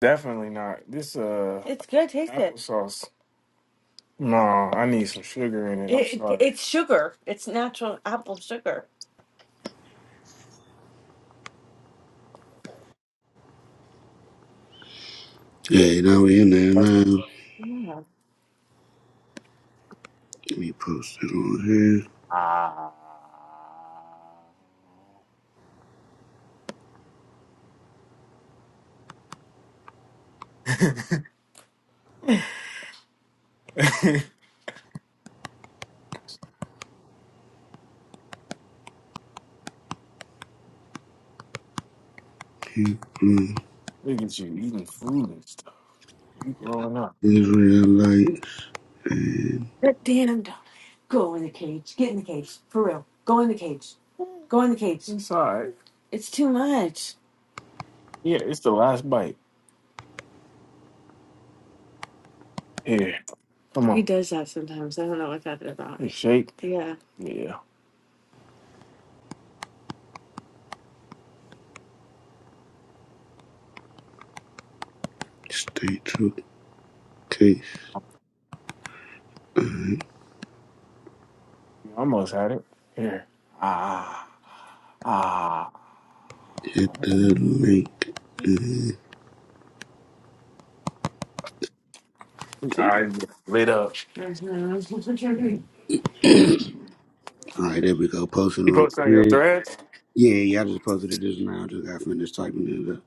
Definitely not. This uh It's good. Taste it. applesauce. No, I need some sugar in it. I'm It, sorry. it's sugar. It's natural apple sugar. Okay, now we in there That's now. Yeah. We post it on ah. here. People, Look at you eating food and stuff. You growing up. Israelites, and That damn dog. Go in the cage. Get in the cage. For real. Go in the cage. Go in the cage. It's alright. It's too much. Yeah, it's the last bite. Here, come He on. does that sometimes. I don't know what that is about. You shake. Yeah. Yeah. stay true case. You almost had it. Here. Ah. Ah. Hit the link. And I just lit up. You All right, there we go. Posted on post on your three. threads? Yeah, yeah, I just posted it just now. Just got finished typing it up.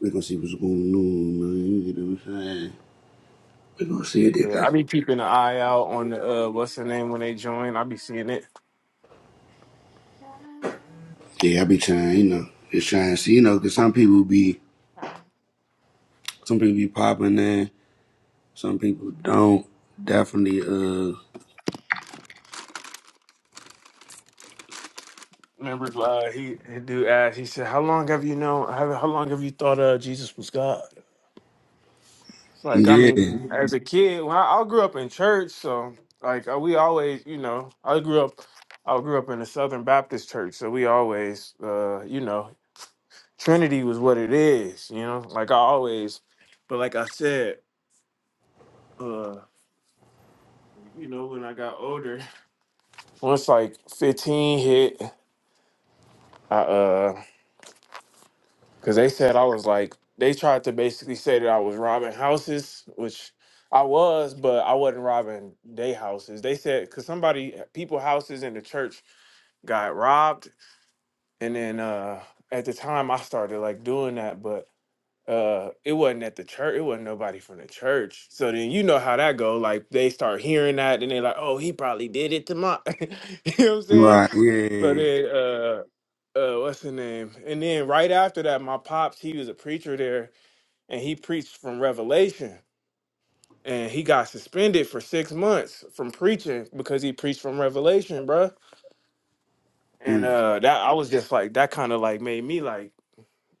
We're gonna see what's going on, man. You know what I'm saying? We're gonna see if They Yeah, got. I be keeping an eye out on the, uh, what's the name when they join. I be seeing it. Yeah, I be trying, you know. Just trying to see, you know, 'cause some people be, some people be popping in, some people don't. Definitely, uh, Remember, uh, he, he dude asked. He said, "How long have you known? How, how long have you thought uh, Jesus was God?" Like, I yeah. mean, as a kid, when I, I grew up in church, so like uh, we always, you know, I grew up, I grew up in a Southern Baptist church, so we always, uh, you know, Trinity was what it is, you know, like I always, but like I said, uh, you know, when I got older, once like fifteen hit, I uh because they said I was like they tried to basically say that I was robbing houses, which I was, but I wasn't robbing they houses. They said because somebody eh, people houses in the church got robbed, and then uh at the time I started like doing that, but uh it wasn't at the church it wasn't nobody from the church so then you know how that go like they start hearing that and they are like oh he probably did it to my you know what i'm saying Right, yeah, so yeah, then uh uh what's the name and then right after that my pops he was a preacher there and he preached from Revelation. And he got suspended for six months from preaching because he preached from Revelation, bruh. yeah. And mm, uh that I was just like that kind of like made me like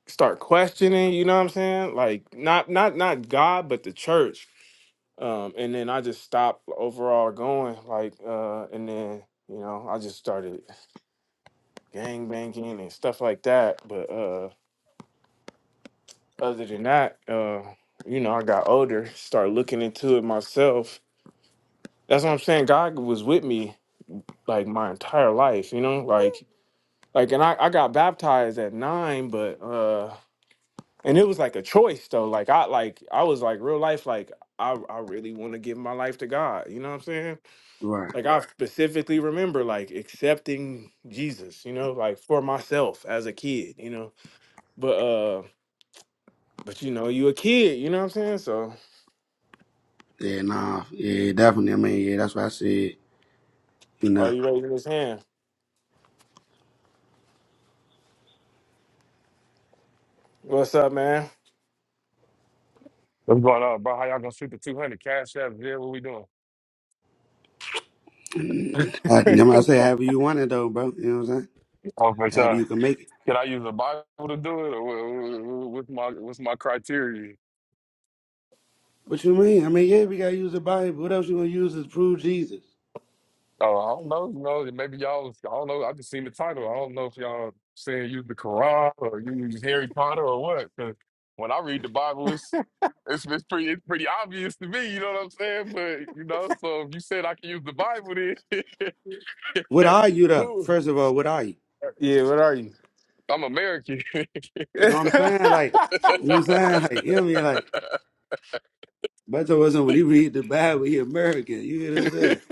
start questioning, you know what I'm saying? Like not not not God, but the church. Um, and then I just stopped overall going, like uh, and then you know, I just started gang banging and stuff like that. But uh other than that, uh, you know, I got older, started looking into it myself That's what I'm saying. God was with me like my entire life, you know? Like like and I, I got baptized at nine, but uh and it was like a choice though. Like I like I was like real life, like I, I really want to give my life to God. You know what I'm saying? right, Like I Right. specifically remember like accepting Jesus, you know, like for myself as a kid, you know. But uh but you know, you a kid, you know what I'm saying? So yeah, nah, yeah, definitely. I mean, yeah, that's what I said. You are know, you raising his hand? What's up, man? What's going on, bro? How y'all gonna shoot the 200 cash app? Yeah, what we doing? I, you know, I say, however you want it though, bro. You know what I'm saying? Oh, my However God. you can make it. Can I use the Bible to do it? Or wha- wha- wha- what's my what's my criteria? What you mean? I mean, yeah, we gotta use the Bible. What else you gonna use is prove Jesus? Oh, I don't know. You know, maybe y'all, I don't know. I just seen the title. I don't know if y'all saying use the Quran or use Harry Potter or what. Because when I read the Bible, it's, it's it's pretty it's pretty obvious to me. You know what I'm saying? But you know, so if you said I can use the Bible, then What are you though? cool. First of all, what are you? Yeah, what are you? I'm American. You know what I'm saying? Like, you know what I'm saying? Like, you know what I mean? Like, Beto wasn't when he read the Bible, he American. You get what I'm saying?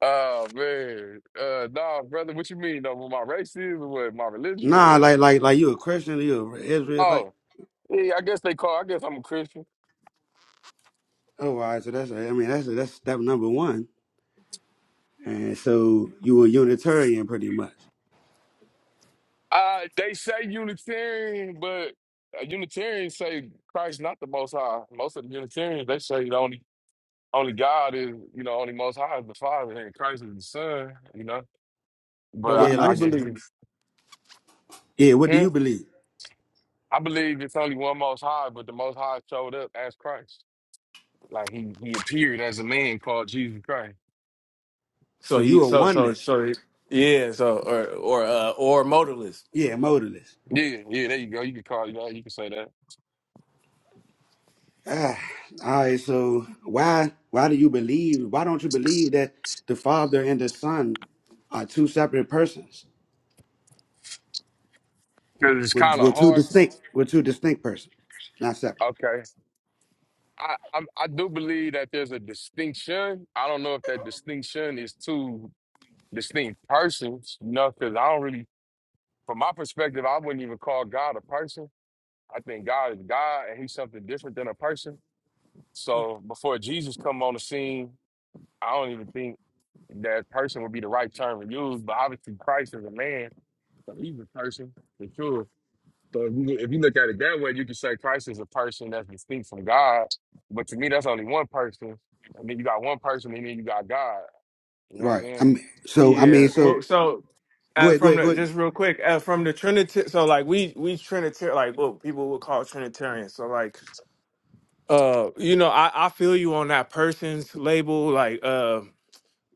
Oh man, uh, nah, brother. What you mean? Though, what my race is, or what my religion, or Nah, what? like, like, like you a Christian, you a Israelite. Oh, yeah. I guess they call. I guess I'm a Christian. Oh, all right, so that's I mean, that's that's step number one. And so you a Unitarian pretty much. Uh, they say Unitarian, but uh, Unitarians say Christ not the Most High. Most of the Unitarians they say the only only God is you know only Most High is the Father, and Christ is the Son. You know, but but what do Yeah, I, I you like guess you. believe? yeah, what do Hmm? you believe? I believe it's only one Most High, but the Most High showed up as Christ. Like he he appeared as a man called Jesus Christ. So So he, you a so so oneness. so Yeah, so or or uh, or modalist. Yeah, modalist. Yeah, yeah, there you go. You can call it that. You can say that. Ah, all right, so why why do you believe why don't you believe that the father and the son are two separate persons? Because it's We're, kind we're of two hard. distinct we're two distinct persons, not separate. Okay. I, I I do believe that there's a distinction. I don't know if that distinction is two distinct persons, you know, because I don't really, from my perspective, I wouldn't even call God a person. I think God is God and he's something different than a person. Y- So before Jesus come on the scene, I don't even think that person would be the right term to use, but obviously Christ is a man, so he's a person for sure. So if you, if you look at it that way, you can say Christ is a person that's distinct from God. But to me, that's only one person. I mean, you got one person, and then you got God. You know what Right. I I'm mean so I Yeah, mean so well, so go uh, ahead, go from ahead, go the ahead. just real quick uh, from the Trinity, so like we we Trinitarian, like what people would call Trinitarian. So like, uh, you know, I I feel you on that persons label. Like, uh,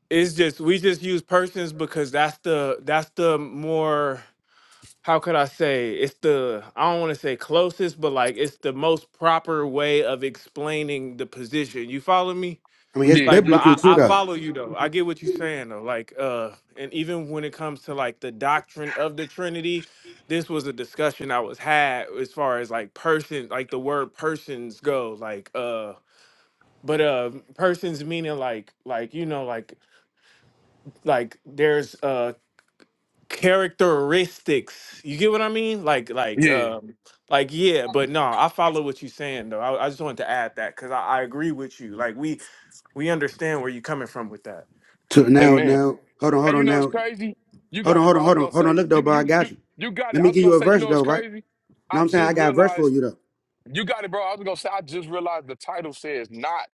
it's just we just use persons because that's the that's the more how could I say it's the I don't want to say closest, but like it's the most proper way of explaining the position. You follow me? I mean it's saying? Like, but biblical I, too I though. follow you though. I get what you're saying though. Like, uh, and even when it comes to like the doctrine of the Trinity, this was a discussion I was had as far as like person, like the word persons go. Like, uh, but uh persons meaning like like you know, like like there's uh characteristics. You get what I mean? Like, like, Yeah, yeah. um, like, yeah. But no, I follow what you're saying though. I, I just wanted to add that because I, I agree with you. Like, we we understand where you're coming from with that. To now Amen. now hold on, Hey, hold you on know it's now. crazy. You Hold on, got it, hold on, bro. I was hold on, gonna hold on, say look though, you, bro, I you, you, got you. you got Let it. I me was give you gonna a say, you verse know it's though, right? crazy. know I what I'm saying? I just got a verse realized for you though. You got it, bro. I was gonna say I just realized the title says not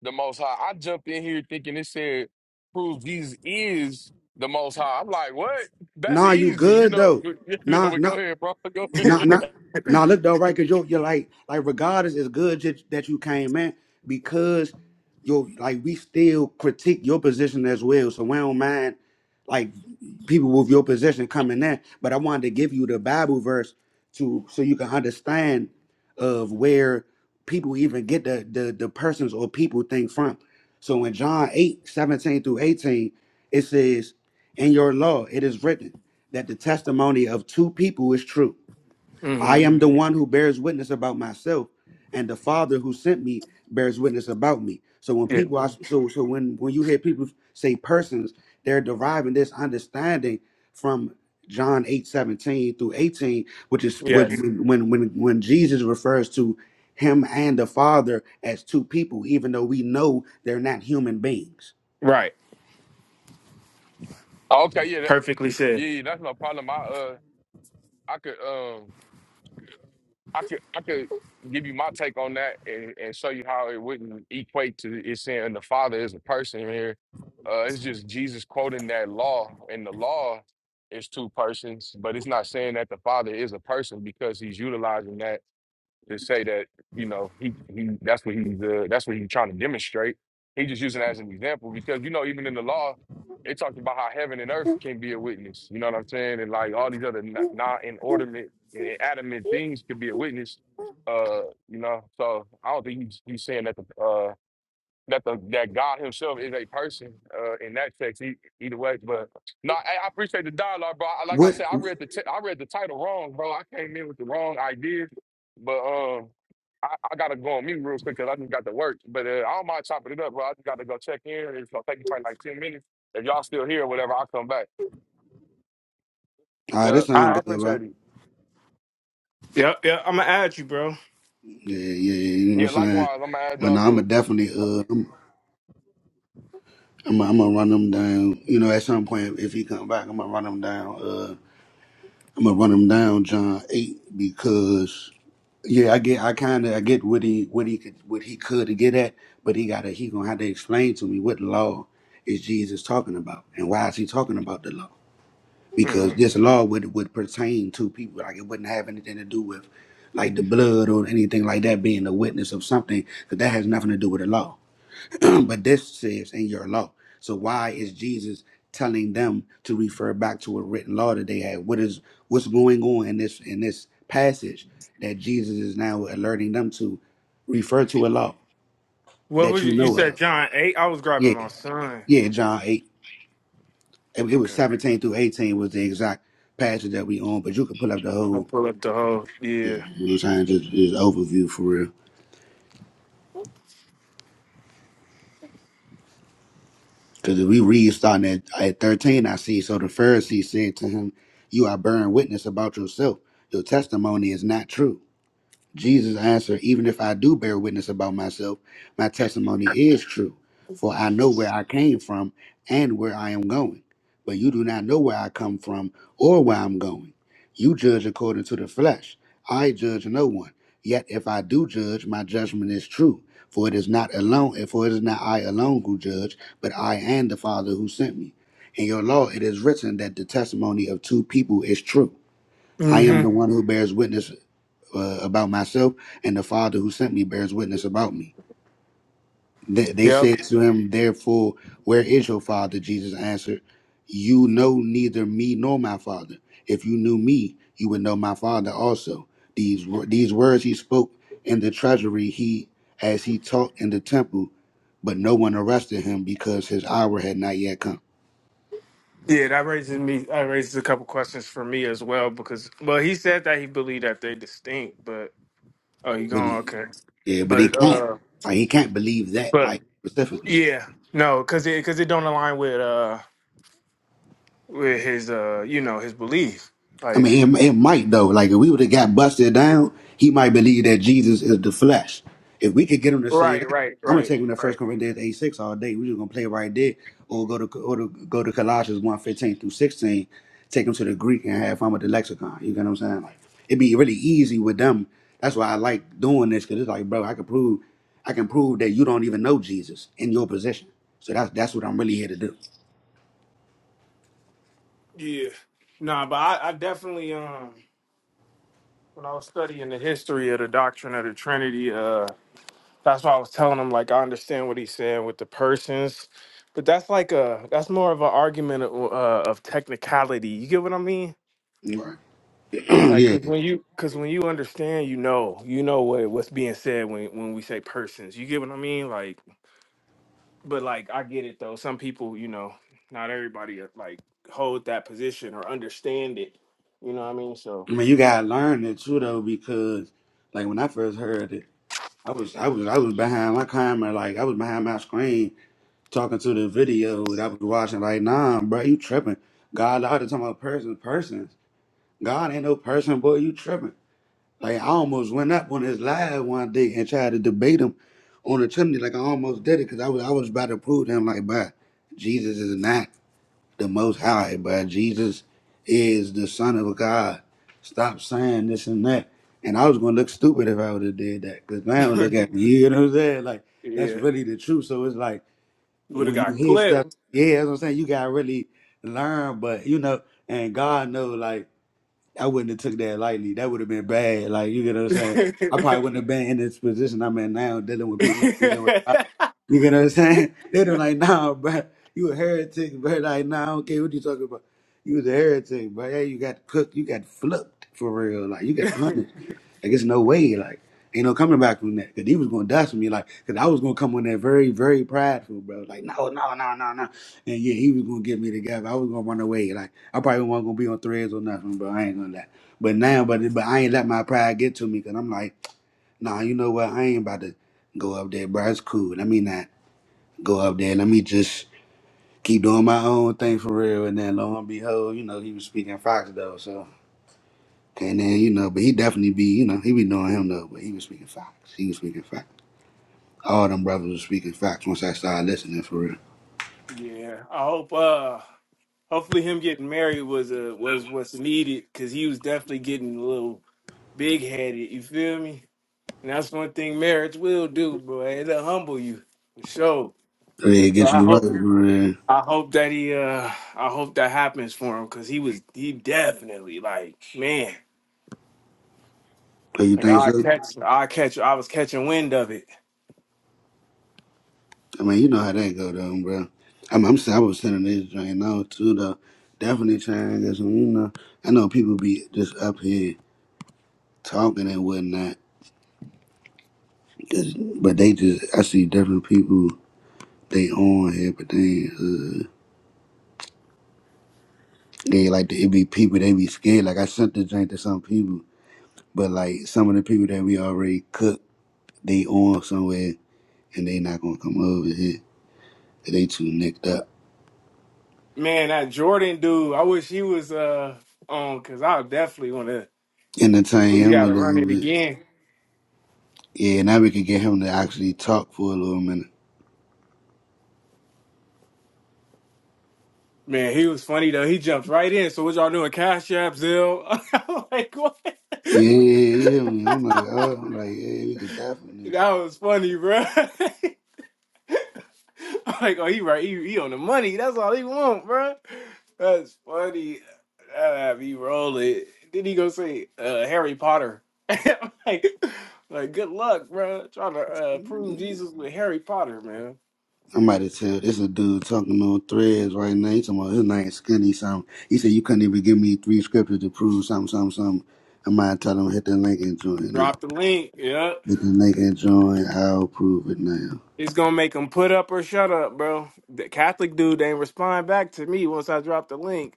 the most high. I jumped in here thinking it said proves Jesus is the most high. I'm like, what? That's Nah, you easy, you good know. though. you know, Nah, but go nah. ahead, bro. Go ahead. Nah, nah, nah. Look though, right? Cause you're, you're like, like regardless, it's good that, that you came in because you're like we still critique your position as well. So we don't mind like people with your position coming in. But I wanted to give you the Bible verse to so you can understand of where people even get the the, the persons or people thing from. So in John 8 17 through 18, it says, In your law it is written that the testimony of two people is true. hmm I am the one who bears witness about myself, and the Father who sent me bears witness about me. So when Yeah. people are so so when when you hear people say persons, they're deriving this understanding from John 8 17 through 18, which is which Yes. when when when when Jesus refers to him and the Father as two people, even though we know they're not human beings. Right. Okay, yeah, that, Perfectly said. yeah, yeah, that's no problem. I uh I could um I could I could give you my take on that and, and show you how it wouldn't equate to it saying the Father is a person here. Uh, it's just Jesus quoting that law, and the law is two persons, but it's not saying that the Father is a person because he's utilizing that to say that you know he he that's what he's uh, that's what he's trying to demonstrate. He just using that as an example because you know even in the law, it talks about how heaven and earth can be a witness. You know what I'm saying? And like all these other non non- inordinate, adamant things could be a witness. Uh, you know, so I don't think he's he's saying that the uh that the that God Himself is a person uh, in that text. E- either way, but no, I, I appreciate the dialogue, bro. I, like I What said, I all read the t- I read the title wrong, bro. I came in with the wrong idea, but um, I, I gotta go on mute real quick because I just got to work. But uh, I don't mind chopping it up, bro. I just gotta go check in. It's gonna take me probably like ten minutes. If y'all still here, or whatever, I'll come back. right, that Yep, All I sounds right. good, bro. appreciate it. Yep. Yep. I'm gonna add you, bro. Yeah, yeah, yeah, you know Yeah, what I'm saying? likewise, I'm gonna add But y'all no, I'm a too. definitely uh I'm, I'm, I'm gonna run him down. You know, at some point, if he come back, I'm gonna run him down. Uh, I'm gonna run him down, John eight, because yeah, I get, I kind of, I get what he, what he could, what he could get at, but he gotta, he gonna have to explain to me what law is Jesus talking about, and why is he talking about the law? hmm Because this law would would pertain to people, like it wouldn't have anything to do with like the blood or anything like that being the witness of something, because that has nothing to do with the law. but this says in your law. So why is Jesus telling them to refer back to a written law that they had? What is what's going on in this in this passage that Jesus is now alerting them to refer to a law What that was you, you you know said, of? John eight? I was grabbing Yeah, my son. yeah, John eight. It it was Okay. seventeen through eighteen was the exact passage that we on, but you could pull up the I'm gonna whole. pull up the whole. Yeah, Yeah. you know what I'm saying? Just, just overview for real. Because if we read starting at, at 13, I see. So the Pharisee said to him, You are bearing witness about yourself. Your testimony is not true. Jesus answered, Even if I do bear witness about myself, my testimony is true, for I know where I came from and where I am going. But you do not know where I come from or where I'm going. You judge according to the flesh. I judge no one. Yet if I do judge, my judgment is true, for it is not alone, for it is not I alone who judge, but I and the Father who sent me. In your law it is written that the testimony of two people is true. I am the Mm-hmm. one who bears witness uh, about myself, and the Father who sent me bears witness about me. They, they Yep. said to him, Therefore, where is your Father? Jesus answered, You know neither me nor my Father. If you knew me, you would know my Father also. These were these words he spoke in the treasury he as he taught in the temple, but no one arrested him because his hour had not yet come. Yeah, that raises me. That raises a couple questions for me as well because, well, he said that he believed that they distinct, but oh, you But going he, okay? yeah, but he But can't. uh, Like, he can't believe that but like specifically. yeah, no, because it because it don't align with uh with his uh you know his belief. I Like mean, it, it might though. Like if we would have got busted down, he might believe that Jesus is the flesh. If we could get him to say right, that, right, I'm gonna right, take him to right. First Corinthians eight six all day. We just gonna play right there, or go to or to, go to Colossians one fifteen through sixteen. Take him to the Greek and have fun with the lexicon. You get what I'm saying? Like it'd be really easy with them. That's why I like doing this because it's like, bro, I can prove, I can prove that you don't even know Jesus in your position. So that's that's what I'm really here to do. Yeah, nah, but I, I definitely um when I was studying the history of the doctrine of the Trinity, uh. That's why I was telling him like I understand what he's saying with the persons, but that's like a that's more of an argument of, uh, of technicality. You get what I mean? Right. Like 'cause yeah. when you because when you understand, you know, you know what what's being said when when we say persons. You get what I mean? Like, but like I get it though. Some people, you know, not everybody uh, like hold that position or understand it. You know what I mean? So I mean, you gotta learn it too, though, because like when I first heard it, I was I was I was behind my camera, like I was behind my screen talking to the video that I was watching. Like, nah, bro, you tripping? God, I was talking about persons, persons. God ain't no person, boy. You tripping? Like I almost went up on his live one day and tried to debate him on the chimney. Like I almost did it because I was I was about to prove to him like, bro, Jesus is not the Most High, but Jesus is the Son of God. Stop saying this and that. And I was gonna look stupid if I would have did that, cause now look at me. You know what I'm saying? Like that's yeah, really the truth. So it's like would have when you got hear stuff, clipped. yeah, that's what I'm saying. You gotta really learn, but you know, and God know, like I wouldn't have took that lightly. That would have been bad. Like you get what I'm saying. I probably wouldn't have been in this position I'm in now, dealing with people. You get what I'm saying? They don't like, nah, bro, you a heretic, bro. Like, nah, I don't care what you talking about. You was a heretic, bro. Yeah, you got cooked, you got flipped for real. Like, you got punished. Like, it's no way. Like, ain't no coming back from that. Cause he was gonna dust me. Like, cause I was gonna come on there very, very prideful, bro. Like, no, no, no, no, no. And yeah, he was gonna get me together. I was gonna run away. Like, I probably wasn't gonna be on threads or nothing, bro. I ain't gonna lie. But now, but but I ain't let my pride get to me. Cause I'm like, nah, you know what? I ain't about to go up there, bro. It's cool. I mean that go up there. Let me just keep doing my own thing for real. And then lo and behold, you know, he was speaking Fox though. So and then you know, but he definitely be you know he be knowing him though. But he was speaking Fox. He was speaking Fox. All them brothers were speaking Fox once I started listening for real. Yeah, I hope. Uh, hopefully, him getting married was uh was what's needed because he was definitely getting a little big headed. You feel me? And that's one thing marriage will do, bro. It'll humble you for sure. I mean, it So gets I you right hope for real. I hope that he uh I hope that happens for him because he was he definitely like man Do you like think I so? catch I catch I was catching wind of it. I mean, you know how that go though, bro. I mean, I'm saying I was sending this joint now too though. Definitely trying to get some, you know. I know people be just up here talking and whatnot, 'cause- but they just I see different people they on here, but they ain't hood. They like the, it be people they be scared. Like I sent the drink to some people, but like some of the people that we already cooked, they on somewhere and they not gonna come over here. 'cause They too nicked up. Man, that Jordan dude, I wish he was uh on because I definitely want to. Entertain You him got a to run little it bit. again Yeah, now we can get him to actually talk for a little minute. Man, he was funny though. He jumped right in. So what y'all doing? Cash App, Zelle? I'm like what? Yeah, yeah, yeah. You hear me? I'm like, oh, I'm like, yeah, we could definitely. That was funny, bro. I'm like, oh, he right. He, he on the money. That's all he want, bro. That's funny. That had me rolling. Then he go say uh, Harry Potter. I'm like, like good luck, bro. Trying to uh, prove Jesus with Harry Potter, man. I might have said this is a dude talking on threads right now. He's talking about his name Skinny something. He said you couldn't even give me three scriptures to prove something, something, something. I might tell him hit the link and join. Now. Drop the link. Yeah, Hit the link and join. I'll prove it now. it's gonna make him put up or shut up, bro. The Catholic dude they ain't respond back to me once I drop the link.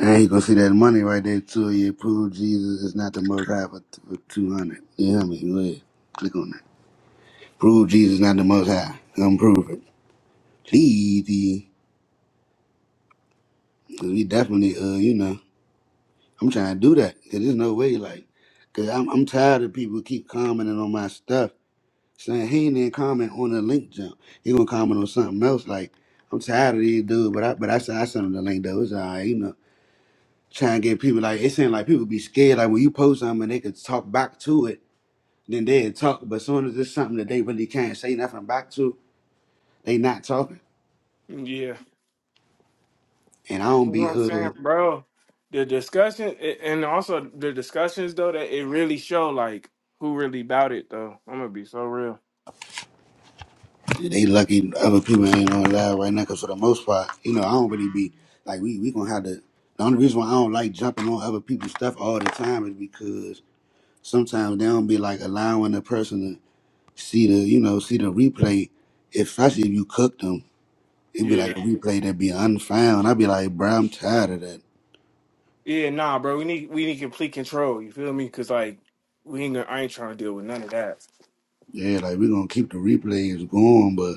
And you gonna see that money right there too. You prove Jesus is not the most high for, for two hundred. You hear me? Go ahead. Click on that. Prove Jesus not the most high. Come prove it. Please. 'cause We definitely uh, you know. I'm trying to do that. 'Cause there's no way, like, cause I'm, I'm tired of people keep commenting on my stuff, saying he ain't even comment on the link jump. He gonna comment on something else. Like, I'm tired of these dudes. But I, but I said I sent him the link though. It's all right, you know. Trying to get people like it seems like people be scared. Like when you post something, and they could talk back to it, then they talk. But as soon as it's something that they really can't say nothing back to, they not talking. Yeah. And I don't That's what be I'm saying, uh bro. The discussion a- and also the discussions though that it really show like who really about it though. I'm gonna be so real. Yeah, They lucky other people ain't on live right now, cause for the most part, you know, I don't really be like we we gonna have to. The only reason why I don't like jumping on other people's stuff all the time is because sometimes they don't be like allowing the person to see the you know see the replay, especially if you cook them. It'd be like Yeah, a replay that be unfound. I'd be like, bro, I'm tired of that. yeah, nah, bro. We need we need complete control. You feel me? Cause like we ain't gonna, I ain't trying to deal with none of that. Yeah, like we gonna keep the replays going, but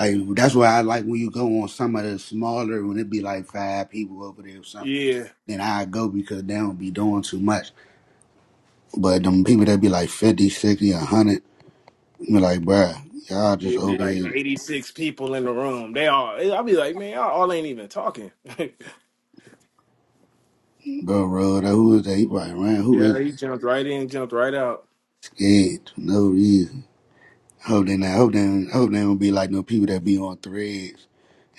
like that's why I like when you go on some of the smaller when it be like five people over there or something Yeah, then I go because they don't be doing too much. But them people that be like 50, 60, a 100, be like, bruh, y'all just it'd be over like here 86 people in the room. They all I'll be like, man, y'all all ain't even talking. go road. Who is that? He probably ran. Who is yeah, he jumped right in, jumped right out. scared for no reason? I Hope they not. I Hope they. don't- I Hope they don't be like no people that be on threads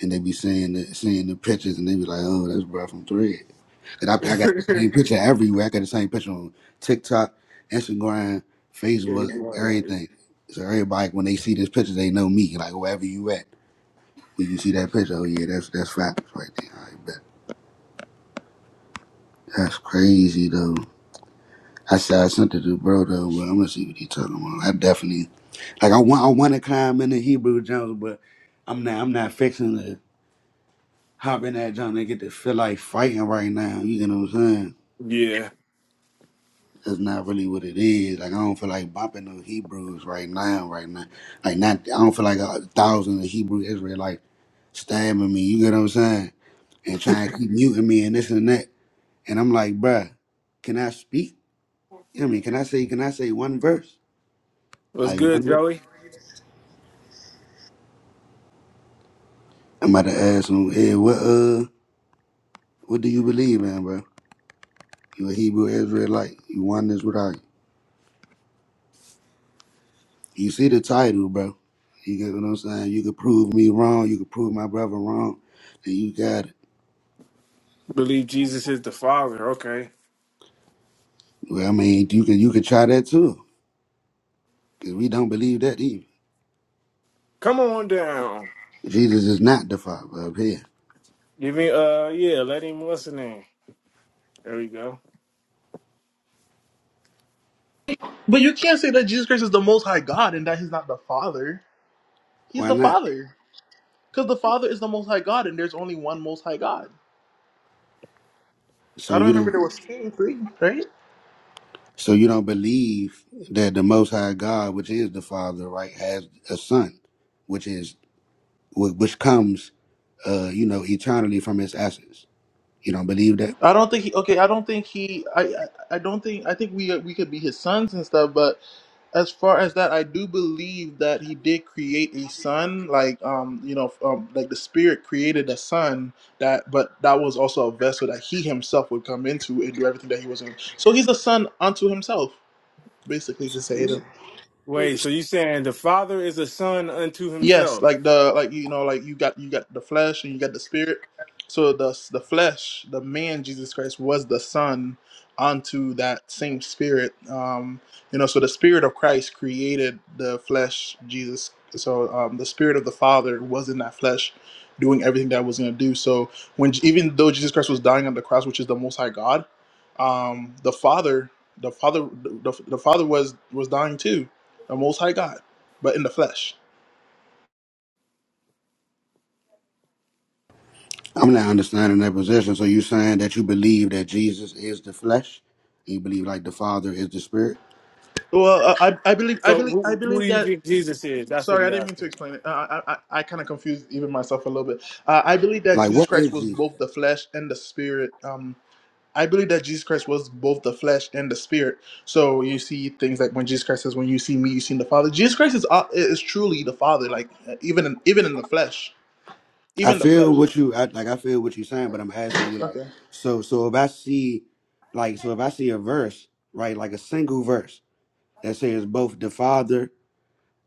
and they be seeing the seeing the pictures and they be like, oh, that's bruh from thread. And I, I got the same picture everywhere. I got the same picture on TikTok, Instagram, Yeah. he Facebook, was like, everything. So everybody, when they see this picture, they know me. Like wherever you at. When you see that picture, oh yeah, that's that's facts right there. I bet. That's crazy though. I said I sent it to bro though, but I'm gonna see what he talking about. I definitely like I want I want to climb in the Hebrew Jones, but I'm not I'm not fixing to hop in that John and get to feel like fighting right now. You know what I'm saying? yeah, That's not really what it is. Like I don't feel like bumping no Hebrews right now, right now. Like not I don't feel like a thousand of Hebrew Israelites stabbing me. You get what I'm saying? And trying to keep muting me and this and that. And I'm like, bruh, can I speak? You know what I mean, can I say can I say one verse? what's Like one good, verse? Joey? I'm about to ask him, hey, what uh what do you believe in, bro? You a Hebrew Israelite. You won this without you. You see the title, bro. You get what I'm saying? You could prove me wrong, you could prove my brother wrong, and you got it. Believe Jesus is the Father. Okay. Well, I mean, you can you can try that too. Cause we don't believe that either. Come on down. Jesus is not the Father up here. Give me uh yeah, let him listen in. There we go. But you can't say that Jesus Christ is the Most High God and that He's not the Father. He's Why the not? Father, because the Father is the Most High God, and there's only one Most High God. So I don't you don't remember there was two, or three, right? So you don't believe that the Most High God, which is the Father, right, has a Son, which is wh- which comes, uh, you know, eternally from His essence. You don't believe that? I don't think he. Okay, I don't think he. I. I, I don't think. I think we we could be his sons and stuff. But as far as that, I do believe that he did create a son. Like um, you know, um, like the Spirit created a son that, but that was also a vessel that he himself would come into and do everything that he was in. So he's a son unto himself, basically to say it Wait, so you saying the father is a son unto Yes, himself. like the like you know like you got you got the flesh and you got the spirit. So the the flesh, the man Jesus Christ was the son unto that same spirit. Um, you know, so the spirit of Christ created the flesh Jesus. So um, the spirit of the Father was in that flesh, doing everything that it was going to do. So when even though Jesus Christ was dying on the cross, which is the Most High God, um, the Father, the Father, the, the Father was was dying too, the Most High God, but in the flesh. I'm not understanding that position. So you saying that you believe that Jesus is the flesh? You believe like the Father is the Spirit? Well, I, I I believe I So believe I who, who do believe you that. think Jesus is? That's what Sorry, I he didn't mean to asking. explain it. Uh, I I, I kind of confused even myself a little bit. Uh, I believe that Like Jesus what Christ is was Jesus? both the flesh and the spirit. Um, I believe that Jesus Christ was both the flesh and the spirit. So you see things like when Jesus Christ says, "When you see me, you see the Father." Jesus Christ is uh, is truly the Father, like uh, even in, even in the flesh, I even the feel flesh. what you I, like. I feel what you're saying, but I'm asking you like, Okay. so so if I see, like, so if I see a verse, right, like a single verse that says both the Father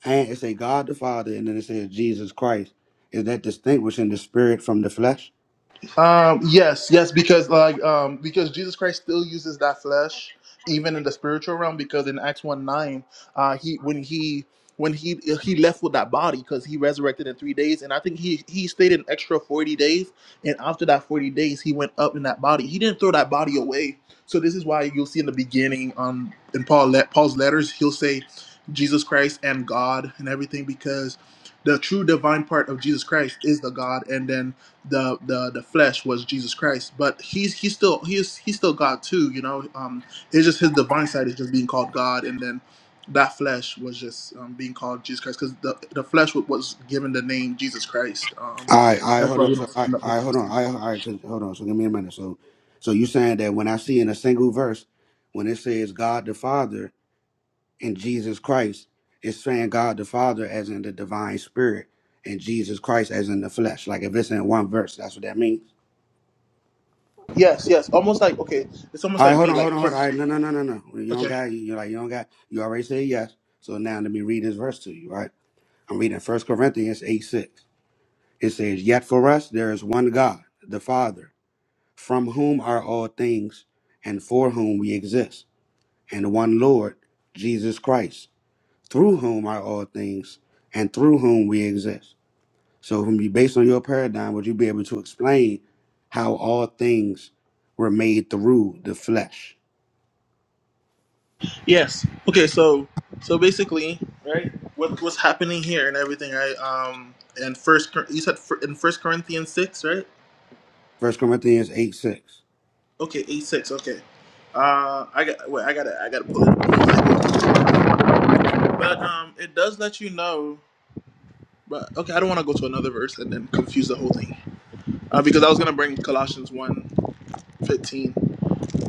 and it say God the Father, and then it says Jesus Christ. Is that distinguishing the spirit from the flesh? Um, yes, yes, because like um, because Jesus Christ still uses that flesh even in the spiritual realm because in Acts one nine, uh, he when he when he he left with that body because he resurrected in three days, and I think he he stayed an extra forty days, and after that forty days, he went up in that body. He didn't throw that body away. So this is why you'll see in the beginning, um, in Paul let Paul's letters, he'll say Jesus Christ and God and everything because the true divine part of Jesus Christ is the God, and then the the the flesh was Jesus Christ, but he's he's still he's he's still God too, you know. Um, it's just his divine side is just being called God, and then that flesh was just um, being called Jesus Christ because the the flesh wa- was given the name Jesus Christ. Um, All right, all right, that's hold why on. you So, don't see all right, him in the Old all right hold on. Testament. All right, all right, 'cause- hold on. So, give me a minute. So, so you saying that when I see in a single verse, when it says God the Father and Jesus Christ, it's saying God the Father as in the divine spirit and Jesus Christ as in the flesh. Like if it's in one verse, that's what that means. Yes, yes, almost like okay, it's almost All right, like hold me, on, hold like on, hold for, on. All right, no, no, no, no, no. You don't okay, got. You like you don't got. You already said yes. So now let me read this verse to you, right? I'm reading First Corinthians 8 6. It says, Yet for us there is one God, the Father, from whom are all things, and for whom we exist, and one Lord, Jesus Christ, through whom are all things, and through whom we exist. So, from you, based on your paradigm, would you be able to explain how all things were made through the flesh? yes, okay. So so basically, right, what what's happening here and everything, right? Um, and first Cor- you said fir- in First Corinthians six, right? First Corinthians 8 6. Okay, eight six. Okay. Uh, I got. Wait, I gotta. I gotta pull it. up. But um, it does let you know. But okay, I don't want to go to another verse and then confuse the whole thing. Uh, because I was gonna bring Colossians one fifteen.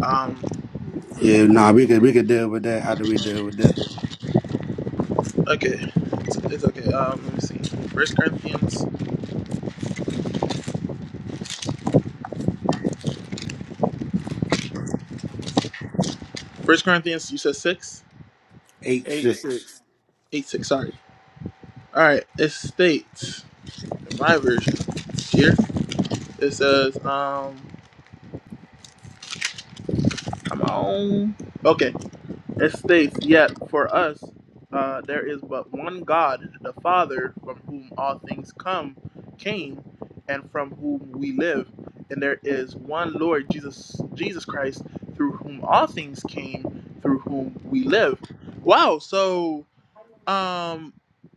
Um, Yeah, nah, we could we could deal with that after we deal with this. okay, it's, it's okay. Um, let me see. First Corinthians. First Corinthians. You said six. Eight Eight six. six. Eight six. Sorry. All right. It states in my version here. It says um. Come on. Okay. It states, Yet for us uh, there is but one God, the Father, from whom all things come, came, and from whom we live, and there is one Lord Jesus Jesus Christ, through whom all things came, through whom we live. Wow, so um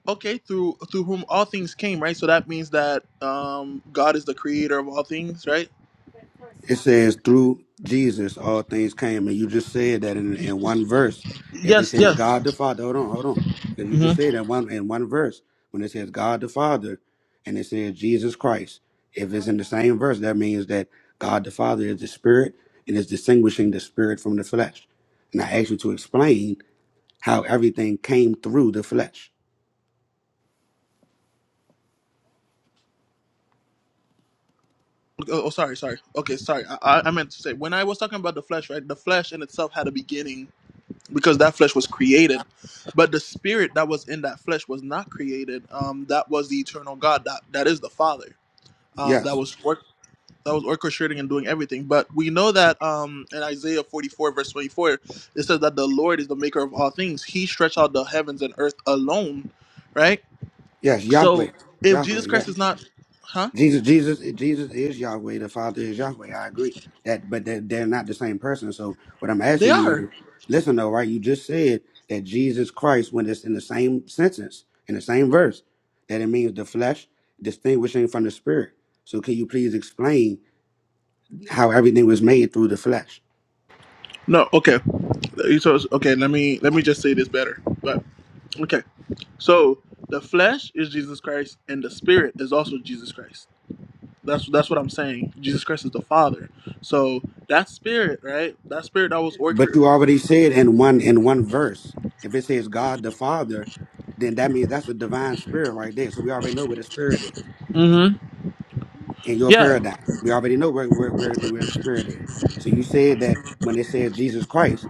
okay, through through whom all things came, right? So that means that um God is the creator of all things, right? It says through Jesus all things came, and you just said that in, in one verse. If it Yes, says yes. God the Father, hold on, hold on, because you Mhm. just said that one in one verse when it says God the Father, and it says Jesus Christ. If it's in the same verse, that means that God the Father is the Spirit and is distinguishing the Spirit from the flesh. And I asked you to explain how everything came through the flesh. Oh, oh, sorry, sorry. Okay, sorry. I, I I meant to say when I was talking about the flesh, right? The flesh in itself had a beginning because that flesh was created, but the spirit that was in that flesh was not created. Um, that was the eternal God. That that is the Father. Um, that Yes, was work. That was orchestrating and doing everything. But we know that um, in Isaiah 44, verse 24, it says that the Lord is the maker of all things. He stretched out the heavens and earth alone, right? yes, Yahweh, So if Yahweh, Jesus yes. Christ is not, huh? Jesus, Jesus, Jesus is Yahweh. The Father is Yahweh. I agree that, but they're, they're not the same person. So what I'm They asking you are. is, listen though, right? You just said that Jesus Christ, when it's in the same sentence, in the same verse, that it means the flesh distinguishing from the spirit. So can you please explain how everything was made through the flesh? No, okay. You So okay, let me let me just say this better. But okay, so the flesh is Jesus Christ, and the spirit is also Jesus Christ. That's that's what I'm saying. Jesus Christ is the Father. So that spirit, right? That spirit that was But you orchestrated. already said in one in one verse, if it says God the Father, then that means that's a divine spirit right there. So we already know what the spirit is. hmm in your Yeah, paradigm. We already know where where where the, where the spirit is. So you said that when it says Jesus Christ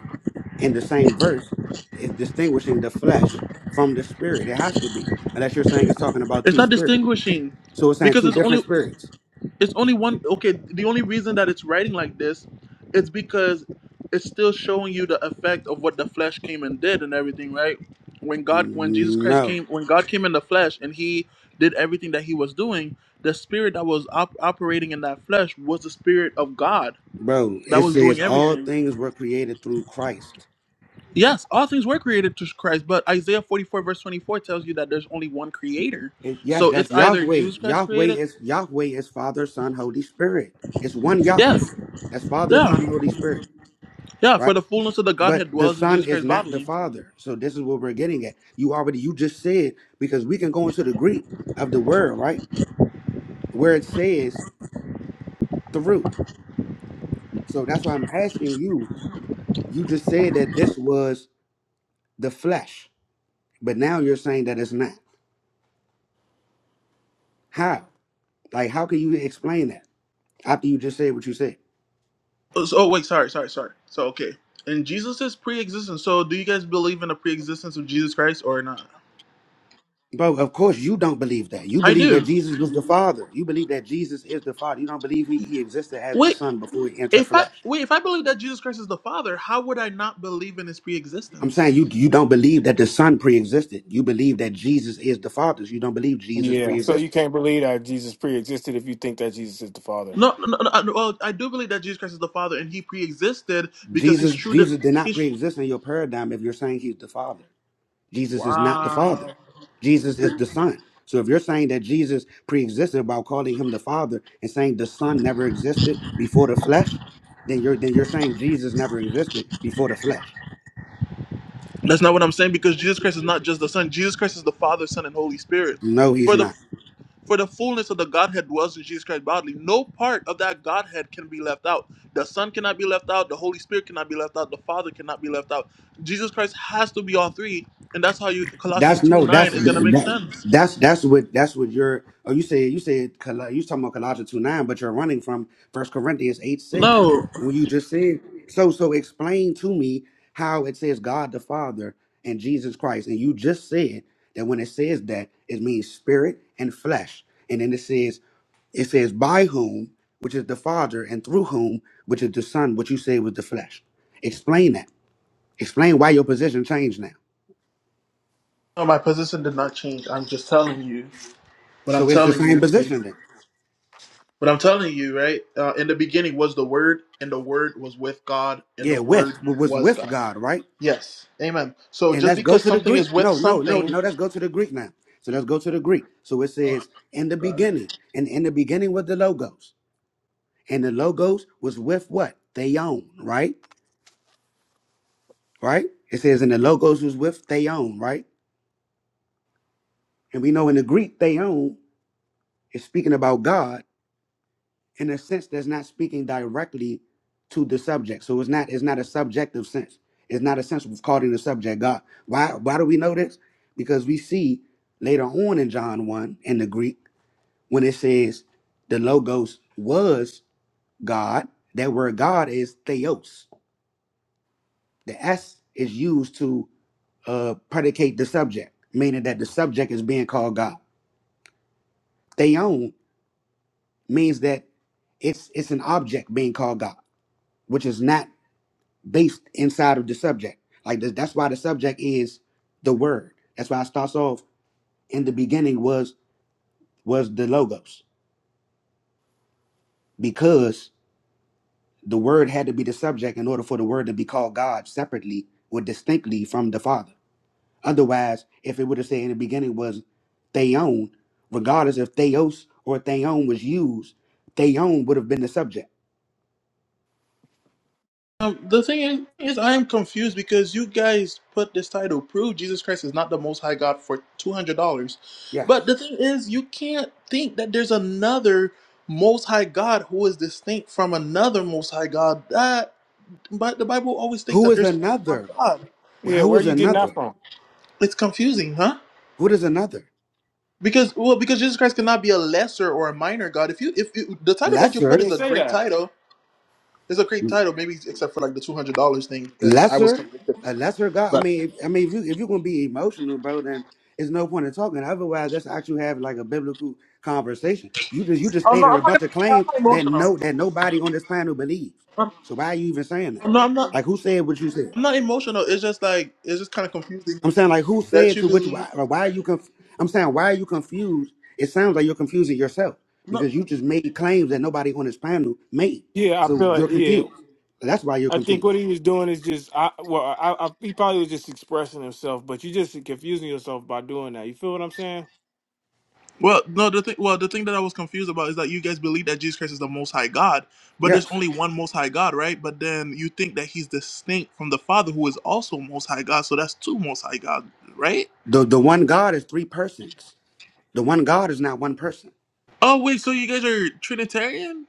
in the same verse, it's distinguishing the flesh from the spirit. It has to be, unless you're saying it's talking about it's two not spirits. distinguishing So it's saying because two it's different only. spirits. It's only one. Okay, the only reason that it's writing like this is because it's still showing you the effect of what the flesh came and did and everything, right? When God, when Jesus Christ No, came, when God came in the flesh and he did everything that he was doing, the spirit that was op- operating in that flesh was the spirit of God bro. that It was doing says all everything. things were created through Christ. Yes, all things were created through Christ, but Isaiah 44 verse 24 tells you that there's only one creator. It, yes, So it's that's either Yahweh. Jesus Christ Yahweh created. is Yahweh is Father, Son, Holy Spirit. It's one Yahweh. Yes. That's Father, Yeah. Son, Holy Spirit. Yeah, right? for the fullness of the But Godhead the dwells in son Jesus is Christ not the bodily. father. So this is what we're getting at. You already you just said because we can go into the Greek of the word, right? Where it says through. So that's why I'm asking you. You just said that this was the flesh, but now you're saying that it's not. How? Like how can you explain that after you just said what you said? Oh, so, oh wait, sorry, sorry, sorry. So okay, and Jesus is pre-existence. So do you guys believe in the pre-existence of Jesus Christ or not? Bro, of course you don't believe that. You I believe that do. Jesus was the Father. You believe that Jesus is the Father. You don't believe he, he existed as the Wait, Son before he entered if I flesh. wait, if I believe that Jesus Christ is the Father, how would I not believe in His I'm pre-existence? saying you you don't believe that the Son pre-existed. You believe that Jesus is the Father. You don't believe Jesus Yeah. So you pre-existed. can't believe that Jesus pre existed if you think that Jesus is the father. No, no, no, no well, I do believe that Jesus Christ is the Father, and He pre-existed because His Jesus true, de- Jesus did not His pre-exist in your paradigm if you're saying he's the Father. Jesus is not the wow. Father. Jesus is the Son. So if you're saying that Jesus pre-existed by calling him the Father and saying the Son never existed before the flesh, then you're then you're saying Jesus never existed before the flesh. That's not what I'm saying because Jesus Christ is not just the Son. Jesus Christ is the Father, Son, and Holy Spirit. No, he's For the not. For the fullness of the Godhead dwells in Jesus Christ bodily. No part of that Godhead can be left out. The Son cannot be left out. The Holy Spirit cannot be left out. The Father cannot be left out. Jesus Christ has to be all three, and that's how you Colossians That's two no. That's nine is gonna make that, sense. that's that's what that's what you're. Oh, you said you said Col- you talking about Colossians two nine, but you're running from First Corinthians eight six. No, When you just said so, so explain to me how it says God the Father and Jesus Christ, and you just said that when it says that it means spirit and flesh, and then it says it says by whom, which is the Father, and through whom, which is the Son, which you say was the flesh. Explain that. Explain why your position changed now. no, my position did not change. I'm just telling you what I'm So it's the telling same you. Is, position then. what I'm telling you, right? Uh, in the beginning was the Word, and the Word was with God, and the Yeah, Word with was was with God. God, right? Yes, Amen. So And just let's go because to the something is Greek. with No, no, no, something, no. Let's go to the Greek now. So let's go to the Greek. So it oh says, "In the God. beginning, and in the beginning was the logos, and the logos was with what theon, right? Right? It says, and the logos was with theon, right? And we know in the Greek, theon is speaking about God, in a sense that's not speaking directly to the subject. So it's not it's not a subjective sense. It's not a sense of calling the subject God. Why why do we know this? Because we see later on in John 1 in the Greek when it says the logos was God, that word God is theos. The S is used to uh predicate the subject, meaning that the subject is being called God. Theon means that it's it's an object being called God, which is not based inside of the subject. Like th- that's why the subject is the word. That's why it starts off in the beginning was was the logos because the word had to be the subject in order for the word to be called God separately or distinctly from the Father. Otherwise, if it would have said in the beginning was theon, regardless if theos or theon was used, theon would have been the subject. Um, the thing is, I am confused because you guys put this title "Prove Jesus Christ is not the Most High God" for two hundred dollars, but Yes. the thing is, you can't think that there's another Most High God who is distinct from another Most High God. That, but the Bible always think Who that is there's only one another? God. Yeah, Who where are is you getting that another? from? It's confusing, huh? Who is another? Because well, because Jesus Christ cannot be a lesser or a minor God. If you if you, the title that you You put Lesser. is didn't a say great that. title, it's a great title, maybe except for like the two hundred dollars thing because I was lesser, convicted. a lesser God. I man. mean, if, I mean, if you if you're gonna be emotional, bro, then it's no point in talking. Otherwise, that's actually have like a biblical conversation. You just you just I'm not. stated I'm a not, bunch of gonna, I'm claims not that emotional. no that nobody on this planet believes. I'm, So why are you even saying that? I'm not. I'm not. Like, who said what you said? I'm not emotional. It's just like it's just kind of I'm confusing saying like, who that said you to which? believe. Why, or why are you? Conf- I'm saying why are you confused? It sounds like you're confusing yourself No. because you just made claims that nobody on this panel made. Yeah, I So feel it. you're Yeah. confused. That's why you're I think confused. what he was doing is just, I, well, I, I, he probably was just expressing himself, but you just confusing yourself by doing that. You feel what I'm saying? Well, no. The thing. Well, the thing that I was confused about is that you guys believe that Jesus Christ is the Most High God, but there's Yes. only one Most High God, right? But then you think that He's distinct from the Father, who is also Most High God. So that's two Most High God, right? The the one God is three persons. The one God is not one person. Oh wait, so you guys are Trinitarian?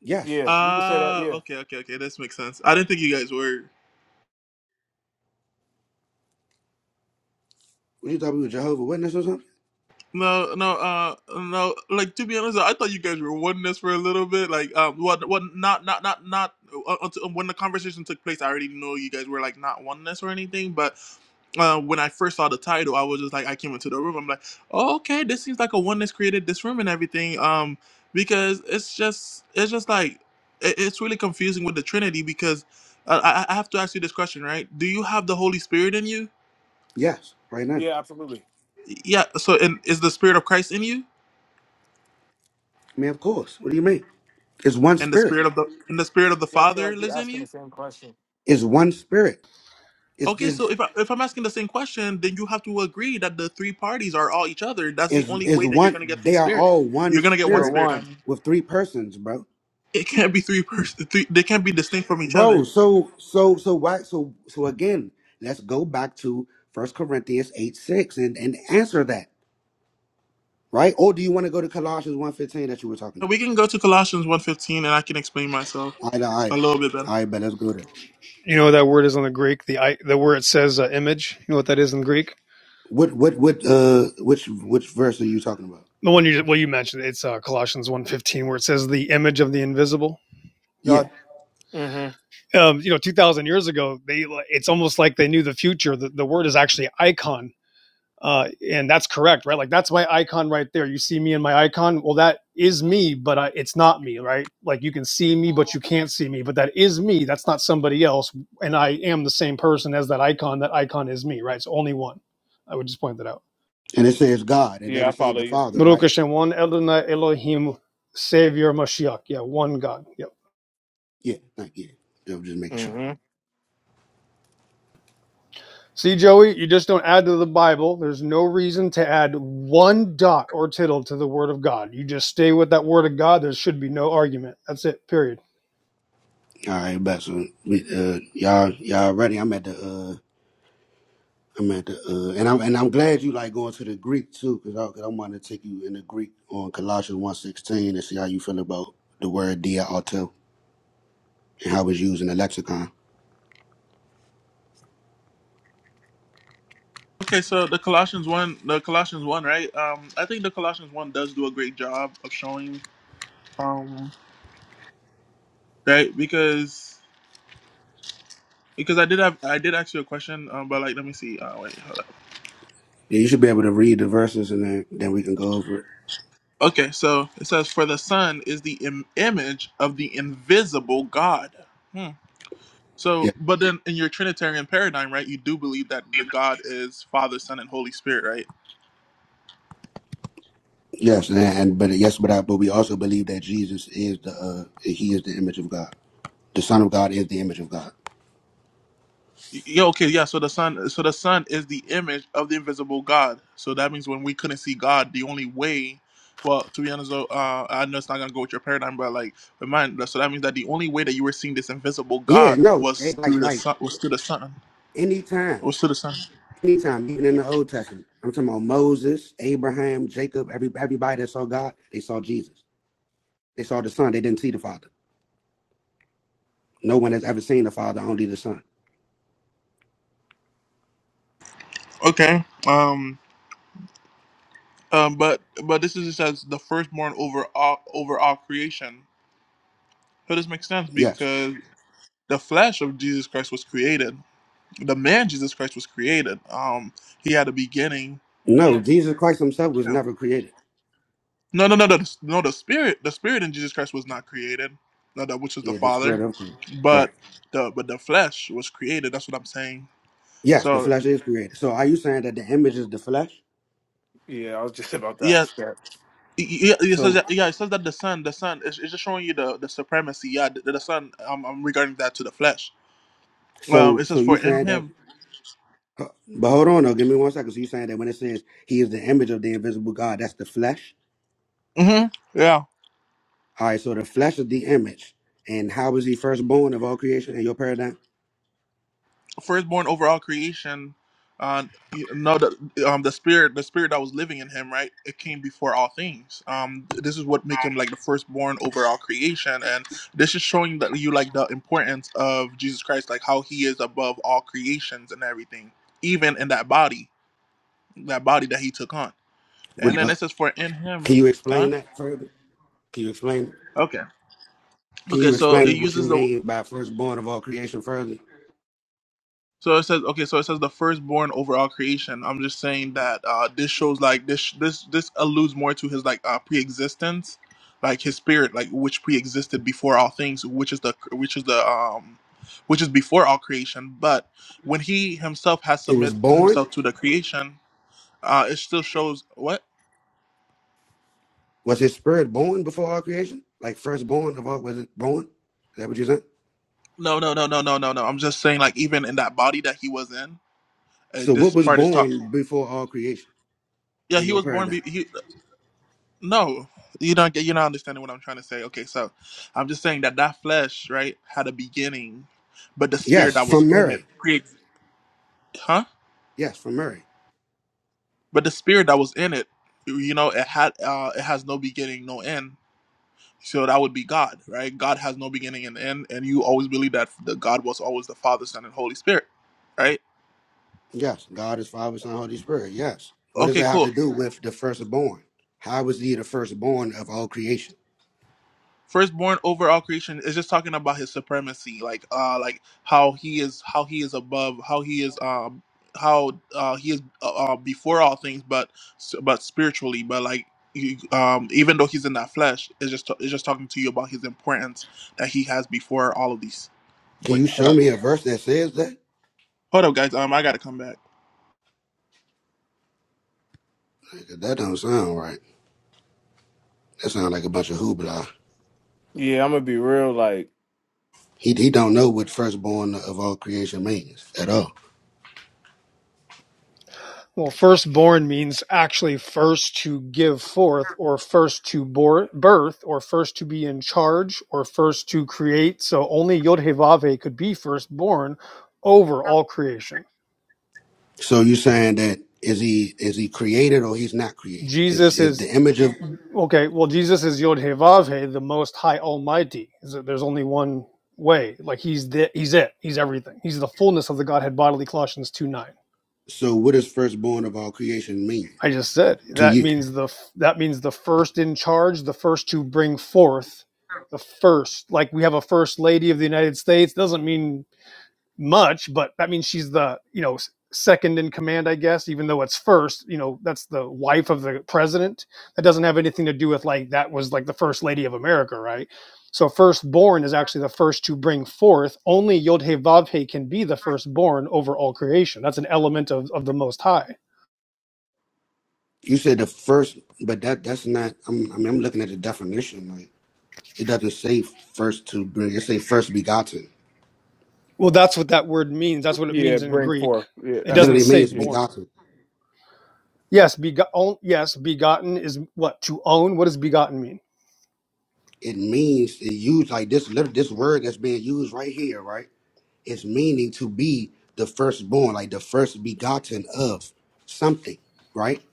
Yes. Yeah, you can say that. Ah, Yeah, okay, okay, okay. This makes sense. I didn't think you guys were. What you thought we were Jehovah Witness or something? No, no, uh, no. Like to be honest, I thought you guys were oneness for a little bit. Like, um, what, what, not, not, not, not. Uh, until- when the conversation took place, I already know you guys were like not oneness or anything. But uh, when I first saw the title, I was just like, I came into the room. I'm like, oh, okay, this seems like a oneness created this room and everything. Um, because it's just, it's just like, it, it's really confusing with the Trinity because uh, I, I have to ask you this question, right? Do you have the Holy Spirit in you? Yes, right now. yeah, I absolutely. Yeah. So, and is the Spirit of Christ in you? mean, of course. What do you mean? It's one and the spirit. spirit of the and the spirit of the Yeah, I feel like father you're lives in asking you the same question. It's one spirit. It's okay is so if, I, if i'm asking the same question then you have to agree that the three parties are all each other that's the is only is way that you're gonna get one. three They are spirit all one you're gonna get There one are spirit spirit i one. mean with three persons, bro. it can't be three person three they can't be distinct from each other Bro, so so so why so so again? Let's go back to First Corinthians eight six and and answer that, right? Or do you want to go to Colossians one fifteen that you were talking So we about? can go to colossians 1.15 and i can explain myself All right, all right, a little bit better all right, but let's go there. You know what that word is on the Greek? The the where it says uh, image. You know what that is in Greek? What what what uh which which verse are you talking about? The one you just, well you mentioned it's uh, Colossians one fifteen where it says the image of the invisible Yeah. God. Mm-hmm. Um, you know, two thousand years ago, they like, it's almost like they knew the future. The, the word is actually icon, uh, and that's correct, right? Like that's my icon right there. You see me in my icon. Well, that is me, but I, it's not me, right? Like you can see me, but you can't see me. But that is me. That's not somebody else, and I am the same person as that icon. That icon is me, right? It's only one. I would just point that out. And it says God. It Yeah, doesn't I say follow the you. Father, Baruch right? Hashem, one Adonai Elohim, Savior Mashiach. Yeah, one God. Yep. Yeah, thank you. Yeah, I'm just making sure. Mm-hmm. See, Joey, you just don't add to the Bible. There's no reason to add one dot or tittle to the Word of God. You just stay with that Word of God. There should be no argument. That's it, period. All right, but so we, uh y'all y'all ready? I'm at the uh I'm at the uh and I'm and I'm glad you like going to the Greek too, cause I cause I want to take you in the Greek on Colossians one sixteen and see how you feel about the word dia auto and how it's used in the lexicon. okay so the colossians 1 the colossians 1 right um i think the colossians 1 does do a great job of showing um right because because i did have i did ask you a question um, but like let me see uh wait hold up. Yeah, you should be able to read the verses and then then we can go over it. Okay, so it says, "For the Son is the Im- image of the invisible God." Hmm. So, but then in your Trinitarian paradigm, right, you do believe that the God is Father, Son, and Holy Spirit, right? Yes, and, and but yes, but I, but we also believe that Jesus is the uh, he is the image of God. The Son of God is the image of God. Y- Yeah. Okay. Yeah. So the Son, so the Son is the image of the invisible God. So that means when we couldn't see God, the only way, well, to be honest, though, uh, I know it's not gonna go with your paradigm, but like, but mine. So that means that the only way that you were seeing this invisible Yeah, God no, they- was like through the like Son, was through the Son, anytime, was through the Son. anytime, even in the Old Testament, I'm talking about Moses, Abraham, Jacob, every everybody that saw God, they saw Jesus. They saw the Son. They didn't see the Father. No one has ever seen the Father, only the Son. Okay. Um. Um, but but this is says the firstborn over all over all creation. So this makes sense Yes. because the flesh of Jesus Christ was created. The man Jesus Christ was created. Um, he had a beginning. No, Jesus Christ Himself was No, never created. no, no, no, no. The spirit, the spirit in Jesus Christ was not created. No, that which is the Yeah, the Spirit Father, of Christ. Right. but the but the flesh was created. That's what I'm saying. Yes, the So flesh is created. So are you saying that the image is the flesh? Yeah, I was just about to yeah, ask that. yeah, it says So that, yeah. It says that the son, the son, it's, it's just showing you the the supremacy. Yeah, the, the son. Um, um, regarding that to the flesh. Um, so it so says, you "For in saying that? him, Uh, But hold on, though. Give me one second. So you're saying that when it says he is the image of the invisible God, that's the flesh? hmm yeah, All right, so the flesh is the image. And how is he firstborn of all creation in your paradigm? firstborn over all creation." Uh, you know the um the spirit, the spirit that was living in him, right? It came before all things. Um, this is what make him like the firstborn over all creation, and this is showing that you like the importance of Jesus Christ, like how he is above all creations and everything, even in that body, that body that he took on. And What, then uh, it says, "For in him, can you huh? explain that further? Can you explain? Okay, Can okay." you So it explain what you uses the mean by firstborn of all creation further? So it says okay. So it says the firstborn over all creation. I'm just saying that uh, this shows like this this this alludes more to his like uh, pre-existence, like his spirit, like which pre-existed before all things, which is the which is the um which is before all creation. But when he himself has It was submit born. himself to the creation, uh, it still shows what? Was his spirit born before all creation? Like firstborn of all, was it born? Is that what you said? No, no, no, no, no, no, no. I'm just saying like even in that body that he was in, uh, So what this was part is talk. born before all creation Yeah, in he your was born. paradigm? Be- he No, you don't get. You're not understanding what I'm trying to say. Okay, so I'm just saying that that flesh, right, had a beginning, but the spirit Yes, that was from in it, Mary. pre- huh? Yes, from Mary. But the spirit that was in it, you know, it had, uh, it has no beginning, no end. So that would be God, right? God has no beginning and end, and you always believe that the God was always the Father, Son, and Holy Spirit, right? Yes, God is Father, Son, Holy Spirit. Yes. What does Okay, that have cool. to do with the firstborn? How was he the firstborn of all creation? firstborn over all creation is just talking about his supremacy like uh like how he is how he is above how he is um how uh he is uh, uh, before all things but but spiritually but like he, um even though he's in that flesh it's just it's just talking to you about his importance that he has before all of these Can wait you hold show up me a verse that says that? hold up guys um i gotta come back Like, That don't sound right. That sounds like a bunch of hoopla. Yeah, I'm gonna be real. Like, He he don't know what firstborn of all creation means at all. Well, firstborn means actually first to give forth, or first to bor- birth, or first to be in charge, or first to create. So only Yod Heh Vav Heh could be firstborn over all creation. So you saying that is he is he created or he's not created? Is Jesus is is the image of Okay, well, Jesus is Yod He Vav He, the Most High Almighty. So There's only one way. Like he's the, he's it. He's everything. He's the fullness of the Godhead bodily. Colossians two nine. so what does firstborn of all creation mean I just said to that you? means the that means the first in charge, the first to bring forth, the first. Like we have a first lady of the United States. Doesn't mean much, but that means she's the you know second in command, I guess. Even though it's first, you know, that's the wife of the president. That doesn't have anything to do with like that was like the first lady of America, right? So firstborn is actually the first to bring forth. Only Yod He Vav He can be the firstborn over all creation. That's an element of of the Most High. You said the first, but that that's not. I'm I mean, I'm looking at the definition. Like It doesn't say first to bring. It say first begotten. Well, that's what that word means. That's what it Yeah, means in bring Greek. forth. Yeah, It It that's what doesn't literally he. say means Yeah, born. begotten. Yes, bego- yes, begotten is what to own. What does begotten mean? It means it used like this. lit- This word that's being used right here, right? It's meaning to be the firstborn, like the first begotten of something, right?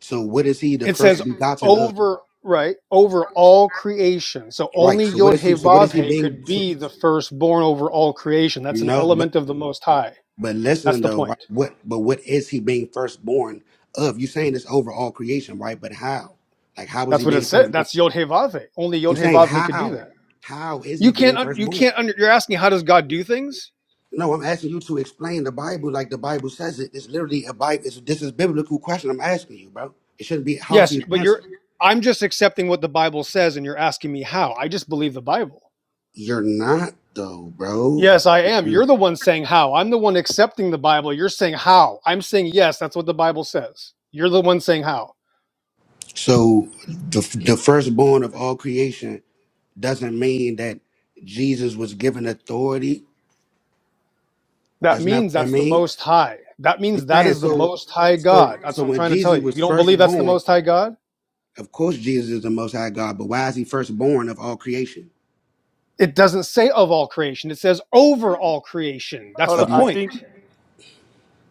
So what is he the It says first begotten of? over right over all creation. So Right. only So what Yod is He he? So what Vav is he He being? could So, be the firstborn over all creation. That's an no, but element of the Most High. but That's listen the though, point. right? What but what is he being firstborn of? You saying this over all creation, right? But how? Like how is That's he what it being said. firstborn? That's Yod He Vav He. Only I'm Yod He saying Vav He could do how that. how is You he can't. being You firstborn? can't. Under, you're asking how does God do things? No, I'm asking you to explain the Bible like the Bible says it. It's literally a Bible. It's, this is biblical question. I'm asking you, bro. It shouldn't be hard for Yes, you to but answer. you're. I'm just accepting what the Bible says, and you're asking me how. I just believe the Bible. You're not though, bro. Yes, I am. You're the one saying how. I'm the one accepting the Bible. You're saying how. I'm saying yes. That's what the Bible says. You're the one saying how. So the the firstborn of all creation doesn't mean that Jesus was given authority. That That's not means what that that's the most means. high. That I'm means that saying is the so. most high So God. That's so what I'm when trying to tell Jesus you. was You don't believe that's the firstborn, most high God? of course Jesus is the Most High God. But why is he firstborn of all creation? It doesn't say of all creation, it says over all creation. That's hold the on. Of, I point. think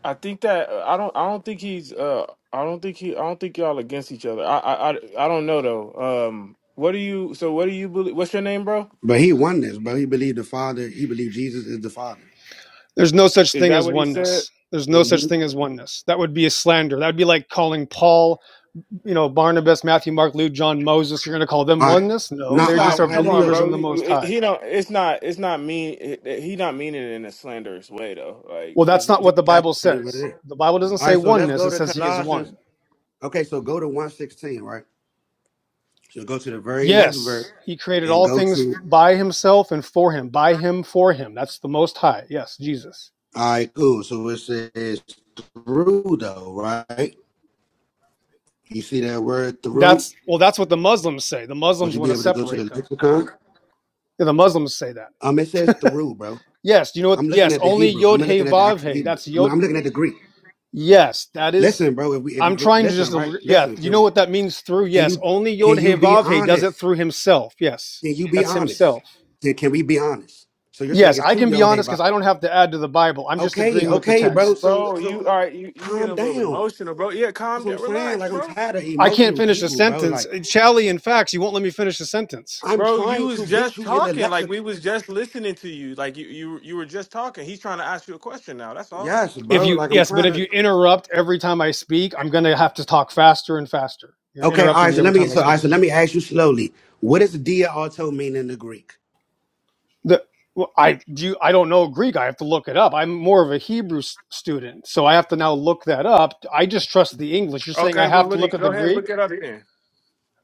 I think that uh, I don't I don't think he's uh I don't think he I don't think y'all against each other. I I I, I don't know though. Um, what do you? So what do you believe? What's your name, bro? but he won this, bro. He believed the Father. He believed Jesus is the Father. There's no such Is thing that as what he said? oneness. There's no such hmm thing as oneness. That would be a slander. That would be like calling Paul, you know, Barnabas, Matthew, Mark, Luke, John, Moses. You're going to call them All right. oneness? No, Now, It's all they just right, not. are all right, Come look, on, though. believers in bro. the You- Most you- High. He don't. It's not. It's not mean. it- He not meaning it in a slanderous way though. Like, Well, that's it's, not what the That's Bible really what says. it is. The Bible doesn't All say right, so let's oneness, go it to says he is Colossians. one. Okay, so go to 116, right? So go to the very next verse Yes, he created and all go things to, by himself and for him, by him, for him. That's the most high. Yes, Jesus. all right, cool. So it says through, though, right? You see that word through? That's well, that's what the Muslims say. The Would Muslims you want be to able to go to separate the them. lexicon? Yeah, The Muslims say that. Um, It says through, bro. Yes, you know what? I'm looking Yes, at the only Hebrew. I'm Yod not Hey looking at the Vav actual Hey. Hebrew. That's I'm Yod. I'm looking at the Greek. Yes, that is. Listen, bro. If we, if I'm you trying to listen, just. right? Yeah, Listen. you know Can what that means through? can Yes, you only can Yod Hey you be Vav Hey does honest? it through himself. Yes, Can you be that's honest? himself. Can, can we be honest? So you're saying Yes, it's I two can be yo hey honest because vibe. I don't have to add to the Bible. I'm just Okay, agreeing with the okay, bro. text. So bro, so you all right? You you getting calm a little down. emotional, bro? Yeah, That's calm what I'm down, saying. relax, Like I'm bro. tired of I can't emotional finish a people, bro. sentence. Like Shally In fact, you won't let me finish a sentence. I'm Bro, you trying to was get just you in the talking. Like we lexicon. was just listening to you. Like you you you were just talking. He's trying to ask you a question now. That's all. Yes, If bro. you Like I'm yes, but trying if you to. interrupt every time I speak, I'm gonna have to talk faster and faster. You're Okay, all interrupting right. me So every let me. time I So all right. speak. So let me ask you slowly. What does dia auto mean in the Greek? The well, I do I don't know Greek. I have to look it up. I'm more of a Hebrew s- student, so I have to now look that up. I just trust the English. You're saying I Okay, well have to look look at the go ahead, Greek? look it up then.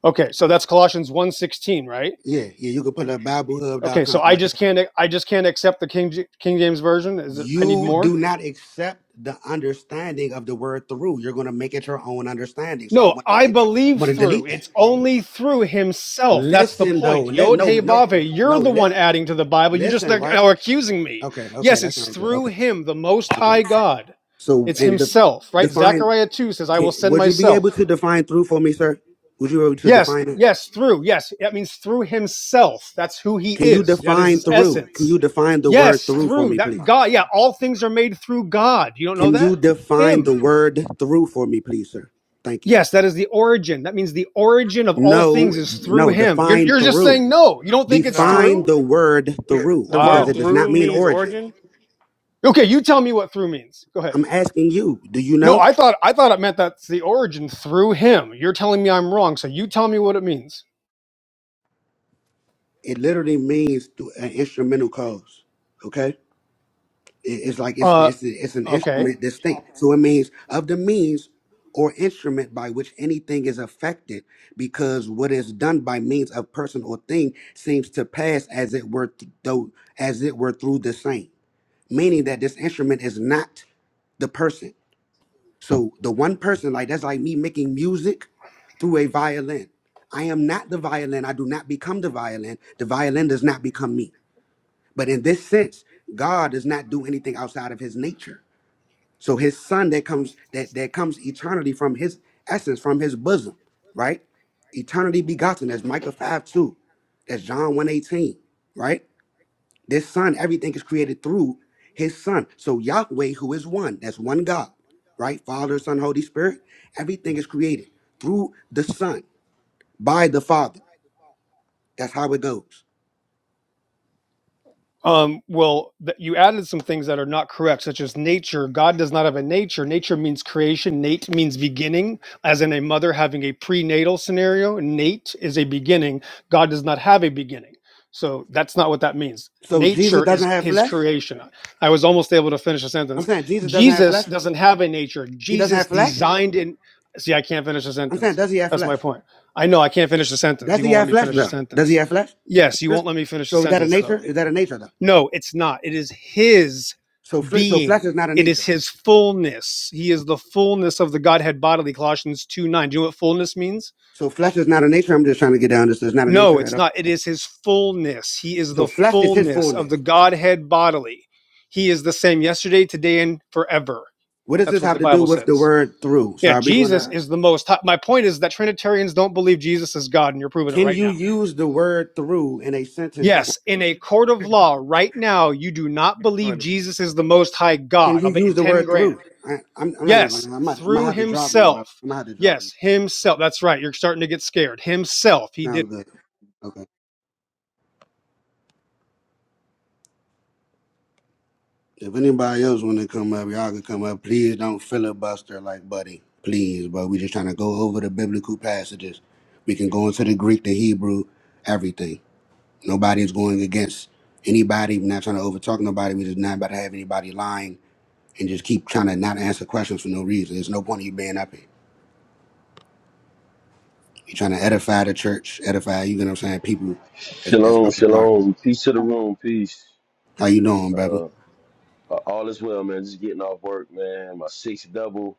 Okay, so that's Colossians one sixteen, right? Yeah, yeah. You can put it up Okay, so I BibleHub.com. just can't I just can't accept the King J- King James version. Is it I need you more? do not accept the understanding of the word through. You're going to make it your own understanding. So I No, want I I believe want to through. delete that. It's only through himself. That's the Listen though. point. Let Yod no Hey no Vave, no you're the let one adding to the Bible. You're just listen like right. now accusing me. Okay okay Yes, that it's sounds good. through Okay him, the most okay. high God. So It's and the, himself, right? define. Zechariah 2 says, I will Can, send would you be able myself. to define through for me, sir? Would you be able to Yes, define it? yes, through. Yes, that means through himself. That's who he Can you is. That is define his through? Can essence. you define the word Yes, through for through me, that please? God. Yeah, all things are made through God. You don't know Can that? you define the Him. word through for me, please, sir? Thank you. Yes, that is the origin. That means the origin of all No, things is through no, him. You're, define you're just through. saying no. You don't think it's Nah. Define through? the word through The because word Wow. it does not through mean means origin. origin. Okay, you tell me what through means. Go ahead. I'm asking you, do you No, know? I thought I thought it meant that's the origin through him. You're telling me I'm wrong, so you tell me what it means. It literally means through an instrumental cause. Okay? It- It's like it's Uh it's it's an okay. instrument distinct. So it means of the means or instrument by which anything is affected because what is done by means of person or thing seems to pass as it were th- though as it were through the same meaning that this instrument is not the person So the one person, like that's like me making music through a violin. I am not the violin. I do not become the violin. The violin does not become me. But in this sense, God does not do anything outside of his nature. So his son that comes that that comes eternally from his essence, from his bosom, right? Eternally begotten. That's Micah 5 2. That's John one eighteen. right? This son, everything is created through his son. So Yahweh, who is one, that's one God, right? Father, Son, Holy Spirit. Everything is created through the Son, by the Father. That's how it goes. Um, well, th- you added some things that are not correct, such as nature. God does not have a nature. Nature means creation. Nate means beginning, as in a mother having a prenatal scenario. Nate is a beginning. God does not have a beginning. So that's not what that means. So Jesus Nature is doesn't have his flesh? creation. I was almost able to finish a I'm sentence. saying Jesus doesn't have Jesus flesh. doesn't have a nature. He doesn't Jesus have flesh? designed in. See, I can't finish a I'm saying, sentence. does he have That's my flesh? point. I know I can't finish a sentence. Does You he won't let have me flesh finish a though? Does he sentence. have flesh? Yes, you This won't let me finish a So is that a sentence, though. nature? Is that a nature though? No, it's not. It is his So fle- so flesh is being. not a It is nature. his fullness. He is the fullness of the Godhead bodily, Colossians 2 9. Do you know what fullness means? So flesh is not a nature. I'm just trying to get down this. It's not a No, nature at it's all. not. It is his fullness. He is So the flesh is his fullness fullness. of the Godhead bodily. He is the same yesterday, today, and forever. What does That's this what have the to do Bible with the says. word through? So Yeah, are we Jesus gonna? is the most high. My point is that Trinitarians don't believe Jesus is God, and you're proving it Can right you now. use the word through in a sentence? For, Yes, it's in a court of law right now, you do not believe funny. Jesus is the most high can God. you I'll bet you use the 10 word grand. through? I, I'm, I'm not even Yes, gonna. I might, I might through have to drop you, bro. himself. I might have to drop you. Yes, himself. That's right. You're starting to get scared. Himself. He did. Sounds good. Okay. If anybody else wanna come up, y'all can come up. Please don't filibuster like Buddy. Please, bro. We just trying to go over the biblical passages. We can go into the Greek, the Hebrew, everything. Nobody's going against anybody. We're not trying to overtalk nobody. We're just not about to have anybody lying and just keep trying to not answer questions for no reason. There's no point in you being up here. You're trying to edify the church, edify, you know what I'm saying, people that's, that's Shalom, out there. Right. shalom. Peace to the room. Peace. How you doing, brother? Uh, all is well, man. Just getting off work, man. My sixth double,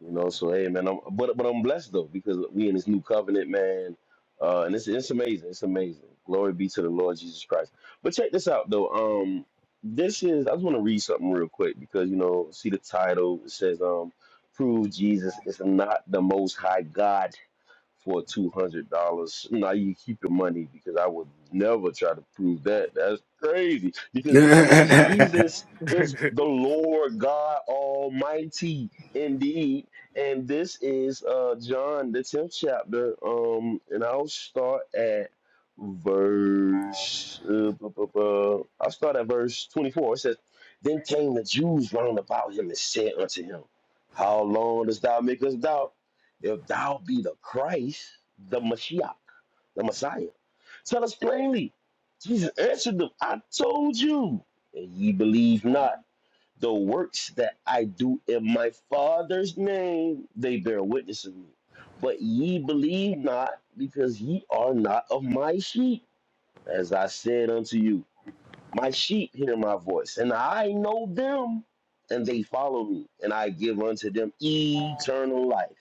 you know. So hey, man. I'm, but but I'm blessed though because we in this new covenant, man. Uh, and it's it's amazing. It's amazing. Glory be to the Lord Jesus Christ. But check this out though. Um, this is I just want to read something real quick because you know see the title it says um, prove Jesus is not the Most High God for two hundred dollars. Now you keep your money because I would never try to prove that. That's crazy because Christ Jesus is the Lord God Almighty indeed, and this is uh John the tenth chapter. Um, and I'll start at verse. Uh, bu- bu- bu- I'll start at verse twenty-four. It says, "Then came the Jews round about him and said unto him, How long dost thou make us doubt?" If thou be the Christ, the Mashiach, the Messiah, tell us plainly. Jesus answered them, I told you, and ye believe not. The works that I do in my Father's name, they bear witness of me. But ye believe not, because ye are not of my sheep, as I said unto you. My sheep hear my voice, and I know them, and they follow me, and I give unto them eternal life,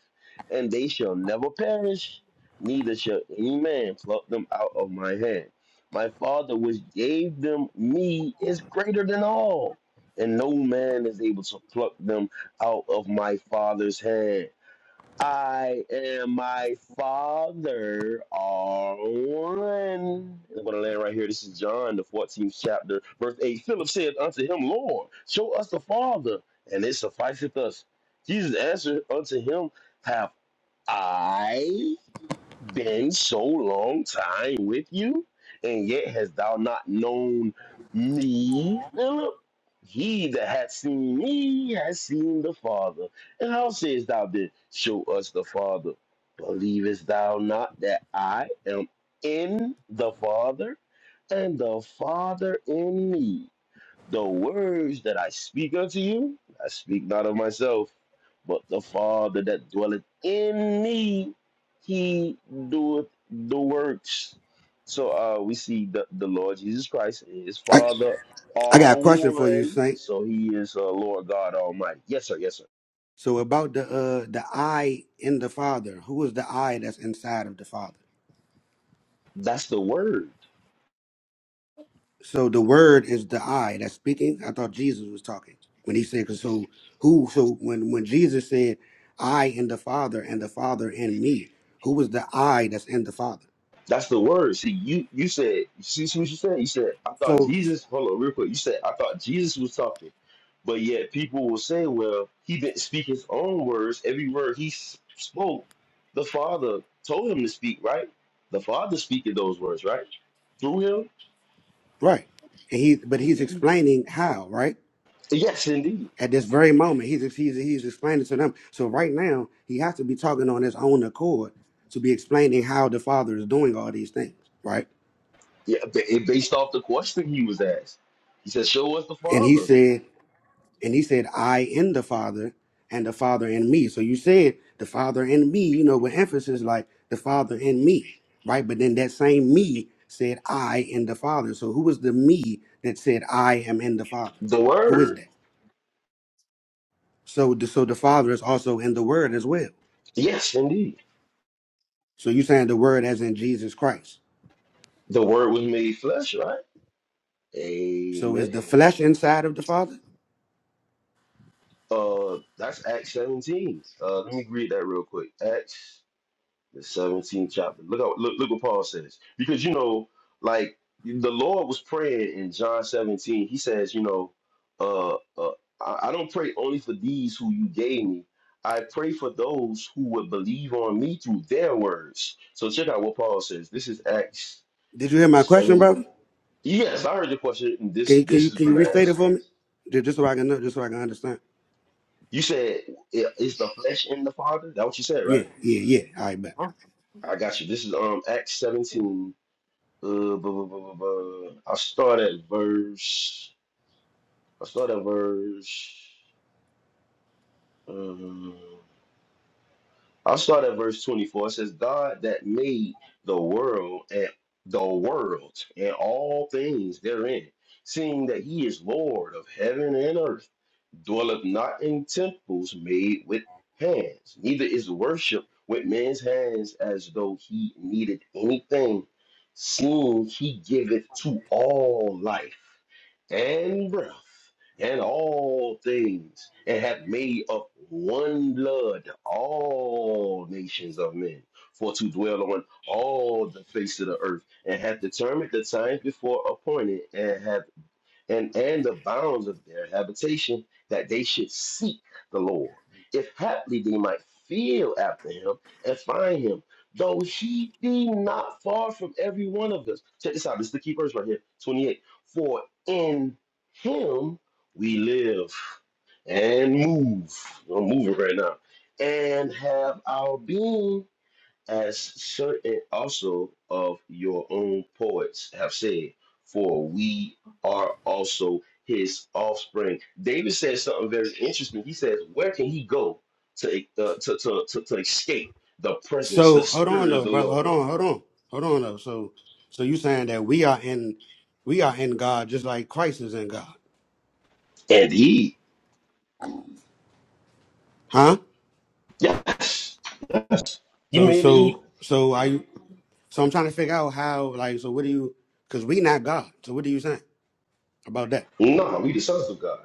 and they shall never perish, neither shall any man pluck them out of my hand. My Father, which gave them me, is greater than all, and no man is able to pluck them out of my Father's hand. I and my father are one. I'm going to land right here. This is John, the 14th chapter, verse 8. Philip said unto him, Lord, show us the Father, and it sufficeth us. Jesus answered unto him, Have I been so long time with you, and yet hast thou not known me, Philip? He that hath seen me has seen the Father. And how sayest thou then, Show us the Father? Believest thou not that I am in the Father, and the Father in me? The words that I speak unto you, I speak not of myself, but the Father that dwelleth in me, he doeth the works. So uh, we see the, the Lord Jesus Christ and his I, Father I are got a question for you, one. Saint. So he is uh, Lord God Almighty. Yes, sir. Yes, sir. So about the uh the I in the Father, who is the I that's inside of the Father? That's the word. So the Word is the I that's speaking. I thought Jesus was talking when he said, 'cause "So who? So when when Jesus said, I in the Father and the Father in me, who was the I that's in the Father? That's the word. See, you you said, you see what you said? You said, I thought So Jesus, hold on real quick. You said, I thought Jesus was talking. But yet people will say, well, he didn't speak his own words. Every word he s- spoke, the Father told him to speak, right? The Father speaking those words, right? Through him? Right. And he, but he's Indeed. explaining how, right? Yes, indeed. At this very moment, he's he's he's explaining to them. So right now, he has to be talking on his own accord to be explaining how the Father is doing all these things, right? Yeah, ba- it based off the question he was asked. He said, show us the And he Father, said, and he said, I in the Father, and the Father in me. So you said the Father in me, you know, with emphasis like the Father in me, right? But then that same me said, I in the Father. So who was the me that said, I am in the Father? the Who is Word. that? So, the, so the Father is also in the Word as well. Yes, indeed. So you're saying the Word as in Jesus Christ. The Word was made flesh, right? So is Amen. the flesh inside of the Father? Uh, that's Acts 17. Uh, let me read that real quick. Acts the 17th chapter. Look out, look, look what Paul says. Because you know, like the Lord was praying in John 17. He says, you know, uh, uh I, I don't pray only for these who you gave me. I pray for those who would believe on me through their words. So check out what Paul says. This is Acts Did you hear my question, 7. brother? Yes, I heard your question. and Can This you can this you is can you gonna restate it answer. for me? Ju- Just so I can know, just so I can understand. You said, i- is the flesh in the Father? That what you said, right? Yeah, yeah, yeah. All right, bet. I got you. This is um Acts 17. Uh, blah, blah, blah, blah, blah. I start at verse. I start at verse. Um, I'll start at verse 24. It says, God that made the world and the world and all things therein, seeing that he is Lord of heaven and earth dwelleth not in temples made with hands, neither is worship with man's hands as though he needed anything, seeing he giveth to all life and breath and all things, and hath made of one blood all nations of men. For to dwell on all the face of the earth, and hath determined the times before appointed, and hath and, and the bounds of their habitation, that they should seek the Lord. If haply they might feel after him and find him, though he be not far from every one of us. Check this out. This is the key verse right here 28. For in him we live and move. I'm moving right now. And have our being as certain also of your own poets have said, for we are also his offspring. David says something very interesting. He says, Where can he go to, uh, to, to, to, to escape the presence, the So hold on spirit of though, the brother. Lord? Hold on, hold on, hold on though. So so you saying that we are in we are in God just like Christ is in God, And he, huh? yes, you So made he, so so are you? So I'm trying to figure out how like so what do you? Because we not God. So what are you saying about that? no, we the sons of God.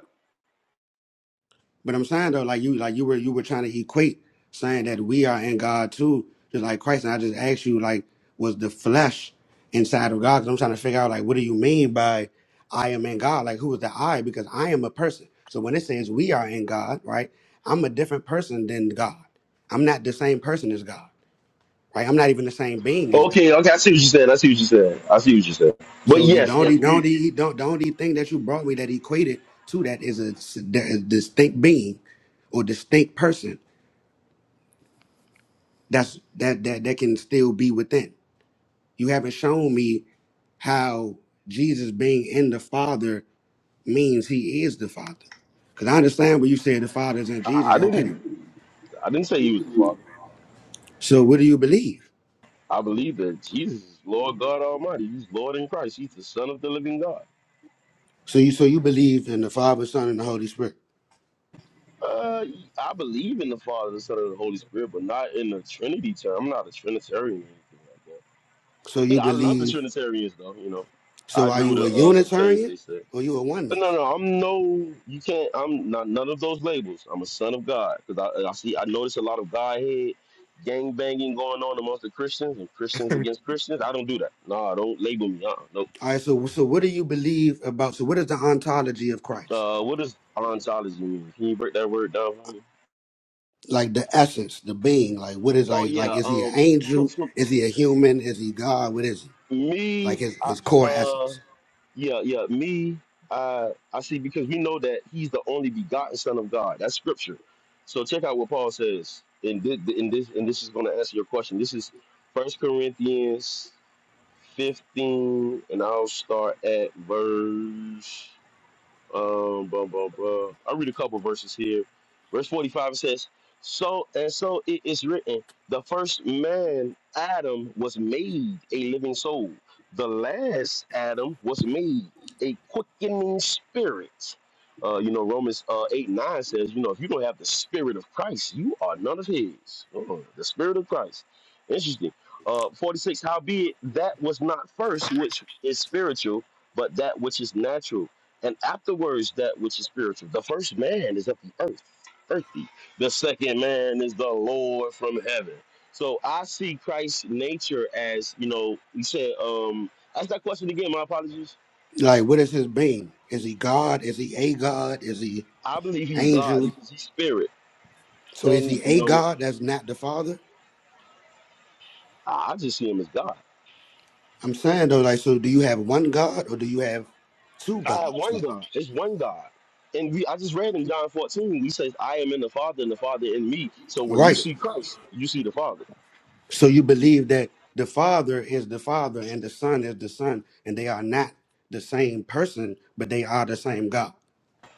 But I'm saying though, like you, like you were, you were trying to equate saying that we are in God too, just like Christ. And I just asked you, like, was the flesh inside of God? Because I'm trying to figure out, like, what do you mean by I am in God? Like, who is the I? Because I am a person. So when it says we are in God, right? I'm a different person than God. I'm not the same person as God, right? I'm not even the same being as God. Okay, okay, I see what you said. I see what you said. I see what you said. But So you yes, don't, yes, you we, don't, you don't, don't you think that you brought me that equated to that is a s- a distinct being or distinct person That's that that that can still be within. You haven't shown me how Jesus being in the Father means he is the Father. Cause I understand what you said the Father is in I, Jesus. I Okay. didn't, I didn't say he was the father. So what do you believe? I believe that Jesus is Lord God Almighty. He's Lord in Christ. He's the Son of the Living God. So you so you believe in the Father, Son, and the Holy Spirit. Uh, I believe in the Father, the Son, and the Holy Spirit, but not in the Trinity term. I'm not a Trinitarian or anything like that. So you Yeah, I love the believe Trinitarians though. You know, I so are agree with you a uh, some things Unitarian they said. or you a But no, oneness? no, I'm no. You can't. I'm not none of those labels. I'm a son of God because I, I see. I notice a lot of Godhead gang banging going on amongst the Christians and Christians against Christians. I don't do that. No, don't label me. Uh, no. All right, so so what do you believe about so what is the ontology of Christ? Uh, what does ontology mean? Can you break that word down for me? Like the essence, the being, like what is Oh like like yeah. is he an Um, for, angel? for Is he a human? Is he God? What is he? like me, his, I, his core uh, essence. yeah, yeah, me, I, I see because we know that he's the only begotten Son of God. That's scripture. So check out what Paul says, and this, and this, and this is going to answer your question. This is First Corinthians fifteen, and I'll start at verse. Um, blah, blah, blah. I'll read a couple verses here. Verse 45 says, So and so it is written, the first man, Adam, was made a living soul. The last Adam was made a quickening spirit. Uh, you know, Romans uh, 8 9 says, you know, if you don't have the spirit of Christ, you are none of his. Oh, the spirit of Christ. Interesting. Uh, 46, howbeit that was not first which is spiritual, but that which is natural and afterwards, that which is spiritual. The first man is of the earth, earthy. The second man is the Lord from heaven. So I see Christ's nature as, you know, you said, um, ask that question again, my apologies. Like, what is his being? Is he God? Is he a God? Is he I believe he's God angel? because he's spirit. So, is And, he you a know, God that's not the Father? I I just see him as God. I'm saying though, like, so do you have one God or do you have two I have gods? one Like, God. It's one God. And we, I just read in John 14, he says, I am in the Father and the Father in me. So when you right. see Christ, you see the Father. So, you believe that the Father is the Father and the Son is the Son, and they are not the same person, but they are the same God.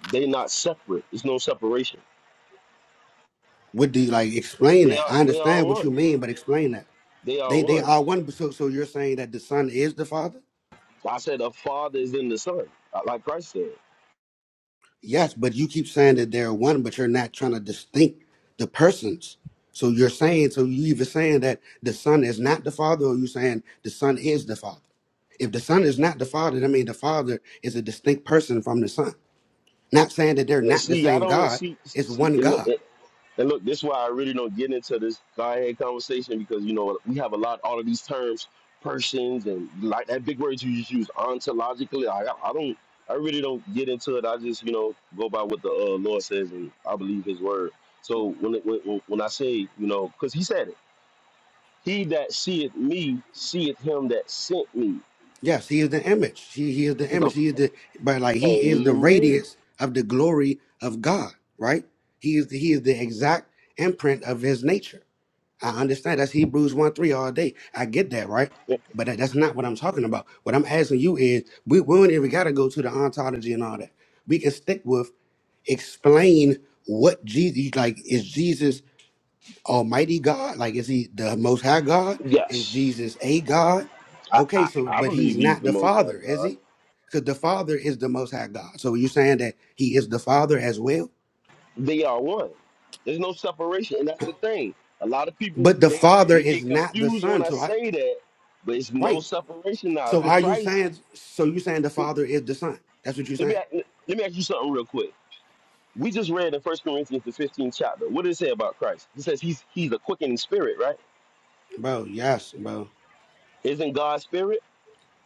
They're not separate. There's no separation. What do you like? Explain They that. are I they are understand what one. you mean, but explain that. They are They they one. are one. So, so you're saying that the Son is the Father? I said the Father is in the Son, uh, like Christ said. Yes, but you keep saying that they're one, but you're not trying to distinct the persons. So you're saying, so you either saying that the son is not the father, or you saying the son is the father. If the son is not the father, I mean the father is a distinct person from the son. Not saying that they're not the See, I same don't God. see. It's See, one and look, God. and look, this is why I really don't get into this Godhead conversation because you know we have a lot all of these terms, persons, and like that big word you just use ontologically. I, I don't. I really don't get into it. I just you know go by what the uh, Lord says, and I believe His word. So when it, when when when I say you know, because He said it, He that seeth me seeth Him that sent me. Yes, he is the image. He, he is the Because image. of He is the but like he is the Amen. radiance of the glory of God, right? He is the, he is the exact imprint of his nature. I understand that's Hebrews 1 3 all day. I get that, right? But that, that's not what I'm talking about. What I'm asking you is we, we don't even got to go to the ontology and all that. We can stick with explain what Jesus, like, is Jesus Almighty God? Like, is he the Most High God? Is Yes, Jesus a God? I, Okay, I, so, I but believe he's he's not the the Most High Father, is God. he? Because the Father is the Most High God. So you're saying that he is the Father as well? They are one. There's no separation, and that's the thing. A lot of people But the they Father they is get not the confused when Son. I So I, say that, but it's no right. separation now So because are you Christ. saying? So you saying the could, Father is the Son? That's what you're Let me saying, a- let me ask you something real quick. We just read in First Corinthians the 15th chapter. What does it say about Christ? It says he's he's a quickening spirit, right? bro? Yes, bro. Isn't God spirit?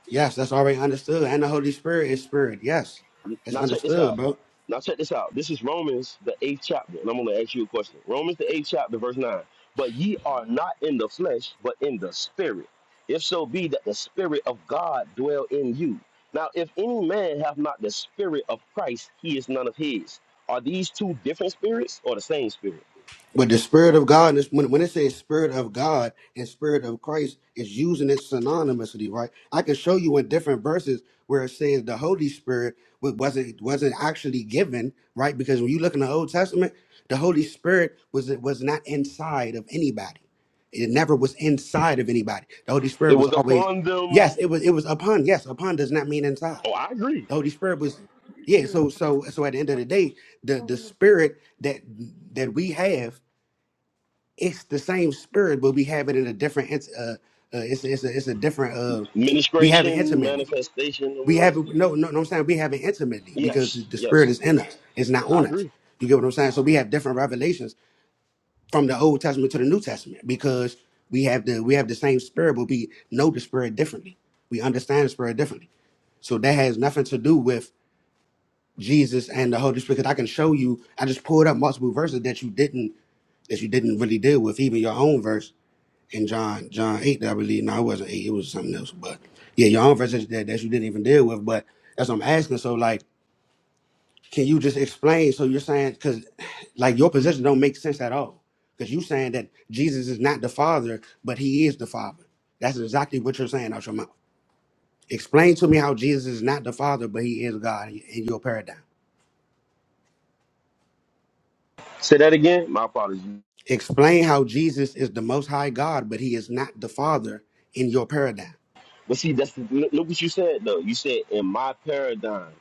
Yes, that's already understood. And the Holy Spirit is Spirit. Yes, it's Now check this understood, out. bro. Now check this out. This is Romans the eighth chapter, and I'm gonna ask you a question. Romans the eighth chapter, verse nine. But ye are not in the flesh, but in the spirit. If so be that the spirit of God dwell in you. Now, if any man have not the spirit of Christ, he is none of his. Are these two different spirits or the same spirit? But the spirit of God, is- when when it says spirit of God and spirit of Christ, is using it synonymously, right? I can show you in different verses where it says the Holy Spirit wa- wasn't wasn't actually given, right? Because when you look in the Old Testament, the Holy Spirit was was not inside of anybody. It never was inside of anybody. The Holy Spirit It was was always, upon them. yes, it was it was upon. Yes, upon does not mean inside. Oh, I agree. The Holy Spirit was, yeah. So so so at the end of the day, the the spirit that that we have it's the same spirit, but we have it in a different. int- Uh, uh, it's it's a, it's a different. Uh, we have it Ministration, intimately. manifestation, or We have whatever. it. No, no, no. I'm saying we have it intimately because the, Yes, the spirit yes, is in us. It's not I on us. agree. You get what I'm saying? So we have different revelations from the Old Testament to the New Testament because we have the we have the same spirit, but we know the spirit differently. We understand the spirit differently. So that has nothing to do with Jesus and the Holy Spirit. Because I can show you. I just pulled up multiple verses that you didn't that you didn't really deal with, even your own verse in John John eight, that I believe. No, it wasn't eight. It was something else. But yeah, your own verses that, that you didn't even deal with. But that's what I'm asking. So like, can you just explain? So you're saying because like your position don't make sense at all because you saying that Jesus is not the Father, but He is the Father. That's exactly what you're saying out your mouth. Explain to me how Jesus is not the Father, but He is God in your paradigm. Say that again. My apologies. Explain how Jesus is the Most High God, but He is not the Father in your paradigm. But see, that's look what you said though. You said in my paradigm.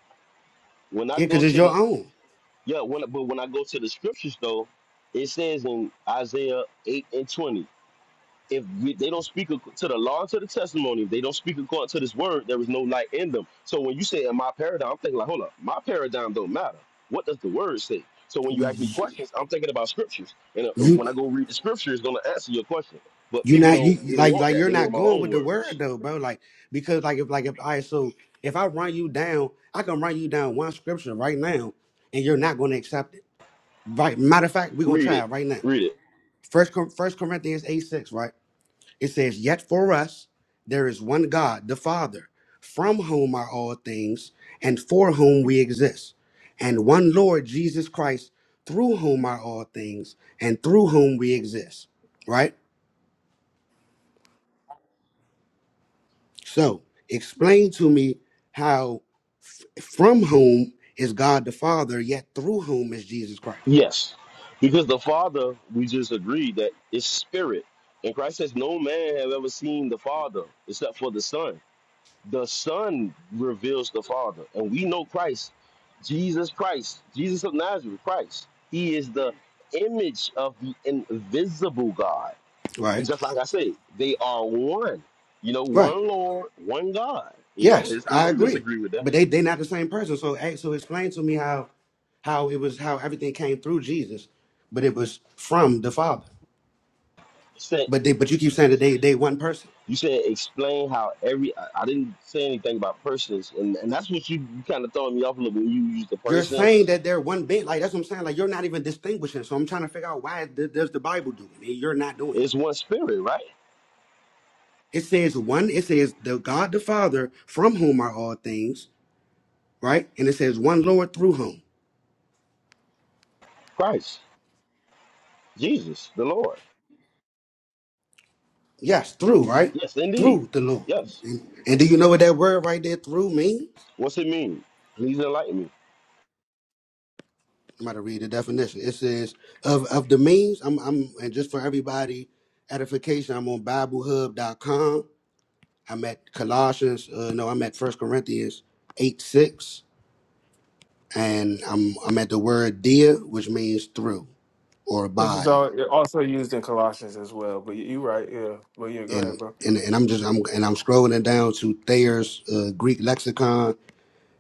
When I Yeah, go because it's to your the own. yeah, when but when I go to the scriptures though, it says in Isaiah eight and twenty, if we, they don't speak ac- to the law and to the testimony, if they don't speak according to this word, there is no light in them. So when you say in my paradigm, I'm thinking like, hold up, my paradigm don't matter. What does the word say? So when you ask me questions, I'm thinking about scriptures, and uh, You, when I go read the scripture, it's gonna answer your question. But you people not don't you they don't like want like that. you're They want not my going with own the word words. though, bro. Like because like if like if I so if I run you down, I can run you down one scripture right now, and you're not going to accept it. Right. Matter of fact, we're gonna Read try it. it right now. Read it. First Cor- First Corinthians eight six. Right. It says, "Yet for us there is one God, the Father, from whom are all things, and for whom we exist, and one Lord Jesus Christ, through whom are all things, and through whom we exist." Right So explain to me how f- from whom is God the Father, yet through whom is Jesus Christ. Yes, because the Father, we just agreed that is spirit, and Christ says, "No man have ever seen the Father except for the Son. The Son reveals the Father, and we know Christ, Jesus Christ, Jesus of Nazareth, Christ. He is the image of the invisible God. Right? It's Just like I say, they are one. You know, Right. one Lord, one God. You know, Yes, it's, I I don't agree. disagree with But they they not the same person. So hey, so explain to me how how it was how everything came through Jesus, but it was from the Father. that. But they but you keep saying that they they one person. You said explain how every. I, I didn't say anything about persons, and, and that's what you, you kind of throwing me off a little bit when you use the You're persons. saying that they're one being. Like that's what I'm saying. Like you're not even distinguishing. So I'm trying to figure out why th- does the Bible do it? And you're not doing it. It's one spirit, right? It says one, it says the God the Father from whom are all things, right? And it says one Lord through whom. Christ, Jesus, the Lord. Yes, through, right? Yes, indeed. Through the Lord. Yes. And, and do you know what that word right there through means? What's it mean? Please enlighten me. I'm about to read the definition. It says of of the means, I'm I'm and just for everybody edification, I'm on BibleHub.com. I'm at Colossians, uh, no, I'm at First Corinthians eight six, and I'm I'm at the word dia, which means through or Which is by all, also used in Colossians as well. But you you right, yeah. Well yeah, go ahead, and bro. and and I'm just I'm and I'm scrolling it down to Thayer's uh, Greek lexicon,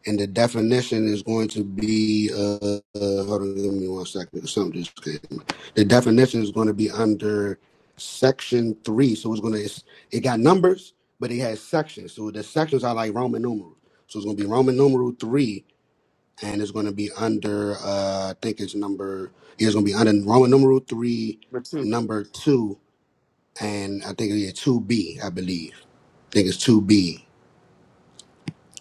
and the definition is going to be uh, uh hold on, give me one second. Something just came. The definition is going to be under section three, so it's going to it's, it got numbers, but it has sections. So the sections are like Roman numerals. So it's going to be Roman numeral three, and it's going to be under uh I think it's number yeah, it's going to be under Roman numeral three, But two. number two, and I think it's two B, I believe. I think it's 2B.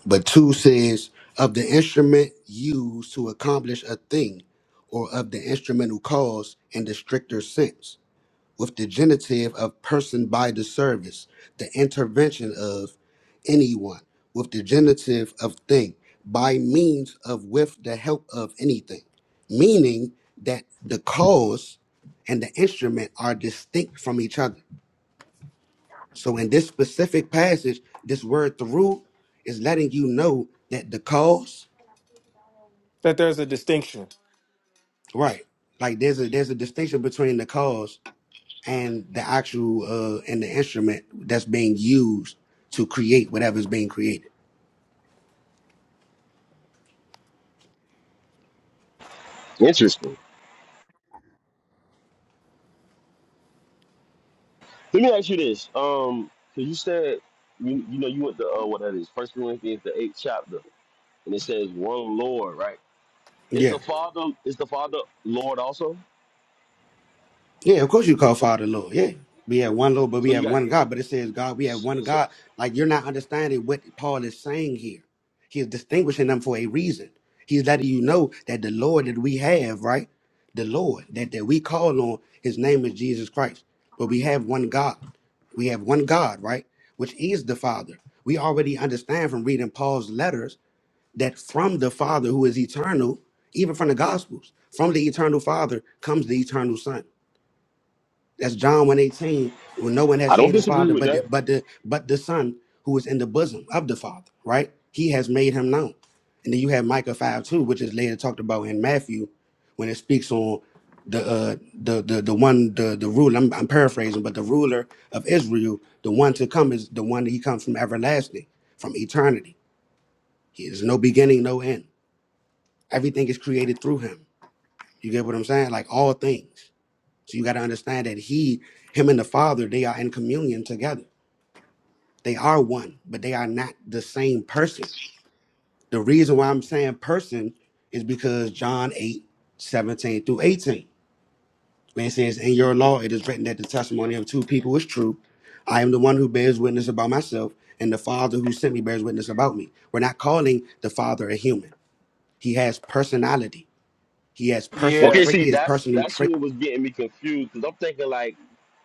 But 2 says, of the instrument used to accomplish a thing, or of the instrumental cause in the stricter sense, with the genitive of person by the service, the intervention of anyone, with the genitive of thing, by means of with the help of anything. Meaning that the cause and the instrument are distinct from each other So in this specific passage, this word through is letting you know that the cause, That there's a distinction. right? Like there's a there's a distinction between the cause and the actual uh and the instrument that's being used to create whatever's being created. Interesting. Let me ask you this. Um, because you said you, you know you went to uh, what that is First Corinthians the eighth chapter, and it says one Lord, right? Is the Yeah. Father is the Father Lord also? Yeah, of course you call Father Lord. Yeah. We have one Lord, but we So you have got. one God. But it says God, we have So one so, God. Like you're not understanding what Paul is saying here. He is distinguishing them for a reason. He's letting you know that the Lord that we have, right? The Lord that, that we call on, his name is Jesus Christ. But we have one God. We have one God, right? Which is the Father. We already understand from reading Paul's letters that from the Father who is eternal, even from the Gospels, from the eternal Father comes the eternal Son. That's John 1:18. Well, no one has I don't seen the disagree Father with but that. the, but the but the Son who is in the bosom of the Father, right? He has made him known. And then you have Micah 5 2, which is later talked about in Matthew when it speaks on the uh the the, the one the the ruler I'm, I'm paraphrasing but the ruler of Israel the one to come is the one that he comes from everlasting from eternity he is no beginning no end everything is created through him you get what I'm saying like all things so you got to understand that he, him and the Father, they are in communion together. They are one, but they are not the same person. The reason why I'm saying person is because John 8 17 through 18. When it says, In your law it is written that the testimony of two people is true. I am the one who bears witness about myself, and the Father who sent me bears witness about me. We're not calling the Father a human. He has personality. He has person Yeah. Okay, trait. see, He has that's personal that's traits. what was getting me confused because I'm thinking like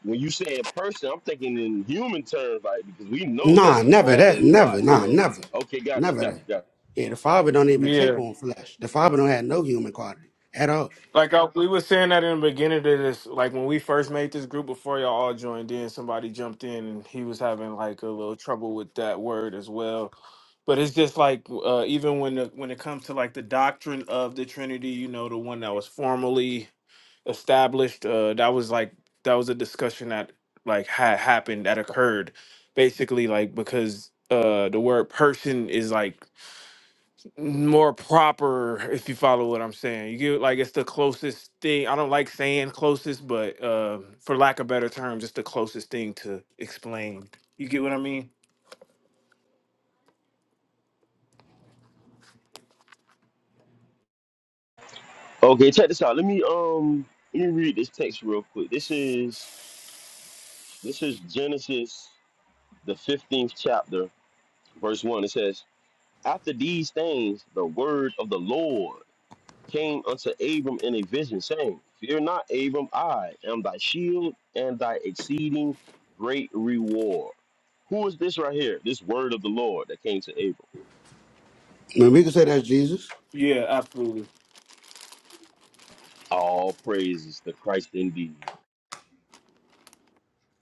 when you say in person, I'm thinking in human terms, like because we know that Nah, the never father that. is not, Never. you Nah, know. never. Okay, got you, Never got you, that. got Yeah, the Father don't even take Yeah. on flesh. The Father don't have no human quality at all. Like uh we were saying that in the beginning of this, like when we first made this group before y'all all joined in, somebody jumped in and he was having like a little trouble with that word as well. But it's just like uh, even when the, when it comes to like the doctrine of the Trinity, you know, the one that was formally established, uh, that was like that was a discussion that like had happened that occurred, basically like because uh, the word person is like more proper if you follow what i'm saying you get like it's the closest thing i don't like saying closest but uh, for lack of better terms it's the closest thing to explain you get what i mean you. Okay, check this out. Let me um let me read this text real quick. This is this is Genesis the 15th chapter, verse one. It says, After these things, the word of the Lord. came unto Abram in a vision, saying, Fear not, Abram, I am thy shield and thy exceeding great reward. Who is this right here? This word of the Lord that came to Abram. And we can say that's Jesus. yeah absolutely All praises to Christ indeed.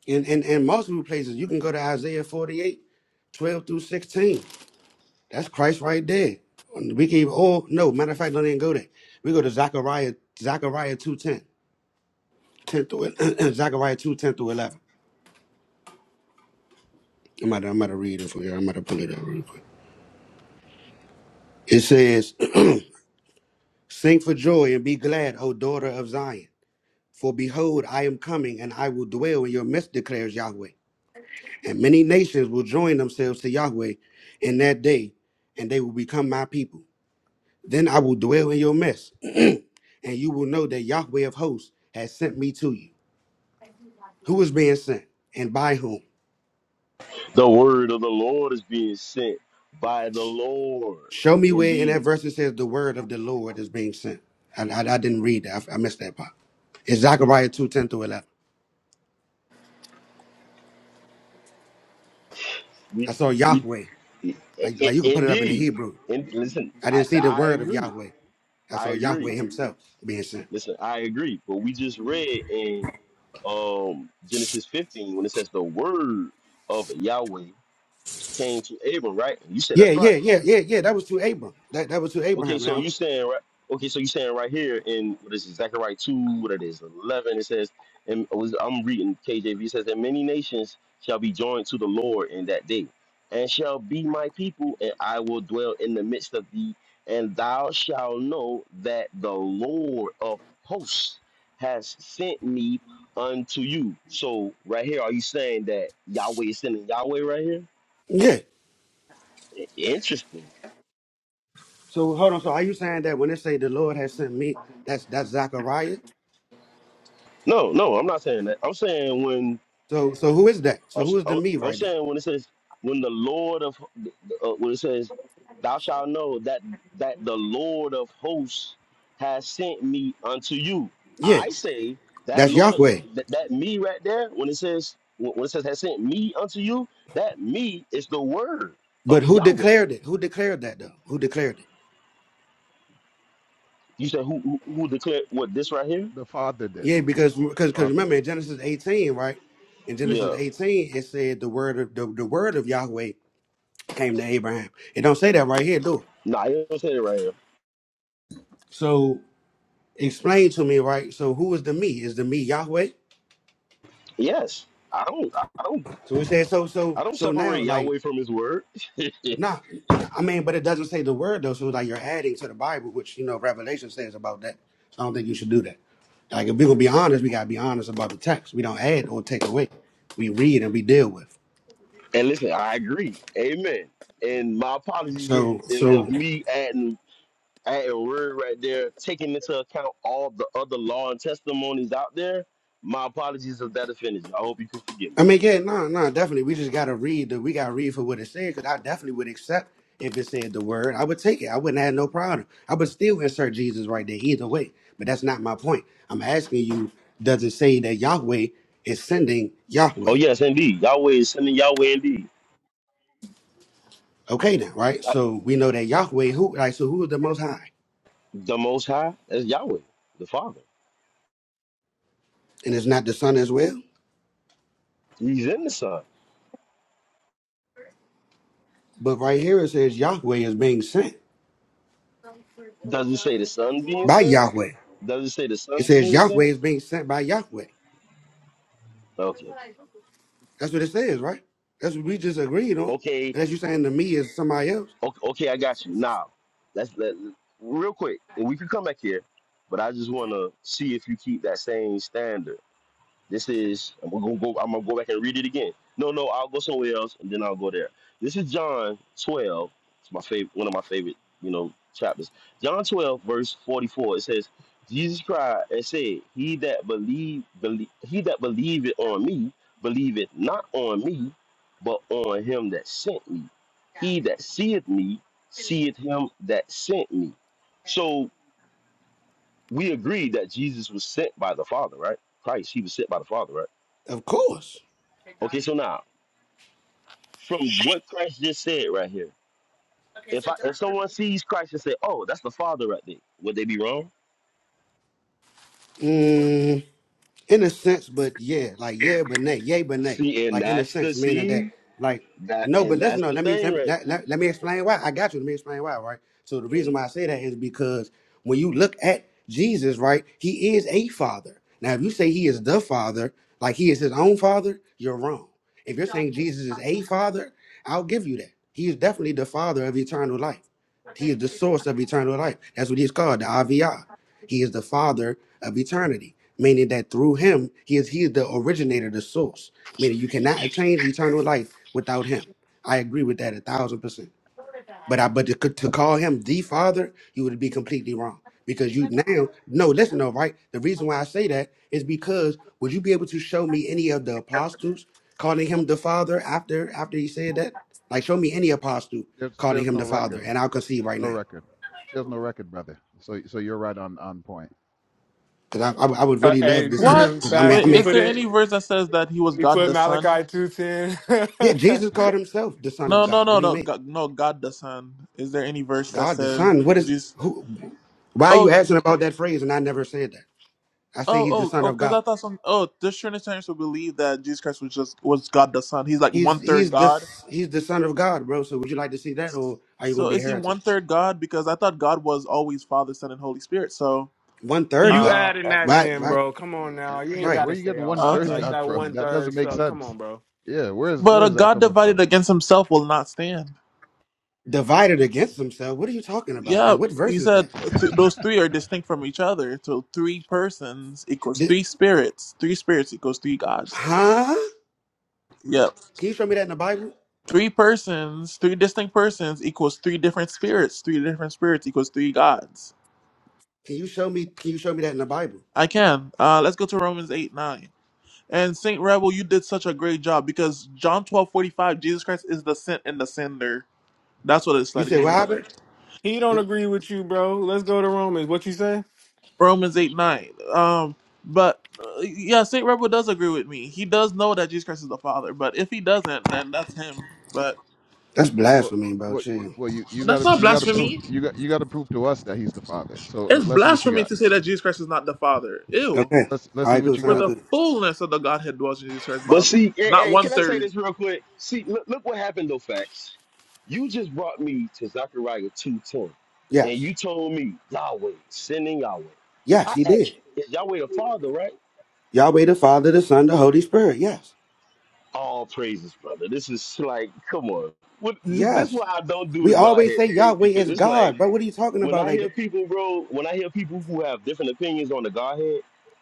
And and and multiple places you can go to Isaiah 48, 12 through 16. That's Christ right there. We can even, oh no, matter of fact, don't even go there. We go to Zechariah, Zechariah 2 10, 10 through Zechariah two ten through 11. I'm about, to, I'm about to read it for you. I'm about to pull it up real quick. It says, Sing for joy and be glad, O daughter of Zion. For behold, I am coming, and I will dwell in your midst, declares Yahweh. And many nations will join themselves to Yahweh in that day, and they will become my people. Then I will dwell in your midst, and you will know that Yahweh of hosts has sent me to you. Who is being sent, and by whom? The word of the Lord is being sent by the Lord Show me where in that indeed. verse it says the word of the Lord is being sent. I, I, I didn't read that. I, I missed that part. It's Zechariah two ten through 11. We I saw we Yahweh. i- Like, i- like you could put it up in the indeed. Hebrew. And listen, I I didn't see the I word of agree. Yahweh. I I saw Yahweh agree. himself being sent. Listen, I agree, but we just read in um Genesis 15 when it says the word of Yahweh came to Abram, right? And you said that's Yeah, yeah, Christ. yeah, yeah, yeah. That was to Abram. That that was to Okay, Abraham so now. you saying right? Okay, so you saying right here in what is it, Zechariah two? What it is, eleven? It says, and it was, I'm reading KJV. It says, "And many nations shall be joined to the Lord in that day, and shall be my people, and I will dwell in the midst of thee, and thou shalt know that the Lord of hosts has sent me unto you." So right here, are you saying that Yahweh is sending Yahweh right here? Yeah. I- Interesting. So hold on. So are you saying that when they say the Lord has sent me, that's that's Zachariah? No, no, I'm not saying that. I'm saying when So so who is that? So I'm, who is the I'm, me I'm right there? saying when it says when the Lord of uh, when it says thou shalt know that that the Lord of hosts has sent me unto you. Yeah, I say that that's Lord Yahweh. that, that me right there when it says when it says has sent me unto you that me is the word of But who Yahweh. declared it? Who declared that though? Who declared it? You said who who, who declared what this The right here? the father did. Yeah, because The because because father remember did. in Genesis 18, right? In Genesis Yeah, 18, it said the word of the, the word of Yahweh came to Abraham. It don't say that right here, do it? nah, he don't say it right here. So explain to me, right? So who is the me? Is the me Yahweh? Yes, I don't I don't So we said so so I don't so now separate like Yahweh from His word. nah I mean, but it doesn't say the word though, so like you're adding to the Bible, which you know Revelation says about that. So I don't think you should do that. Like if we gonna be honest, we gotta be honest about the text. We don't add or take away. We read and we deal with. And listen, I agree. Amen. And my apologies if, So if, if so me adding adding word right there, taking into account all the other law and testimonies out there. My apologies if that offended you. I hope you can forgive me. I mean, yeah, no, no, definitely. We just gotta read the. We gotta read for what it said, because I definitely would accept if it said the word. I would take it. I wouldn't have no problem. I would still insert Jesus right there either way. But that's not my point. I'm asking you, does it say that Yahweh is sending Oh Yahweh? yes, indeed. Yahweh is sending Yahweh indeed. Okay, now, right? Like, So we know that Yahweh, who, right? so who is the Most High, The Most High is Yahweh, the Father. and it's not the Son as well. He's in the Son. But right here it says Yahweh is being sent Does it say the Son being by sent? Yahweh. Does it say the It Son says being Yahweh sent? is being sent by Yahweh. Okay. That's what it says, right? That's what we just agreed on. Okay. And that's you saying to me as somebody else. Okay, okay, I got you. Now, let's let real quick, and we can come back here, but I just want to see if you keep that same standard. This is I'm gonna go. I'm gonna go back and read it again. No, no, I'll go somewhere else and then I'll go there. This is John 12. It's my favorite, one of my favorite, you know, chapters. John 12, verse 44. It says, "Jesus cried and said, He that believe, believe he that believeth on me, believeth not on me, but on him that sent me. He that seeth me, seeth him that sent me." So we agree that Jesus was sent by the Father, right? Christ, he was sent by the Father, right? Of course. Okay, so now from what Christ just said right here, if I if someone sees Christ and say, "Oh, that's the Father right there," would they be wrong? Mm. in a sense, but yeah, like yeah, but nay, yay, but nay, See, and like in a that's the sense, meaning that see like that, no, and but listen, that's no, the let me thing, let, right? let, let let me explain why. I got you. Let me explain why, right? So the reason why I say that is because when you look at Jesus, right, he is a father. Now, if you say he is the father, like he is his own father, you're wrong. If you're saying Jesus is a father, I'll give you that. He is definitely the father of eternal life. He is the source of eternal life. That's what he's called, the Aviyah. He is the father of eternity, meaning that through him, he is he is the originator, the source. Meaning you cannot attain eternal life without him. I agree with that a thousand percent. But I but to, to call him the father, you would be completely wrong. Because you now no, listen though, right? The reason why I say that is because would you be able to show me any of the apostles calling him the father after after he said that? Like show me any apostle There's calling there's him no the father, record. and I'll concede There's right no now. record. There's no record, brother. So so you're right on on point. Because I, I, I would uh, really love hey to see that. what Because I mean, facts I wait he mean, is put there it any verse that says that he was he god put the son malachi 210 Yeah, Jesus called himself the Son of no no God. What no do you no mean? god, no god the son is there any verse that God the says Son. What is jesus who why are you asking about that phrase and I never said that? I say Oh, he's the oh, son oh, of because I God. thought some. Oh, the Trinitarians would believe that Jesus Christ was just was God the Son. He's like one He's third he's the God. he's the son of God, bro. So would you like to see that or are you gonna So be a is he heretic? one third God? Because I thought God was always Father, Son, and Holy Spirit. So, One third you God. uh, adding and that Right, in yeah, right, bro come on now Where you you ain't get right. where gotta you say getting all one that third like God okay, that from? one That third doesn't make stuff come sense. on bro Yeah, where is where but a is that God coming divided from? against Himself will not stand. Divided against himself. What are you talking about? Yeah. Yeah, And what verse you is said that? th- those three are distinct from each other. So three persons equals Did, three spirits. Three spirits equals three gods. huh? Yep. Can you show me that in the Bible? Three persons, three distinct persons equals three different spirits. Three different spirits equals three gods. Can you show me can you show me that in the Bible? I can. Uh, let's go to Romans 8 9. And Saint Rebel, you did such a great job because John twelve forty five, Jesus Christ is the sent and the sender. That's what it's You letting said you what know happened? there. he don't agree with you bro let's go to romans what you say Romans 8 9. Um, but uh, yeah, Saint Rebel does agree with me. He does know that Jesus Christ is the Father, but if he doesn't, then that's him. But That's Well, blasphemy, bro. well, Chill. well you you that's gotta not you gotta prove blasphemy. you got you gotta prove to us that he's the father. So It's let's see what you blasphemy got. to say that Jesus Christ is not the Father. Let's Ew. Okay. let's let's All see right, cool. what you For Sound got. the good. fullness of the Godhead dwells in Jesus Christ But bodily. see, and, Not and one can I say third. this real quick? See, look, look what happened though, facts. You just brought me to Zechariah two ten, and Yes. you told me Yahweh sending Yahweh. Yes, I he asked did. you, is Yahweh the Father, right? Yahweh the Father, the Son, the Holy Spirit. Yes. All praises, brother. This is like, come on. What, this, this is Yes. why I don't do We the always Godhead say debate Yahweh because is it's like God, but what are you talking when about I like hear that? people, bro, when I hear people who have different opinions on the Godhead,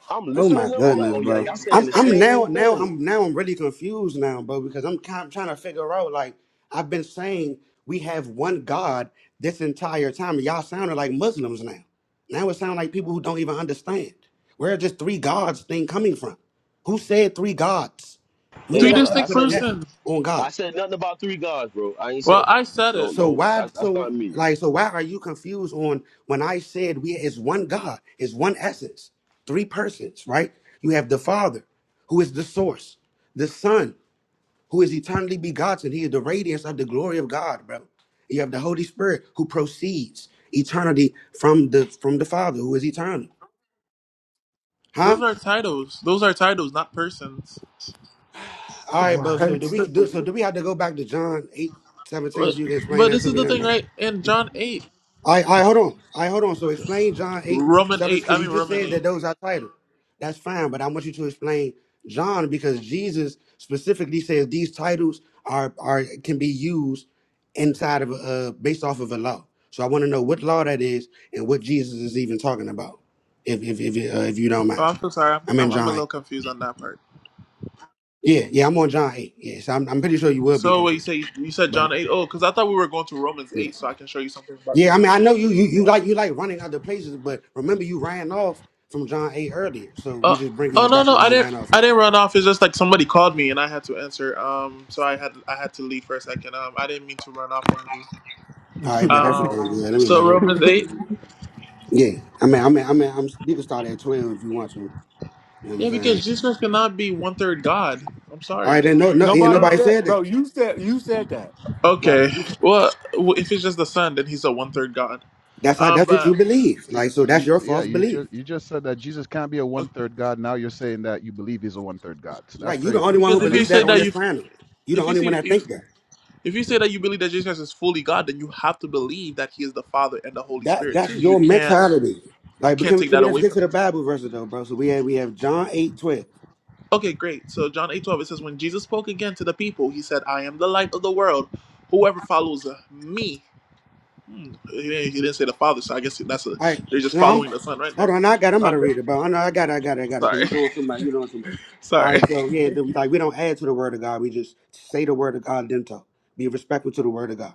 I'm Oh listening my to them. I'm like, goodness, oh yeah, bro. y'all saying I'm the I'm now same now thing. I'm now I'm really confused now, bro, because I'm kind of trying to figure out like I've been saying we have one God this entire time. and Y'all sounding like Muslims now. Now it sounds like people who don't even understand. Where is this three gods thing coming from? Who said three gods? When Hey, did Three I hold up. ever I distinct put an said F persons. on I God? said nothing about three gods, bro. I ain't said Well, that. I said So it. So no, why that's, that's so not me. like so why are you confused on when I said we is one God, is one essence, three persons, right? You have the Father, who is the source, the Son, who is eternally begotten, he is the radiance of the glory of God, bro. You have the Holy Spirit who proceeds eternity from the from the Father, who is eternal. Huh? Those are titles. Those are titles, not persons. All right, bro. So what do we do so do we have to go back to John 8 17 But, so you can explain but that this to is me the then, thing, bro? right? In John eight, I I hold on. I hold on. So okay. explain John 8, Roman 7, eight. because I you mean just Roman said that eight. those are title. That's fine, but I want you to explain John because Jesus specifically says these titles are are can be used inside of a uh, based off of a law. So I want to know what law that is and what Jesus is even talking about. If if if, uh, if you don't Oh, mind, I'm so sorry. I'm, I'm in I'm I'm a John little 8. confused on that part. Yeah, yeah, I'm on John 8. Yeah, so I'm, I'm pretty sure you will be So what you confused. say? You said John eight. Oh, because I thought we were going to Romans eight, so I can show you something about Yeah, this. I mean, I know you, you you like you like running other places, but remember you ran off from John eight earlier, so Uh, we just bringing oh you no back to no where I you didn't ran off. From. I didn't run off. It's just like somebody called me and I had to answer. Um, so I had I had to leave for a second. Um, I didn't mean to run off on you. All right, but that's sounds Um, good. Let me so let him. Romans eight. Yeah, I mean, I mean, I mean, I'm you can start at twelve if you want to. You know what I'm Yeah, because saying? Jesus cannot be one third God. I'm All right, sorry. then no, no, yeah, Nobody nobody Um, said, said that. bro. You said you said that. Right. Okay. Well, w- if it's just the son, then he's a one third God. That's how. Um, That's what you but believe. See, Like, so that's you, your so yeah, false you belief. just you just said that Jesus can't be a uh, one third God. Now you're saying that you believe he's a one third God. So that's Right. You're the only crazy. one I who because if don't you believe say that understand on that that. this you, planet. You're the if you only see, one that if think that. if you say that you believe that Jesus is fully God, then you have to believe that He is the Father and the Holy That Spirit that's too. You your can't, mentality. you Like, but can't can, we- take can we that just away get to from the Him. Bible verse though, bro? So we have we have John eight twelve. Okay, great. So John eight twelve it says, when Jesus spoke again to the people, He said, "I am the light of the world. Whoever follows uh, me." Hmm, he didn't he didn't say the Father, so I guess that's a. All right. They're just Now I'm following the Son right hold there. on. I got. I'm about to Okay, read it, bro. I know. I got. It, I got. It, I got it. Cause sorry, you doing too much. You doing too much. All sorry. right. So yeah, then we like we don't add to the word of God. We just say the word of God. And then talk. Be respectful to the word of God.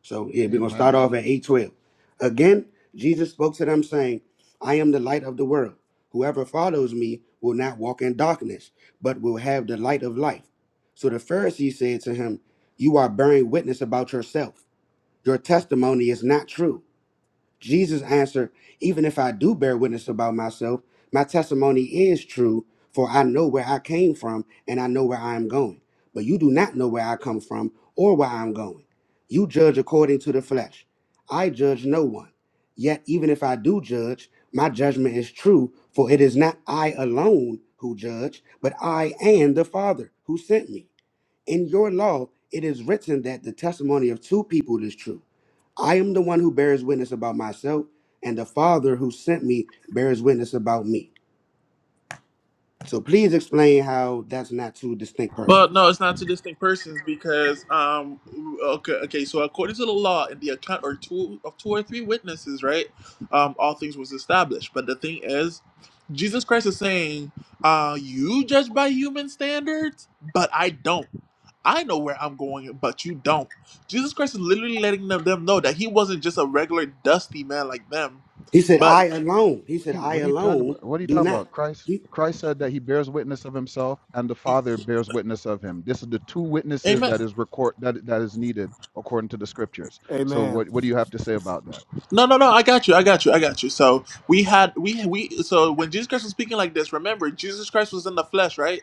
So yeah, we're gonna start Amen. off at eight twelve. Again, Jesus spoke to them, saying, "I am the light of the world. Whoever follows me will not walk in darkness, but will have the light of life." So the Pharisees said to him, "You are bearing witness about yourself. Your testimony is not true." Jesus answered, Even if I do bear witness about myself, my testimony is true, for I know where I came from and I know where I am going. But you do not know where I come from or where I am going. You judge according to the flesh. I judge no one. Yet, even if I do judge, my judgment is true, for it is not I alone who judge, but I and the Father who sent me. In your law, it is written that the testimony of two people is true. I am the one who bears witness about myself, and the Father who sent me bears witness about me. So please explain how that's not two distinct Well, persons. no, it's not two distinct persons because, um, okay, okay. So according to the law, in the account or two of two or three witnesses, right, um, all things was established. But the thing is, Jesus Christ is saying, uh, you judge by human standards, but I don't. I know where I'm going, but you don't. Jesus Christ is literally letting them, them know that he wasn't just a regular dusty man like them, He said, but, I alone. He What said, do you I what do you talk alone about? What do you do talk not. about? Christ He, Christ said that he bears witness of himself and the Father bears witness of him. This is the two witnesses amen. that is record that that is needed according to the scriptures. So Amen. what what do you have to say about that? No, no, no. I got you. I got you. I got you. So we had we we so when Jesus Christ was speaking like this, remember Jesus Christ was in the flesh, right?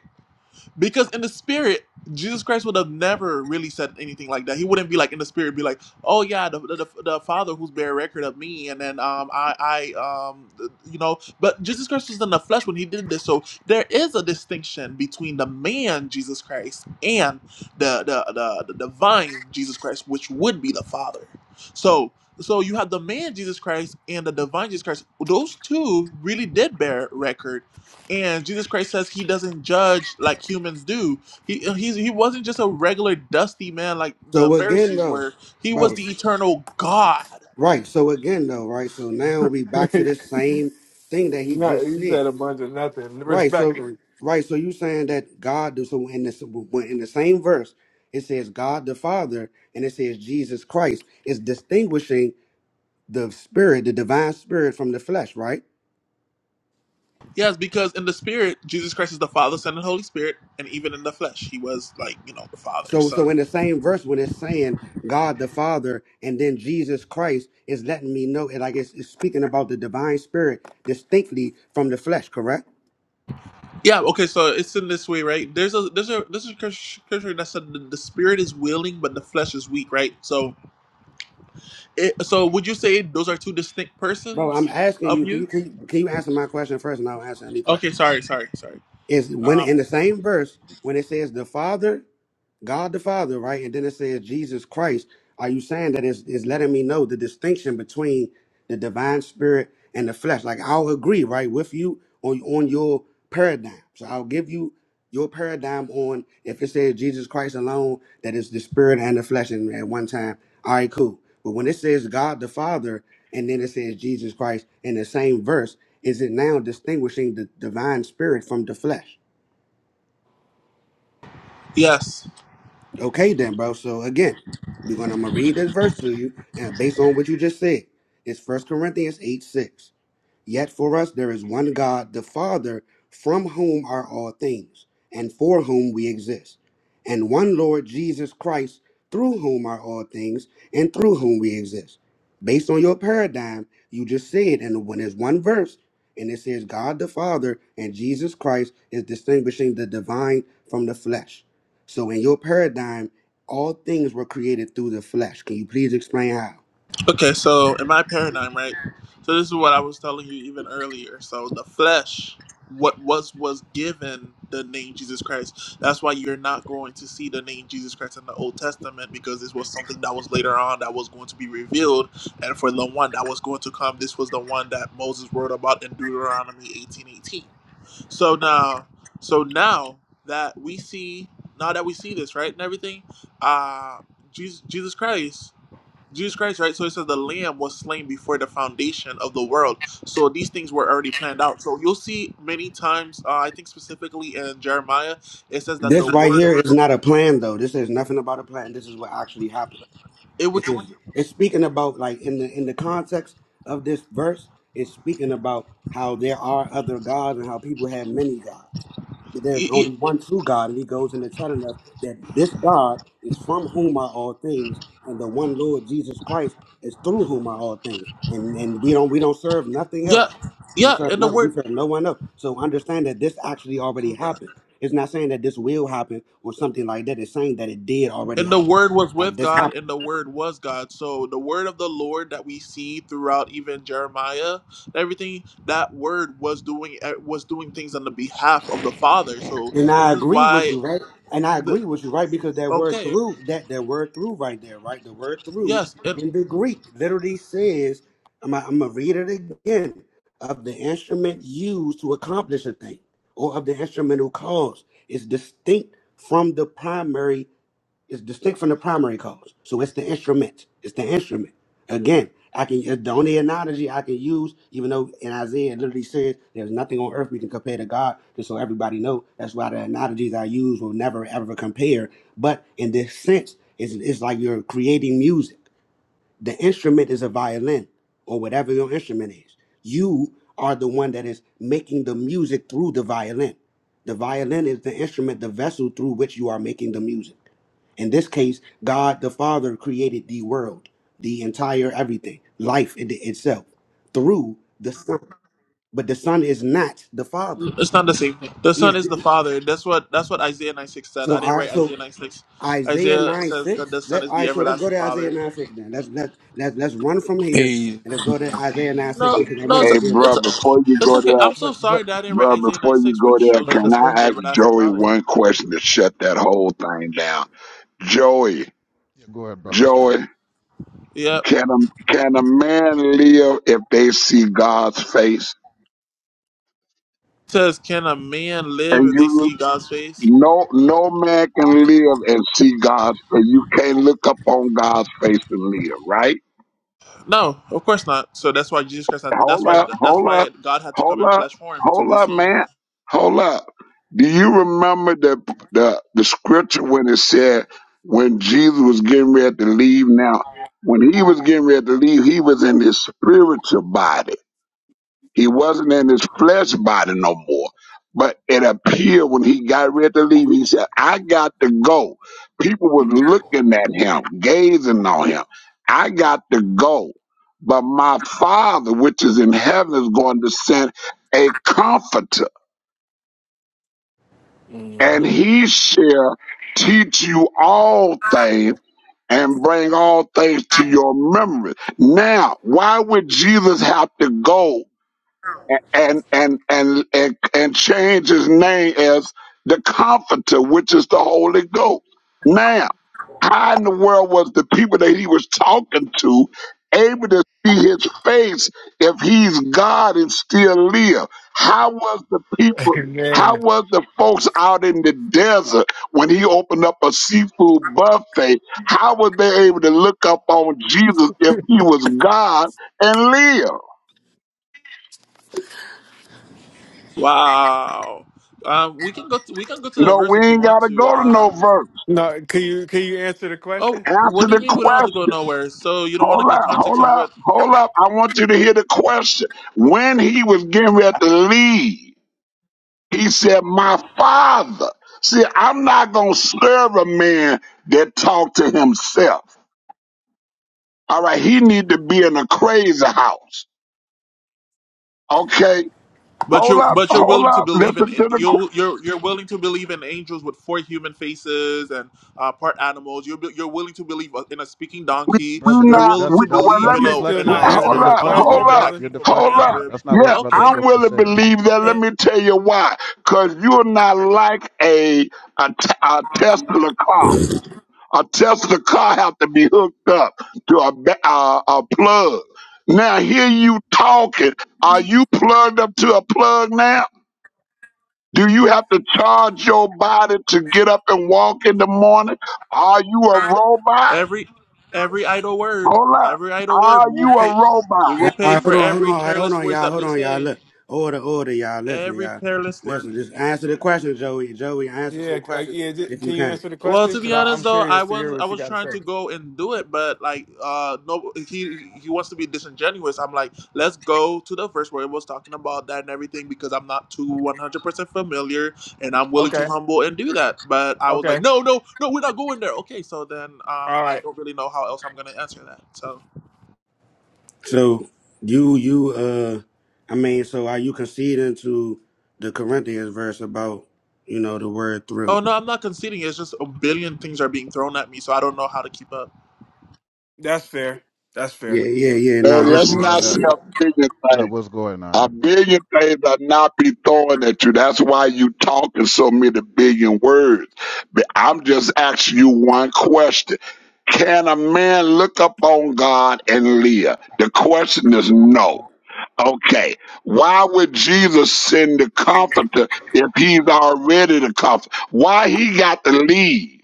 Because in the spirit, Jesus Christ would have never really said anything like that. He wouldn't be like in the spirit, be like, "Oh yeah, the the, the Father who's bare record of me," and then um I I um you know. But Jesus Christ was in the flesh when he did this, so there is a distinction between the man Jesus Christ and the the the, the divine Jesus Christ, which would be the Father. So so you have the man Jesus Christ and the divine Jesus Christ. Those two really did bear record and Jesus Christ says he doesn't judge like humans do. He uh, he's, he wasn't just a regular dusty man like the so again, Pharisees though, were. He bro, was the s- eternal God. right. So again, though, right. So now we back to you this same thing that he know, just you said. said a bunch of nothing. Right. So, Respectfully. right. So you saying that God, do- so in this, when in the same verse, it says God the Father and it says Jesus Christ is distinguishing the spirit, the divine spirit from the flesh, right? Yes, because in the spirit, Jesus Christ is the Father, Son, and Holy Spirit, and even in the flesh, he was like you know the Father, So so Son. in the same verse when it's saying God the Father and then Jesus Christ is letting me know it like it's, it's speaking about the divine spirit distinctly from the flesh, correct? Yeah. Okay. So it's in this way, right? There's a there's a there's a scripture that said the, the spirit is willing, but the flesh is weak, right? So it, so would you say those are two distinct Bro, I'm persons asking of you, can you? you can you, can you answer my question first and I'll answer any Okay. question. Sorry. Sorry. Sorry. Is when Um, in the same verse when it says the Father God the Father, right? And then it says Jesus Christ. Are you saying that it's, it's letting me know the distinction between the divine spirit and the flesh? Like I'll agree, right, with you on on your paradigm. So I'll give you your paradigm on if it says Jesus Christ alone, that is the spirit and the flesh and at one time. All right, cool. But when it says God the Father and then it says Jesus Christ in the same verse, is it now distinguishing the divine spirit from the flesh? yes. Okay, then, bro. So again, we're gonna I'm gonna read this verse to you, and based on what you just said, it's First Corinthians eight six. Yet for us there is one God, the Father, from whom are all things, and for whom we exist, and one Lord Jesus Christ, through whom are all things, and through whom we exist. Based on your paradigm, you just said, and when there's one verse, and it says God the Father and Jesus Christ is distinguishing the divine from the flesh. So in your paradigm, all things were created through the flesh. Can you please explain how? Okay, so in my paradigm, right? So this is what I was telling you even earlier. So the flesh, what was was given the name Jesus Christ. That's why you're not going to see the name Jesus Christ in the Old Testament because this was something that was later on that was going to be revealed, and for the one that was going to come, this was the one that Moses wrote about in Deuteronomy 18:18. So now, so now that we see, now that we see this, right, and everything, uh, Jesus, Jesus Christ Jesus Christ, right? So it says the Lamb was slain before the foundation of the world. So these things were already planned out. So you'll see many times, uh, I think specifically in Jeremiah, it says that the This right word of here is not a plan, though. This is nothing about a plan. This is what actually happened. it It would, it, is it's speaking about like in the in the context of this verse, it's speaking about how there are other gods and how people have many gods. But there's it- only one true God, and he goes into telling us that this God is from whom are all things, and the one Lord Jesus Christ is through whom are all things. And and we don't we don't serve nothing else. yeah, We yeah, serve and the no we word, serve no one else. So understand that this actually already oh God. happened. It's not saying that this will happen or something like that. It's saying that it did already and the happen. word was Like with this God, happened. and the word was God. So the word of the Lord that we see throughout even Jeremiah, everything that word was doing eh, was doing things on the behalf of the Father. So And this I is agree with why you, right? And I the agree with you, right? Because that word okay, through, that that word through right there, right? The word through Yes, and in the Greek literally says, I'm gonna, I'm gonna read it again, of the instrument used to accomplish a thing, or of the instrumental cause. is distinct from the primary it's distinct from the primary cause. So it's the instrument. It's the instrument. Again, I can it's the only analogy I can use, even though in Isaiah it literally says there's nothing on earth we can compare to God, just so everybody know. That's why the analogies I use will never ever compare. But in this sense, it's, it's like you're creating music. The instrument is a violin or whatever your instrument is. You are the one that is making the music through the violin. The violin is the instrument, the vessel through which you are making the music. In this case, God the Father created the world, the entire everything, life in itself, through the Son. But the Son is not the Father. It's not the same thing. The He is Son is the Father. That's what that's what Isaiah 96 said. so. I didn't All right. write So Isaiah 96. Isaiah Isaiah 9 says that 6. the Son Let, is all the right, so let's go everlasting to Isaiah Father. 9 6 then. Let's, let, let's, let's run from here Hey, and let's go to Isaiah 9 6 No, because I no, wanted Hey, to it's deal with bro, that. it's before you it's go okay. there, No, I'm so but sorry but that I didn't write bro, Isaiah before you 96, go which there, shows but that the can the Son is I thing the ask everlasting Joey Father. one question to shut that whole thing down? Joey, yeah, go ahead, brother Stroke. Joey, Yep. can a, can a man live if they see God's face? It says, can a man live And if they you, see God's face? no, no man can live and see God's face. You can't look up on God's face and live, right? No, of course not. So that's why Jesus Christ. Had, that's Hold why up, that's hold why up, God had to hold come in up, flesh form to hold be up, seen. man. Hold up. Do you remember the the, the scripture when it said when Jesus was getting ready to leave? Now, when he was getting ready to leave, he was in his spiritual body. He wasn't in his flesh body no more. But it appeared when he got ready to leave, he said, I got to go. People was looking at him, gazing on him. I got to go. But my father, which is in heaven, is going to send a comforter, and hmm he shall teach you all things and bring all things to your memory. Now, why would Jesus have to go and and and and, and change his name as the comforter which is the holy ghost now how in the world was the people that he was talking to able to see his face if he's god and still live how was the people how Amen. was the folks out in the desert when he opened up a seafood buffet? How were they able to look up on Jesus if he was God and live? Wow. Um, we can go. To, we can go to the No, verse we if you ain't want gotta to. go to no Um, verse. No, can you can you answer the Oh, question? what Answer do you the mean we don't have to go question. nowhere? So you don't want to Hold get up, context hold of up, what? hold up. I want you to hear the question. When he was getting ready to leave, he said, My father. See, I'm not gonna serve a man that talk to himself. All right, he need to be in a crazy house. Okay. But Hold you're up, but you're hold willing to up, believe in listen to the you you're you're willing to believe in angels with four human faces and uh, part animals. You're you're willing to believe uh, in a speaking We donkey. we Brother, You're that's not willing we that's to that's well believe let that's in me You a still in not deflecting. a in You're a hold answering the up, on a hold deflecting. question, woman up, that brother. You're came from a hold man's up. deflecting. rib. That's not Yeah, what Brother Okay, I'm Strokes willing is to saying. believe that. Let okay. me tell you why. Cause you're not like a a, t- a Tesla car. A Tesla car have to be hooked up to a ba- a, a plug. Now here you talking. Are you plugged up to a plug now? Do you have to charge your body to get up and walk in the morning? Are you a robot? Every every idle word, Hold up. every idle Are word, we'll you a pay. robot? We will All pay right, hold for on, hold on, every all right, hold careless on, words y'all, that hold we on, y'all. say. Look, order, order, y'all. Listen, Every y'all. careless word. Listen, just answer the question, Joey. Joey, answer Yeah, some uh, questions yeah. j- if Can you you can. answer the Well, question? to be Because honest, I'm though, I curious to was hear I what you was got to trying say. to go and do it, but like, uh, no, he he wants to be disingenuous. I'm like, let's go to the verse where it was talking about that and everything because I'm not too 100 percent familiar, and I'm willing Okay. to humble and do that. But I was like, Okay. no, no, no, we're not going there. Okay, so then, um, All I right. don't really know how else I'm gonna answer that. So, So, you, you, uh, I mean, so are you conceding to the Corinthians verse about, you know, the word oh through? no, I'm not conceding. It's just a billion things are being thrown at me, so I don't know how to keep up. That's fair. That's fair. Yeah, yeah, yeah, nah. No, let's Uh, that's- not say That. a billion that things. was going A on. billion things are not be thrown at you. That's why you talking so many billion words. But I'm just asking you one question. Can a man look up on God and live? The question is no. Okay, why would Jesus send the comforter if he's already the comforter? Why he got to leave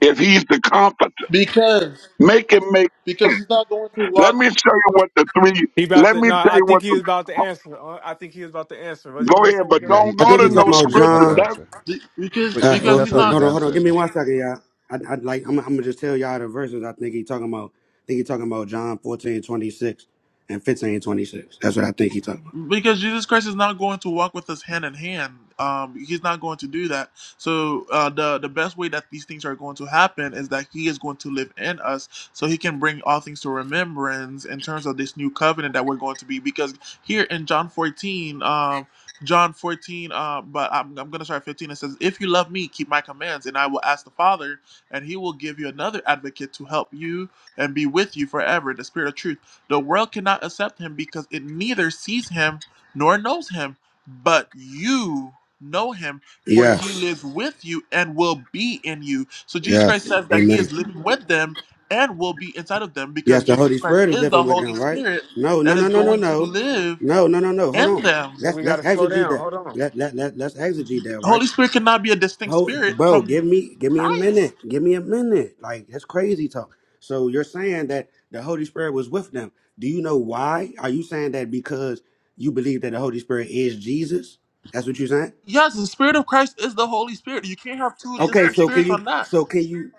if he's the comforter? Because Make it make because he's not going to Let walk me show you what the three. He about Let to. me No, tell I you what. think he The, was about to answer. Uh, I think he was about to answer. Was he go gonna ahead, say? but Yeah, Joey? he, don't I he, go think to you're he was no talking about he was about scripture. to John. That answer, because but Uh, he, because hold that's he's on, how hold not he's on. hold on. Give answering me though. one second, y'all. I'd, I'd like. I'm, I'm gonna just tell y'all the verses. I think he talking about. I think he talking about John 14 26 and 15 26. That's what I think he talking about. because Jesus Christ is not going to walk with us hand in hand. Um, he's not going to do that. So uh, the the best way that these things are going to happen is that He is going to live in us, so He can bring all things to remembrance in terms of this new covenant that we're going to be. Because here in John fourteen, um, John fourteen, uh, but I'm I'm gonna start at fifteen. It says, "If you love Me, keep My commands, and I will ask the Father, and He will give you another Advocate to help you and be with you forever, the Spirit of Truth." The world cannot accept him because it neither sees him nor knows him. But you know him, for he Yes, lives with you and will be in you. So Jesus Christ yes, says that he is amen. living with them and will be inside of them Yes, because the Jesus Holy Christ Spirit is is living the with Holy them, right? Spirit No, no, that no, is no, no, going to no, live no, no, no, no. Hold in on. them. Yeah, Let's we got let's to slow exegete down. that. Hold on. Let let let let's exegete that, The right? Holy Spirit cannot be a distinct spirit Hold, bro, from give me give me a Christ. minute. Give me a minute. Like that's crazy talk. So you're saying that the Holy Spirit was with them. Do you know why? Are you saying that because you believe that the Holy Spirit is Jesus? That's what you're saying? Yes, the Spirit of Christ is the Holy Spirit. You can't have two Okay, distinct so can spirits you on that. so can you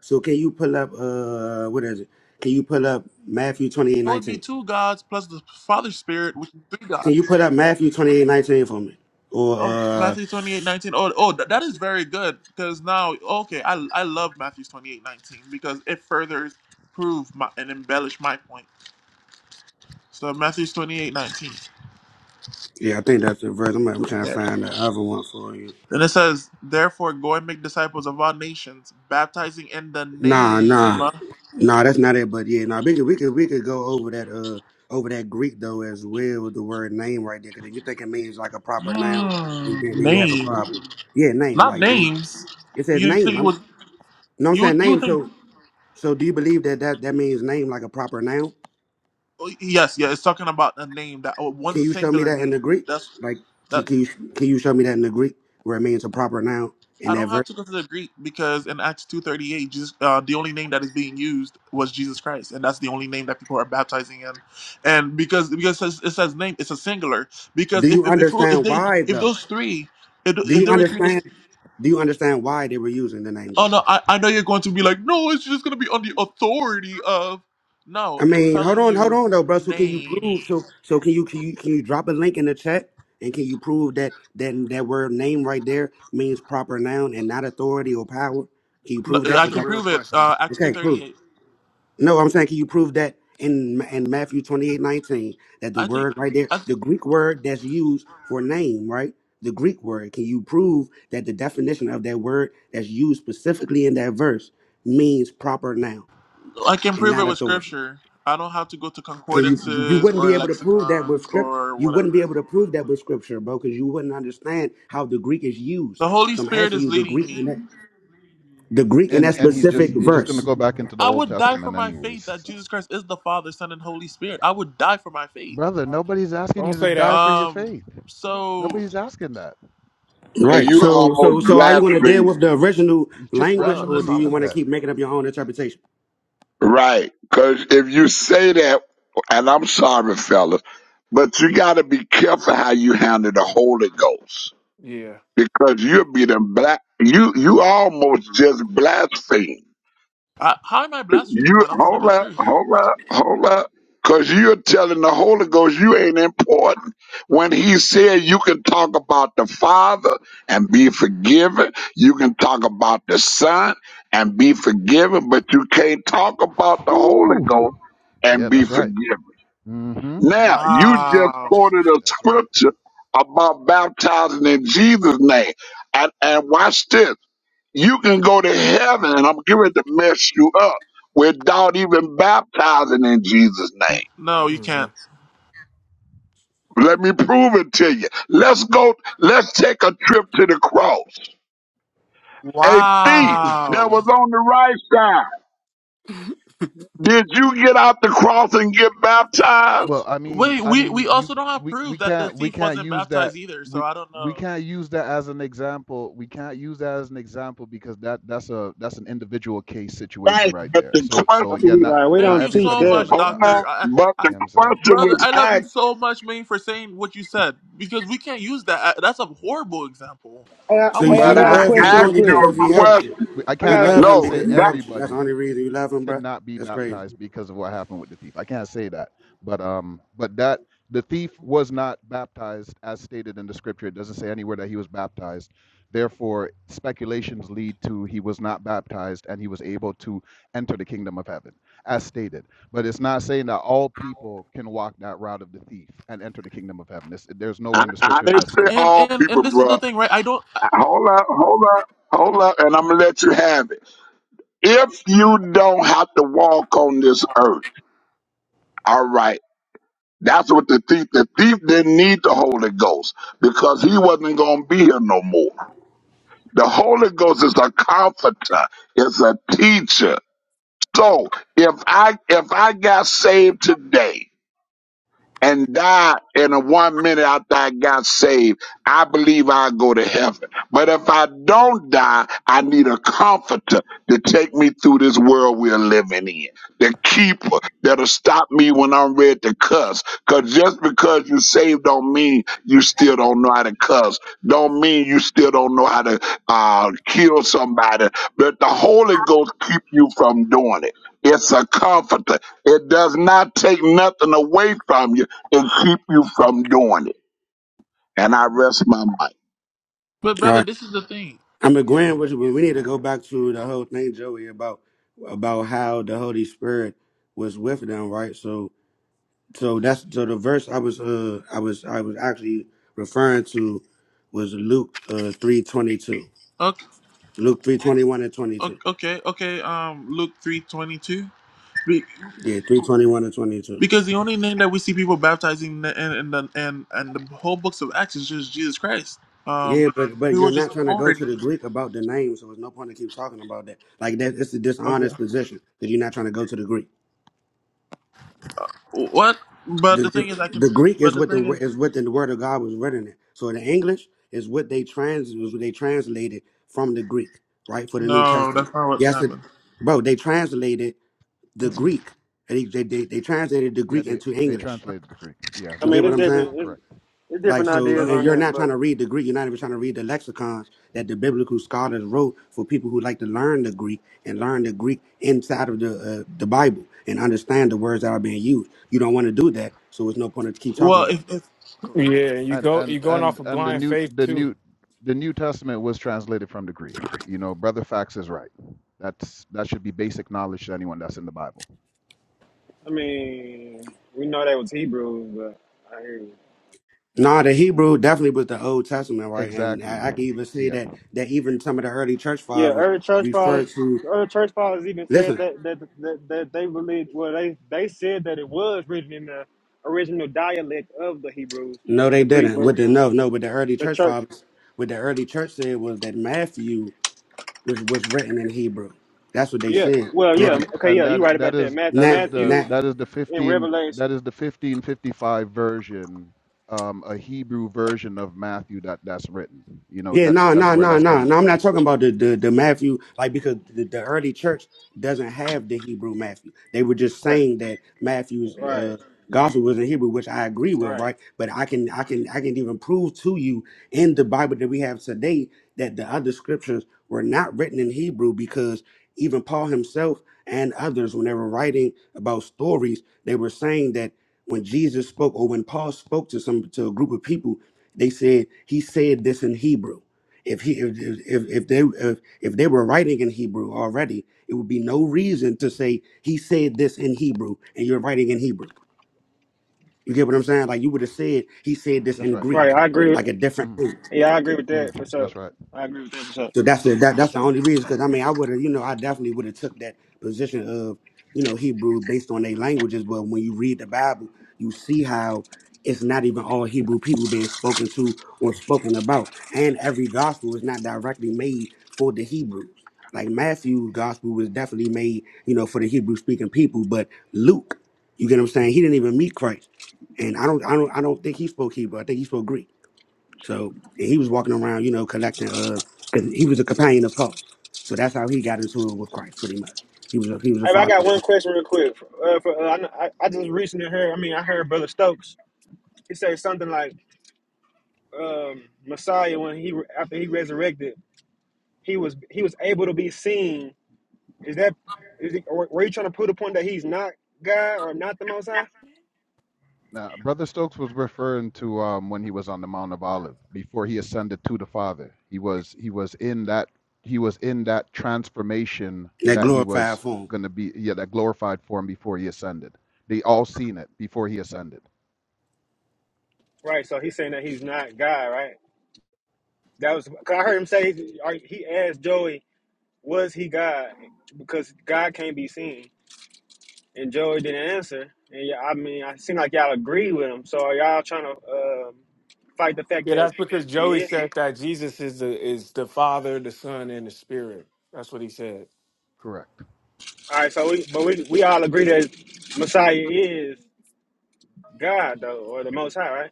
so can you pull up uh what is it? Can you pull up Matthew twenty eight It would be nineteen? two gods plus the Father's Spirit, which is three Can you gods. put up Matthew twenty eight nineteen for me? Or Oh, uh Matthew twenty eight nineteen. Oh, oh, th- that is very good because now, okay, I I love Matthew twenty eight nineteen because it further prove my, and embellish my point. So Matthew twenty eight nineteen. yeah, I think that's the verse. I'm, I'm trying to Okay. find the other one for you. Then it says, therefore, go and make disciples of all nations, baptizing in the Nah, nah, name, nah. That's not it. But yeah, nah. We could, we could, we could go over that, uh, over that Greek though as well. with The word name right there, because if you think it means like a proper noun, then Hmm, then you have a name, problem. Yeah, name. not Like, dude, names. it says You name. think you I'm, would No, you would I'm saying you would name. think? So, so do you believe that that that means name like a proper noun? oh, Yes, yeah, it's talking about a name that oh, one Can you show me singular that in the name. Greek? That's Like, that. can, can you can you show me that in the Greek where it means a proper noun in I that don't have verse? to go to the Greek because in Acts two thirty eight, Jesus, uh, the only name that is being used was Jesus Christ, and that's the only name that people are baptizing in. And because because it says, it says name, it's a singular. Do Because you if if if, if understand they why if though? those three, if, Do if you there were three, understand? dis- Do you understand why they were using the name oh Jesus? no, I, I know you're going to be like, no, it's just going to be on the authority of. No, I it's mean, hold telling on, hold you on though, bro. So can you name. prove? So so can you can you can you drop a link in the chat and can you prove that that that word name right there means proper noun and not authority or power? Can you No, prove that That's I the can without? real prove it. question. Uh, Acts two Okay, prove. thirty it. eight. No, I'm saying can you prove that in in Matthew 28 19 that the I think. word right there, the Greek word that's used for name, right? The Greek word. Can you prove that the definition of that word that's used specifically in that verse means proper noun I can and prove it not with authority? scripture. I don't have to go to Okay, you, you concordances wouldn't be or able to prove that with lexicons script. or You wouldn't be whatever. able to prove that with scripture, bro, because you wouldn't understand how the Greek is used. The Holy So I'm Spirit asking is you the leading Greek in me. that the Greek in And that and he's specific just he's just gonna verse. go back into the I Old would die for Testament my faith anyways. that So, Jesus Christ is the Father, Son, and Holy Spirit. I would die for my faith. brother, nobody's asking Don't you to say die that. for your Um. faith. So, Nobody's asking that. and Right. you So almost so so are you gonna deal blaspheme, with the original You just language well, or randomly that's do not you said wanna that. blasphemy. keep making up your own interpretation? right? Because if you say that, and I'm sorry, fellas, but you got to be careful how you handle the Holy Ghost Yeah. because you'll be the black. You you almost just blaspheme. I, how am I blaspheming You when I'm telling the hold up, truth? hold up, hold up. Cause you're telling the Holy Ghost you ain't important when he said you can talk about the Father and be forgiven. You can talk about the Son and be forgiven, but you can't talk about the Holy Whew. Ghost and Yeah, be that's right. forgiven. Mm-hmm. Now, you just Wow. quoted a That's right. scripture about baptizing in Jesus' name. And, and watch this you can go to heaven and I'm going to mess you up without even baptizing in Jesus' N- name. No, you hmm can't. Let me prove it to you. Let's go, let's take a trip to the cross. A thief that Wow. was on the right side. Did you get out the cross and get Well, baptized? I mean, Wait, I we mean, we you also don't have we we proof that the can't we thief can't wasn't use that baptized either. So we I don't we know. can't use that as an example. We can't use that as an example because that that's a that's an individual case situation Right, right but there. the So question so again, was, not Right, we Thank not don't you teach so everybody's on that. the much, hold cross. You on, Doctor. I, but I, the know what I'm saying? question brother, was I love you asked, so much, man, for saying what you said because we can't use that. I- That's a horrible example. Hey, I, I So you would hey, so I but you got I a Yeah, I never love use him question can't that. asked real only you quick. can't because he a use that. helped question. We- you. I I You can't got, I a, love him can't No, say because he that, helped you. That's the everybody only reason you love him, bro. cannot be That's crazy. baptized because of what happened with the thief. I can't say that, but um, but that the thief was not baptized as stated in the scripture. It doesn't say anywhere that he was baptized. Therefore, speculations lead to he was not baptized and he was able to enter the kingdom of heaven, as stated. But it's not saying that all people can walk that route of the thief and enter the kingdom of heaven. It's, there's nowhere I, in the I scriptures I, didn't that's say stating and that. all and people, and this is the bruh. thing, right? I don't. I- Hold up, hold up, hold up, and I'm gonna let you have it. If you don't have to walk on this earth, all right. That's what the thief. The thief didn't need the Holy Ghost because he wasn't gonna be here no more. The Holy Ghost is a comforter, it's a teacher. So if I if I got saved today and die in a one minute after I got saved, I believe I'll go to heaven. But if I don't die, I need a comforter to take me through this world we're living in. The keeper that'll stop me when I'm ready to cuss. Cause just because you saved don't mean you still don't know how to cuss. Don't mean you still don't know how to uh, kill somebody. But the Holy Ghost keep you from doing it. It's a comforter. It does not take nothing away from you and keep you from doing it. And I rest my mind. But All right. brother, this is the thing. I'm Yeah. agreeing with you, but we need to go back to the whole thing, Joey, about about how the Holy Spirit was with them, right? So, so that's so the verse I was uh I was I was actually referring to was Luke uh three twenty two, Okay, Luke three twenty one and twenty okay, two. okay. okay, Um, Luke three twenty two. Be, Yeah, three twenty one and twenty two. Because the only name that we see people baptizing in the, in, in the and and the whole books of Acts is just Jesus Christ. Um, Yeah, but but we were you're just not trying to go to authority. the Greek about the name, so there's no point to keep talking about that. Like that, it's a Okay. dishonest position because you're not trying to go to the Greek. What? But The, the thing is, the, I can. Greek But is the what the thing wo- is. is what the word of God was written in. So the English is what they trans is what they translated from the Greek, right? For the New No, Testament. that's not what Yes, it, happened. bro. They translated the Mm-mm. Greek. They, they, they, they translated the Yeah, Greek they into they English. translated the Greek. Yeah, I You that's get mean, what it's right. I'm saying? different. It's, Correct. it's Like different so, ideas Okay. and on you're that, not trying but to read the Greek. You're not even trying to read the lexicons that the biblical scholars wrote for people who like to learn the Greek and learn the Greek inside of the uh, the Bible and understand the words that are being used. You don't want to do that, so it's no point to keep talking Well, if, about that. if Correct. Yeah, you And go and you're going off and of and the blind new faith the too. new the New Testament was translated from the Greek. You know, Brother Fax is right. That's that should be basic knowledge to anyone that's in the Bible. I mean, we know they was Hebrews, but I hear you. Nah, the Hebrew Not definitely was that. the Old Testament, right? And Exactly. I, I can even say Yeah. that that even some of the early church Yeah, fathers early church fathers, refer to. the early church fathers even said Listen, that that that, that they believed. Well, they they said that it was written in the original dialect of the Hebrews, no, the they Greek, didn't. With but the no, no, with the early the church church. fathers, what the early church said was that Matthew was was written in Hebrew. That's what they Yeah, said. well, yeah, Now, Correct. okay, And yeah, you're right that that about that. is Math, that now, is the now, Matthew that is the and 15 Revelation. that is the 1555 version um a Hebrew version of Matthew that that's written. You know, Yeah, that's nah, that's nah, where nah, that's nah. coming no. I'm from. not talking about the the, the Matthew, like because the, the early church doesn't have the Hebrew Matthew. They were just Right, saying that Matthew's right, uh, gospel was in Hebrew, which I agree with, right, right? But I can I can I can even prove to you in the Bible that we have today that the other scriptures were not written in Hebrew because even Paul himself and others, when they were writing about stories, they were saying that when Jesus spoke or when Paul spoke to some to a group of people. They said he said this in Hebrew. If he if if, if they if, if they were writing in Hebrew already, it would be no reason to say he said this in Hebrew and you're writing in Hebrew. You get what I'm saying? Like you would have said he said this That's in right. right. Greek, I agree. like a different Mhm. thing. Yeah, I agree with that for Mhm. sure. That's right. I agree with that for sure. So that's the that, that's the only reason. Because I mean, I would have, you know, I definitely would have took that position of, you know, Hebrew based on their languages. But when you read the Bible, you see how it's not even all Hebrew people being spoken to or spoken about, and every gospel is not directly made for the Hebrews. Like Matthew's gospel was definitely made, you know, for the Hebrew speaking people. But Luke, you get what I'm saying? He didn't even meet Christ, and I don't, I don't, I don't think he spoke Hebrew. I think he spoke Greek. So he was walking around, you know, collecting. Uh, 'cause he was a companion of Paul, so that's how he got into it with Christ, pretty much. He was a he was a Hey, I got father one question real quick. Uh, for, uh, I, kn- I I just recently heard. I mean, I heard Brother Stokes. He said something like um, Messiah when he re- after he resurrected, he was he was able to be seen. Is that is he, or were you trying to put the point that he's not God or not the Most High? Now, Brother Stokes was referring to um, when he was on the Mount of Olive before he ascended to the Father. He was he was in that he was in that transformation in that that he was glorified form. going to be yeah that glorified form before he ascended. They all seen it before he ascended. Right. So he's saying that he's not God. Right. That was because I heard him say are- he asked Joey, "Was he God?" Because God can't be seen. and Joey didn't answer. And yeah, I mean, I seem like y'all agree Correct. with him. So are y'all trying to um fight the fact Yeah, that that's because he Joey is? said that Jesus is the is the Father, the Son, and the Spirit. That's what he said. Correct. All right. So we, but we we all agree that Messiah is God though, or the Most High, right?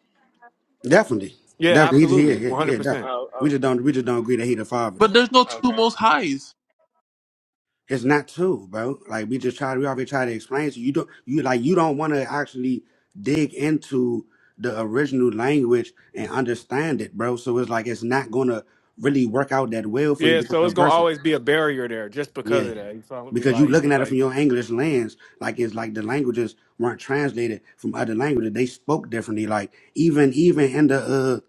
Definitely, Yeah, definitely, he, yeah, absolutely. yeah, One yeah, hundred definitely. percent. Oh, We just don't we just don't agree that he the father but though. there's no oh two okay. most highs. It's not true, bro. Like we just try we already try to explain to you. You don't you like you don't want to actually dig into the original language and understand it, bro. So it's like it's not gonna really work out that well for you Yeah, because so the it's gonna verses. always be a barrier there just because Yeah, of that. You follow me? because you Like looking at it from like your English lens, like it's like the languages weren't translated from other languages. They spoke differently. Like even even in the uh,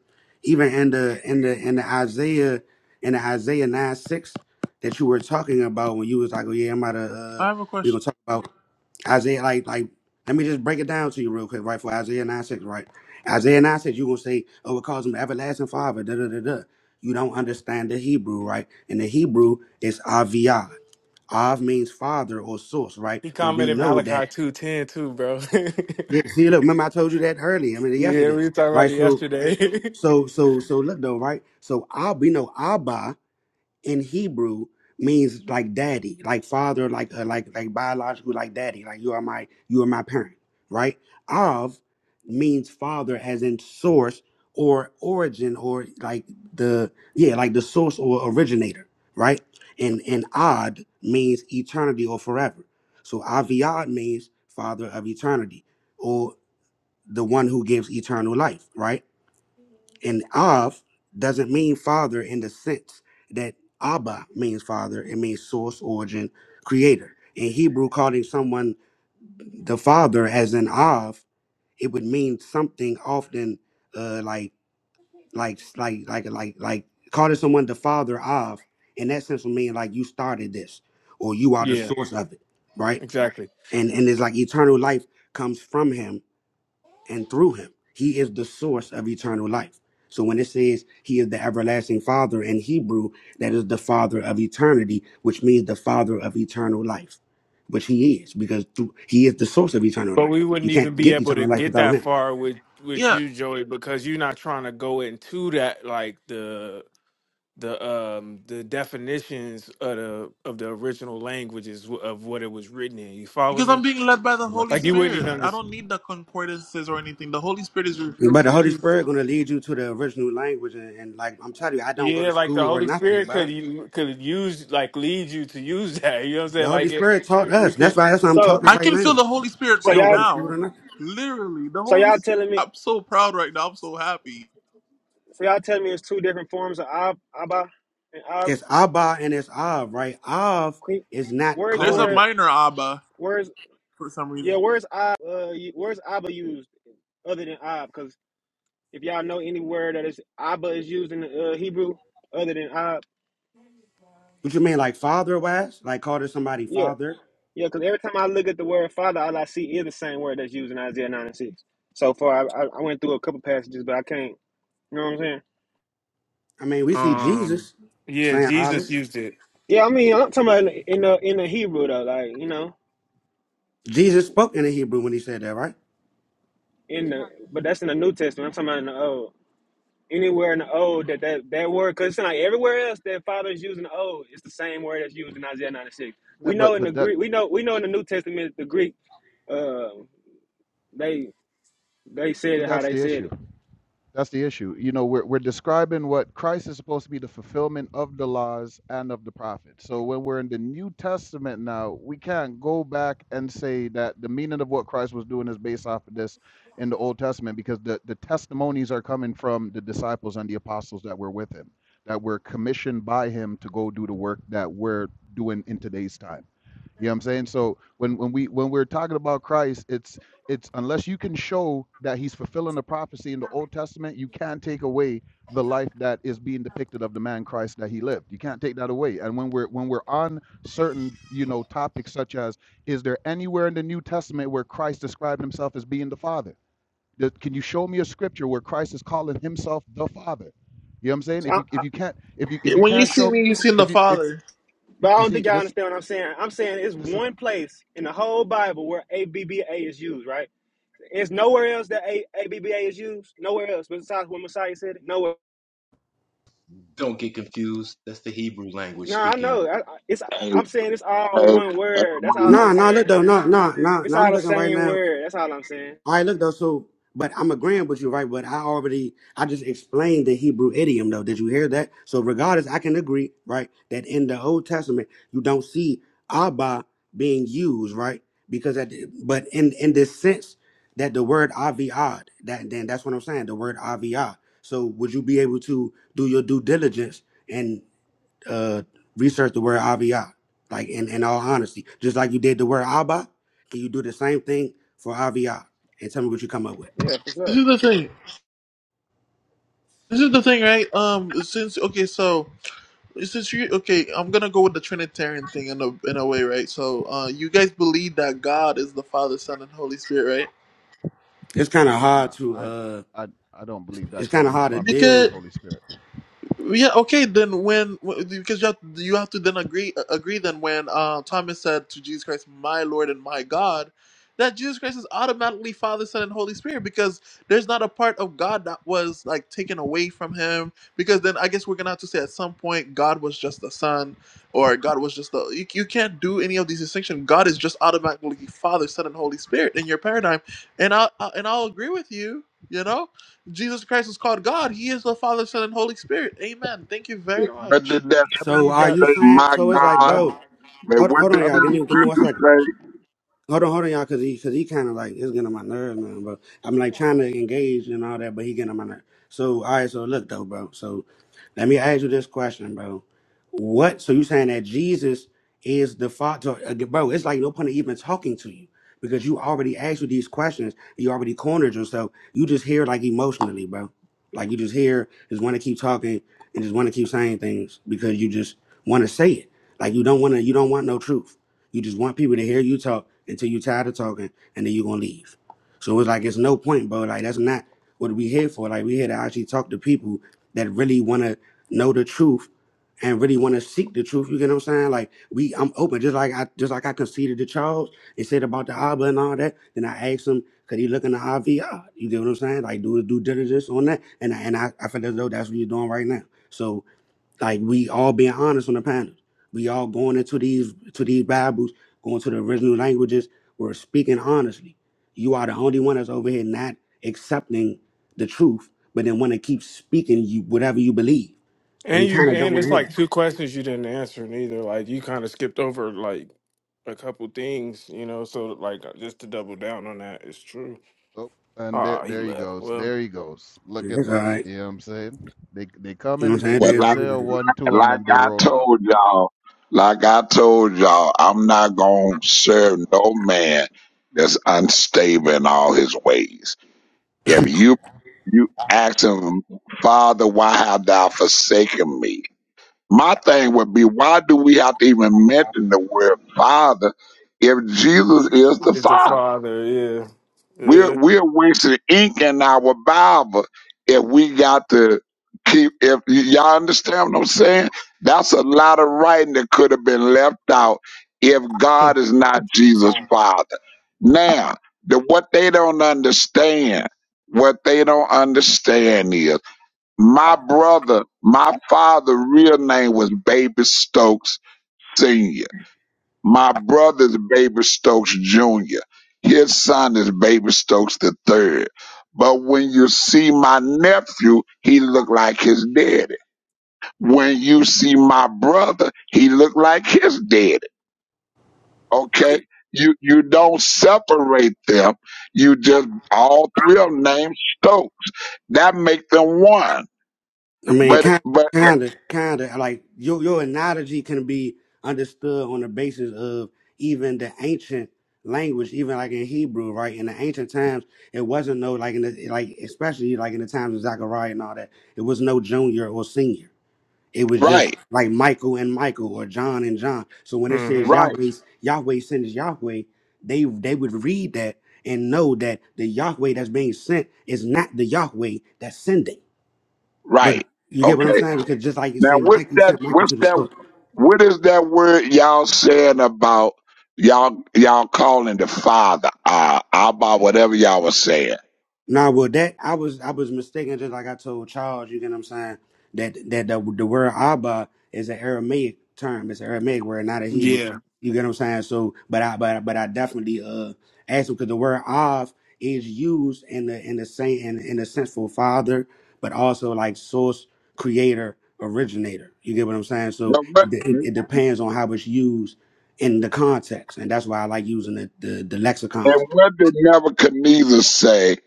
even in the in the in the Isaiah in the Isaiah nine six that you were talking about when you was like, oh yeah, I'm about to uh, I have a we gonna question. talk about. Isaiah, like, like, let me just break it down to you real quick, right? For Isaiah 9 6, right? Isaiah 9 6, you're going to say, oh, it calls him everlasting father, da da da da. You don't understand the Hebrew, right? And the Hebrew is Aviyad. Av means father or source, right? he But we commented know that. Malachi two ten too, bro. yeah, Yeah, see, look, remember I told you that earlier, I mean, we yesterday, were talking about right? it So, yesterday. so, so, so, look though, right? So, Ab, we know Abba, in Hebrew means like daddy, like father, like uh, like like biological, like daddy, like you are my you are my parent, right? Av means father, as in source or origin or like the yeah like the source or originator, right? And and Ad means eternity or forever. So Aviad means father of eternity or the one who gives eternal life, right? And Av doesn't mean father in the sense that Abba means father. It means source, origin, creator. In Hebrew, calling someone the father as an Av, it would mean something often uh, like like like like like like calling someone the father of. In that sense, would mean like you started this, or you are the yeah, source of it, right? exactly. And and it's like eternal life comes from him and through him. He is the source of eternal life. So when it says he is the everlasting father in Hebrew, that is the father of eternity, which means the father of eternal life, which he is, because through, he is the source of eternal But life. we You wouldn't even can't be get able to eternal life get without that him. far with with Yeah, you, Joey, because you're not trying to go into that like the the um the definitions of the of the original languages wh- of what it was written in. You follow because I'm me? being led by the The Holy Like you wouldn't lexicons. Spirit. even I understand. don't need the concordances or anything. The Holy Spirit is But revealing the the Holy truth. Spirit gonna lead you to the original language, and, and like I'm telling you, I don't go Yeah, to like the school or Holy nothing, Spirit bro. could you could use like lead you to use that. You know what I'm The saying? Holy Like it, Spirit taught we us. That's could. why that's why I'm talking So I right can feel now. the Holy Spirit so I right don't go y'all to school now. or nothing. Literally, the so Holy. y'all S- telling me I'm so proud right now. I'm so happy. so y'all telling me it's two different forms of Ab, Abba and Ab. It's Abba and it's Av, right? Av Queen. is not Where's the There's a calling. word? minor Abba Where's for some yeah? reason. Where's Ab? Uh, you- where's Abba used other than Ab? If y'all know any word that is Abba is used in uh, Hebrew other than Ab, What you mean, like father wise? Like call to somebody yeah, father? yeah. Because every time I look at the word Father, all I see is the same word that's used in Isaiah nine and six. So far, I, I I went through a couple passages, but I can't. You know what I'm saying? I mean, we see Um. Jesus Yeah, saying Jesus Abba. used it. Yeah, I mean, I'm talking about in the in the, in the Hebrew though, like you know, Jesus spoke in the Hebrew when he said that, right? in the but that's in the New Testament. I'm talking about in the Old. Anywhere in the Old that that, that word, because it's like everywhere else that Father is using the Old, it's the same word that's used in Isaiah nine and six. Yeah, We know but in the but that Greek, we know we know in the New Testament the Greek, uh, they They said but it how that's they the said issue. it. That's the issue. You know, we're, we're describing what Christ is supposed to be the fulfillment of the laws and of the prophets. So when we're in the New Testament now, we can't go back and say that the meaning of what Christ was doing is based off of this in the Old Testament because the, the testimonies are coming from the disciples and the apostles that were with him, that were commissioned by him to go do the work that we're doing in today's time. You know what I'm saying? So when when we when we're talking about Christ, it's it's unless you can show that he's fulfilling the prophecy in the Old Testament, you can't take away the life that is being depicted of the man Christ that he lived. You can't take that away. And when we're when we're on certain, you know, topics such as is there anywhere in the New Testament where Christ described himself as being the Father? Th- Can you show me a scripture where Christ is calling himself the Father? You know what I'm saying? So I, If you I, if you can't if you if Yeah, you When you can't see show me, you see the if you if Father. but I you don't think see y'all this understand what I'm saying. I'm saying it's this one place in the whole Bible where ABBA is used, right? It's nowhere else that A, ABBA is used. Nowhere else besides when Messiah said it. Nowhere. Don't get confused. That's the Hebrew language No, I speaking. know. I- it's And, I'm saying it's all and, one and word. That's all when, I'm Nah, nah, saying. look though, nah, nah, nah, It's nah. I'm all the looking right same now. word. That's all I'm saying. All right, look though. So, but I'm agreeing with you, right? But I already, I just explained the Hebrew idiom, though. Did you hear that? So, regardless, I can agree, right, that in the Old Testament you don't see Abba being used, right? Because that, but in in this sense that the word Aviad, that then that's what I'm saying, the word Aviad. So, would you be able to do your due diligence? and? uh, research the word Aviyah, like in, in all honesty. Just like you did the word Abba, can you do the same thing for Aviyah? And tell me what you come up with. Yeah, for This sure. is the thing. This is the thing, right? Um, since okay, so Is this you? Okay, I'm gonna go with the Trinitarian thing in a in a way, right? So, uh, you guys believe that God is the Father, Son, and Holy Spirit, right? It's kind of hard Nah, to, I, uh, I, I don't believe it's that kind God of is the hard to Father, Son, and deal. Because Holy Spirit. Yeah, okay, then when w- because you have, you have to then agree uh, agree then when uh, Thomas said to Jesus Christ, "My Lord and my God," that Jesus Christ is automatically Father, Son, and Holy Spirit because there's not a part of God that was like taken away from him. Because then I guess we're gonna have to say at some point God was just the Son or God was just the you, you can't do any of these distinctions. God is just automatically Father, Son, and Holy Spirit in your paradigm, and I, I and I'll agree with you. You know Jesus Christ is called God. He is the Father, Son, and Holy Spirit. Amen. Thank you very what much. did that I So believe are that. you say, saying, my so I, it's like, God? I, bro, Man, hold, what hold on did I y'all, give that believe. me, give me one scripture second. say? Hold on, hold on, y'all, because he, cause he kind of like, it's getting on my nerves, man, bro. I'm like trying to engage and all that, but he getting on my nerves. So, all right, so look, though, bro. So, let me ask you this question, bro. What, so you saying that Jesus is the father, uh, bro, it's like no point in even talking to you because you already asked you these questions. You already cornered yourself. You just hear like emotionally, bro. Like you just hear, just want to keep talking and just want to keep saying things because you just want to say it. Like you don't want to, you don't want no truth. You just want people to hear you talk until you're tired of talking, and then you're gonna leave. So it's like it's no point, bro. Like that's not what we here for. Like we here to actually talk to people that really want to know the truth and really want to seek the truth. You get what I'm saying? Like we, I'm open. Just like I, just like I conceded to Charles and said about the Abba and all that. Then I asked him, could he look in the IVR? You get what I'm saying? Like do his due diligence on that. And I, and I, I feel as though that's what you're doing right now. So like we all being honest on the panel. We all going into these to these Bibles, going to the original languages. We're speaking honestly. You are the only one that's over here not accepting the truth, but then want to keep speaking you whatever you believe. And we And kind you of don't and want it's to like hear two questions you didn't answer neither. Like you kind of skipped over like a couple things, you know. So like uh, just to double down on that, it's true. Oh, and there, Ah, he there he left. goes. Well, There he goes. Look that. at It's all that. right. You know what I'm saying? They, they come You know in. what I'm saying? They, It Well, is they like, what say it is. a one, two, and like then they I roll out. told y'all, like I told y'all, I'm not going to serve no man that's unstable in all his ways. If you, you ask him, Father, why have thou forsaken me? My thing would be, why do we have to even mention the word Father if Jesus is the it's the Father? father. We're Yeah, we're wasting ink in our Bible if we got to keep. If y- y'all understand what I'm saying, that's a lot of writing that could have been left out if yeah. God is not Jesus' Father. Now, the, what they don't understand, what they don't understand is. My brother, my father' real name was Baby Stokes Sr. My brother's Baby Stokes Jr. His son is Baby Stokes the third. But when you see my nephew, he look like his daddy. When you see my brother, he look like his daddy. Okay? You you don't separate them. You just all three of them named Stokes. That make them one. I mean, But kind, but kind of, kind of like your your analogy can be understood on the basis of even the ancient language, even like in Hebrew, right? In the ancient times, it wasn't no like in the like especially like in the times of Zechariah and all that, it was no junior or senior. It was just right, like Michael and Michael or John and John. So when it hmm says right. Yahweh, Yahweh sends Yahweh, they they would read that and know that the Yahweh that's being sent is not the Yahweh that's sending. But Right. you get what I'm Okay. saying? Because just like you Now say, what's Mike, you that sent Michael what's to the that store. what is that word y'all saying about y'all y'all calling the father uh Abba whatever y'all was saying. Nah, well that I was I was mistaken just like I told Charles, you get what I'm saying? That that the, the word Abba is an Aramaic term. It's an Aramaic word, not a Hebrew. Yeah. You get what I'm saying? So but I but but I definitely uh asked him because the word Av is used in the in the same in, in the sense for father, but also like source, creator, originator. You get what I'm saying? So Now, what- it, it, it depends on how it's used in the context. And that's why I like using the the, the lexicons. And what did Nebuchadnezzar say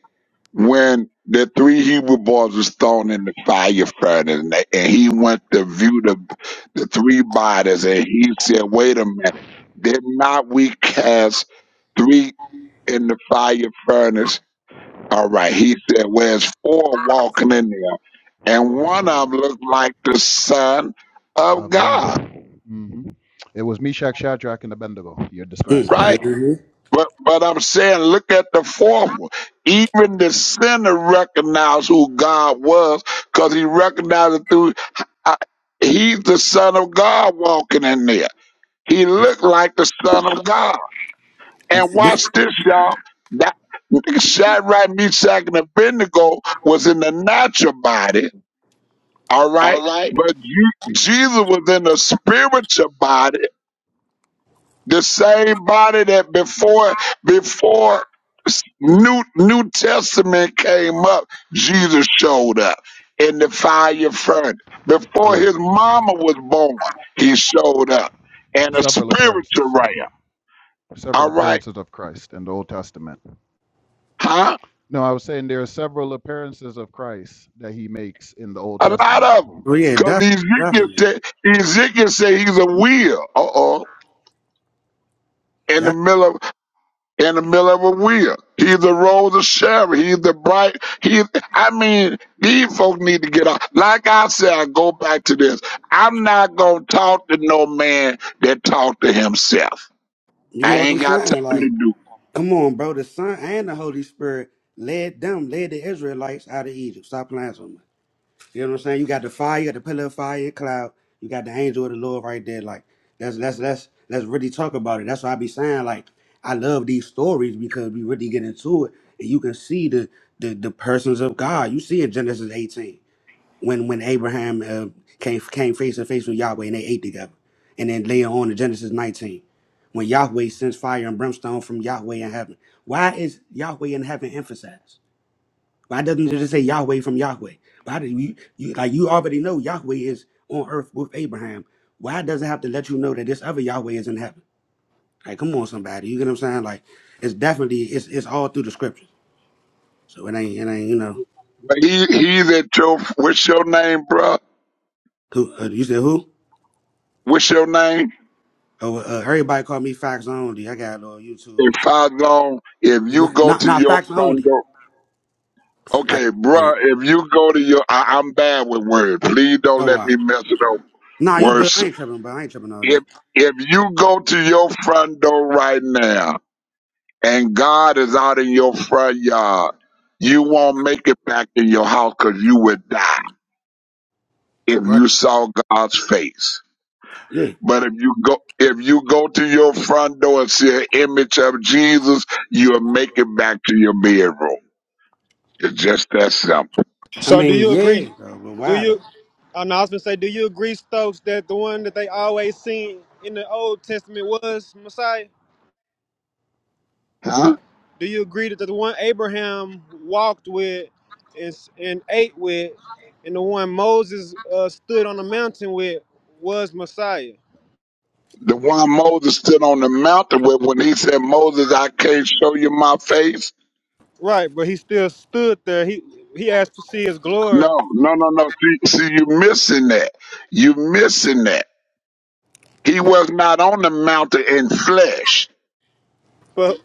when the three Hebrew boys was thrown in the fire furnace and, they, and he went to view the the three bodies and he said, Wait a minute, did not we cast three in the fire furnace All right. He said, Well, it's four walking in there. And one of them looked like the Son Oh of God, man. hmm It was Meshach, Shadrach, and Abednego you're describing. right? Mm, But but I'm saying, look at the fourth one. Even the sinner recognized who God was because he recognized it through, I, he's the Son of God walking in there. He looked like the Son of God. And mhm. watch this, y'all. That Shadrach, Meshach, and Abednego was in the natural body All right. But you, Jesus was in a spiritual body, the same body that before before New New Testament came up, Jesus showed up in the Compar- fire furnace. Correct. Before his Correct. mama was born, he showed Correct. up in a Several spiritual appearances. realm. Several All right. appearances of Christ in the Old Testament. Huh? No, I was saying there are several appearances of Christ that he makes in the Old A lot Testament. of them. Oh yeah, Mhm. Because definitely, Ezekiel definitely, said, Ezekiel said he's a wheel. Uh oh. In the definitely. middle in the middle of a wheel. He's the rose of Sharon. He's the bright. He, I mean, these folks need to get out. Like I said, I go back to this. I'm not going to talk to no man that talk to himself. You get I what I'm ain't got time saying? to Like, do. come on, bro. The Son and the Holy Spirit led them, led the Israelites out of Egypt. Stop playing with me. You know what I'm saying? You got the fire, you got the pillar of fire and cloud. You got the angel of the Lord right there. Like, that's that's that's let's really talk about it. That's why I be saying like I love these stories because we really get into it and you can see the the, the persons of God. You see in Genesis 18. when when Abraham uh, came came face to face with Yahweh and they ate together, and then later on in Genesis 19, when Yahweh sends fire and brimstone from Yahweh in heaven. Why is Yahweh in heaven emphasized? Why doesn't it just say Yahweh from Yahweh? Why do you, you like you already know Yahweh is on earth with Abraham? Why does it have to let you know that this other Yahweh is in heaven? Like, come on, somebody, you get what I'm saying? Like, it's definitely it's it's all through the scriptures. So it ain't it ain't you know But He, he's at your, what's your name, bruh? who uh, you said who? What's your name? Oh, uh, everybody call me Facts Only. I got it on YouTube. If It's I long, if you Not, go not, to not your Facts front Only. door, Like, okay, yeah. bruh, if you go to your, I, I'm bad with words. Please don't Oh, let wow. me mess it up. Nah, you good. Words I ain't tripping, but I ain't tripping all that. if if you go to your front door right now and God is out in your front yard, you won't make it back in your house because you would die if Right. you saw God's face. Yeah. But if you go if you go to your front door and see an image of Jesus, you'll make it back to your bedroom. It's just that simple. I So do mean, you yeah, agree? though, but Do why, though? you? I know I was gonna say, do you agree, Stokes, that the one that they always seen in the Old Testament was Messiah? Huh? Do you agree that the one Abraham walked with and, and ate with, and the one Moses uh, stood on the mountain with, was Messiah? The one Moses stood on the mountain with when he said, Moses, I can't show you my face Right, but he still stood there. He he asked to see his glory. No, no, no, no. See, see, you missing that. You missing that. He was not on the mountain in flesh. But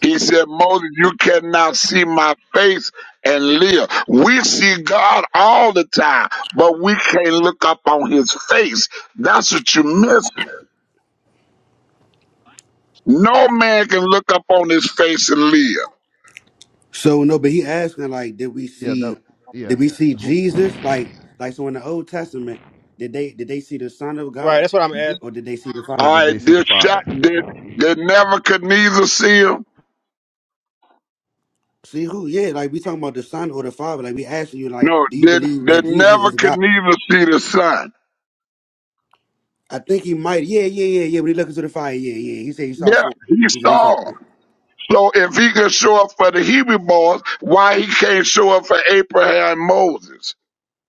He said, Moses, you cannot see my face and live. We see God all the time, but we can't look up on his face. That's what you miss. No man can look up on his face and live. So, no, but he asking, like, did we Yeah, see, that yeah. did we see Who Jesus? Like, like, so in the Old Testament, did they, did they see the Son of right, God that's what I'm asking. or did they see the Father? or All did they right, see the this shot Father? did did Nebuchadnezzar see him? See who? Yeah, like, we talking about the Son or the Father. Like, we asking you, like, No, do you did believe did that Jesus is God? Nebuchadnezzar see the sun? I think he might. Yeah, yeah, yeah, yeah. When he looked into the fire, yeah, yeah. He said he saw Yeah, four. he He said he saw. saw. him. So if he could show up for the Hebrew boys, why he can't show up for Abraham and Moses?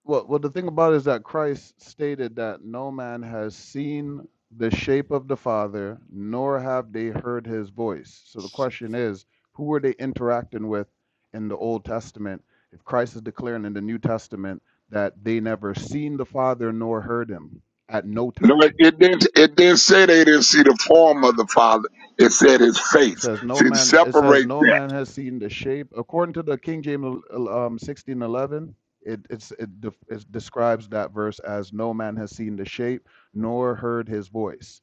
Well, well, the thing about it is that Christ stated that no man has seen the shape of the Father, nor have they heard his voice. So the question is, who were they interacting with in the Old Testament if Christ is declaring in the New Testament that they never seen the Father nor heard him at no No, it, time? it didn't. It didn't say they didn't see the form of the Father. It said his It face. says no See, man. It says separate no that. man has seen the shape. According to the King James um, sixteen eleven, it it's, it, def it describes that verse as no man has seen the shape nor heard his voice.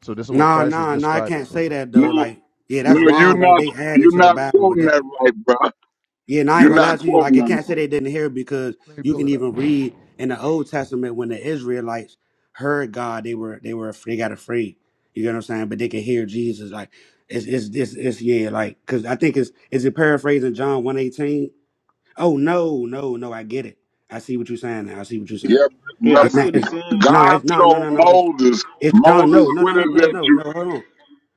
So this is what Nah, Christ is nah, nah. I describing. can't say that No, though. Like, yeah, that's no, you're wrong. Like not. they added You're to the not Bible with quoting that that one. right, bro. Yeah, Let, and I ain't You're gonna let, lie not to you. quoting Like, I let me, that. can't Right. say they didn't hear it because Let me you pull can it up. even read in the Old Testament when the Israelites heard God, they were they were they got afraid. You get what I'm saying? But they could hear Jesus. Like, it's it's it's, it's yeah. Like, cause I think it's is it paraphrasing John one eighteen. Oh no, no, no. I get it. I see what you're saying. Now. I see what you're saying. Yeah, Yeah, I It's see not. brother. what It's, he's saying. nah, God it's nah, no, told no, no. It's, Moses, it's John. Moses, No, no, no, what is no, no, that no, you? no. Hold on,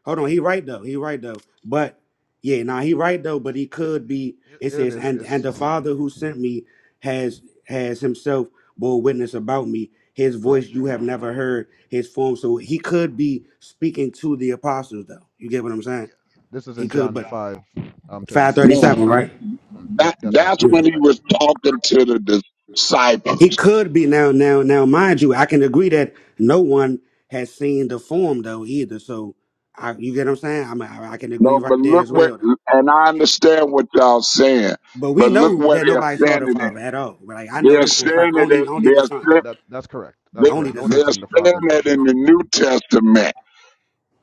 hold on. He right though. He right though. But yeah, nah, he right though. But here, he Here, could be. here- It it says, is. and and It's the Father who sent me has has himself bore witness about me. His voice correct. you have never heard. His form. So he could be speaking to the apostles though. You get what I'm yeah. saying? This is He in could. John But five um, thirty five thirty seven. No, seven, Mm, right? Mm, that yep, that's right. that's when That's he right. was talking to the disciples. It could be now, now, now, mind you, I can agree that no one has seen the form though either. So, I, you get what I'm saying? I'm, I, I can agree No, right but there look as what, well. and I understand what y'all saying, But we but look know where that they're nobody saw the standing at. father at all. Like I know They're this for a saying fact. it. Only, in- only They're the son. Yeah, sa- that that's correct. That's they, Only correct. No the one they're has son. seen the saying Father for that sure. in the New Testament.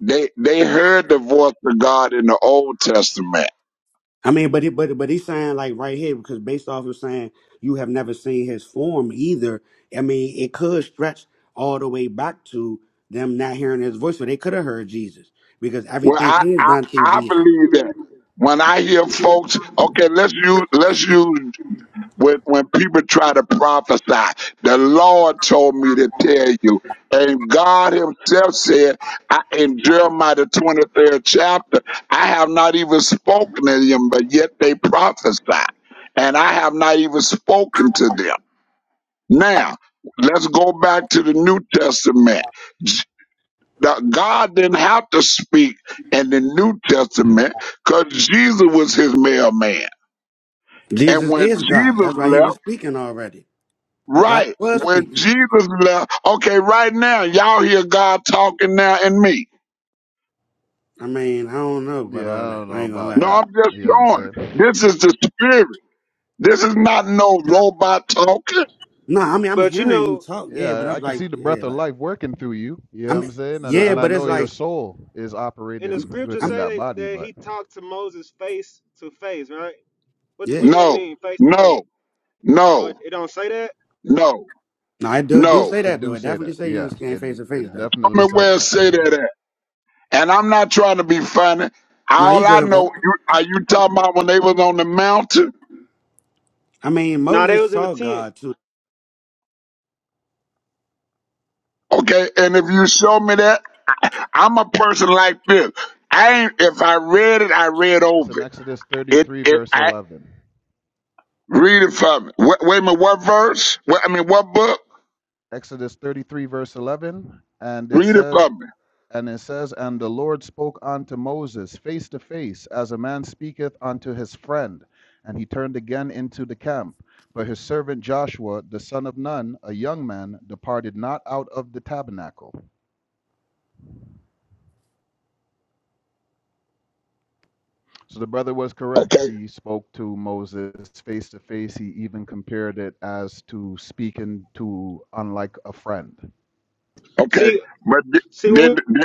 They they heard the voice of God in the Old Testament. I mean, but it, but but he's saying like right here because based off of saying you have never seen his form either. I mean, it could stretch all the way back to them not hearing his voice, but they could have heard Jesus because Well, everything I correct, is I, done through I Jesus. believe that. correct. When I hear folks, okay, let's use let's use when, when people try to prophesy, the Lord told me to tell you. And God Himself said, I, in Jeremiah the 23rd chapter, I have not even spoken to them, but yet they prophesy. And I have not even spoken to them. Now, let's go back to the New Testament. J- the- God didn't have to speak in the New Testament because Jesus was his mailman. And Jesus when is God. Jesus That's why he left, was speaking already. God Right. was When speaking. Yeah. Jesus left, okay, right now, y'all hear God talking now in me. I mean, I don't know about Yeah, all I that. don't I know ain't gonna about lie. No, that. I'm just You know what I'm showing. saying? This is the spirit. This is not no robot talking. No, I mean I'm But you hearing you know, talk, yeah, but Yeah, I I'm can like, see the yeah, breath of like life working through you. You I know what mean, I'm saying? And cause yeah, the, and I but it's know cause your like it's, soul is in the I'm, operating scriptures within I'm, say that that, body, that but he talked to Moses face to face, right? What yeah. what that No, mean, face to no, face? Oh, it, no, it don't say that. no, No, I do do no. say it that though. do I say definitely that. say you Yeah, just can't it face to face it though. definitely Tell me said where it that. say that at. And I'm not trying to be funny. No, you All I good, bro. know, you, are you talking about when they was on the mountain? I mean, No, they Moses was in the saw tent. God too, Okay, and if you show me that, I'm a person like this. It's I an ain't, it's if an I read it, I read it's over in it. Exodus It, 33 it verse I, 11. Read it for me. Wait, wait a minute, what verse? What, I mean, Ex- what book? Exodus 33 verse 11, and it Read it says. for me. And it says, And the Lord spoke unto Moses face to face, as a man speaketh unto his friend. And he turned again into the camp. But his servant Joshua, the son of Nun, a young man, departed not out of the tabernacle. So the brother was correct. Okay, He spoke to Moses face to face. He even compared it as to speaking to unlike a friend. okay. See, But th- see when then, then-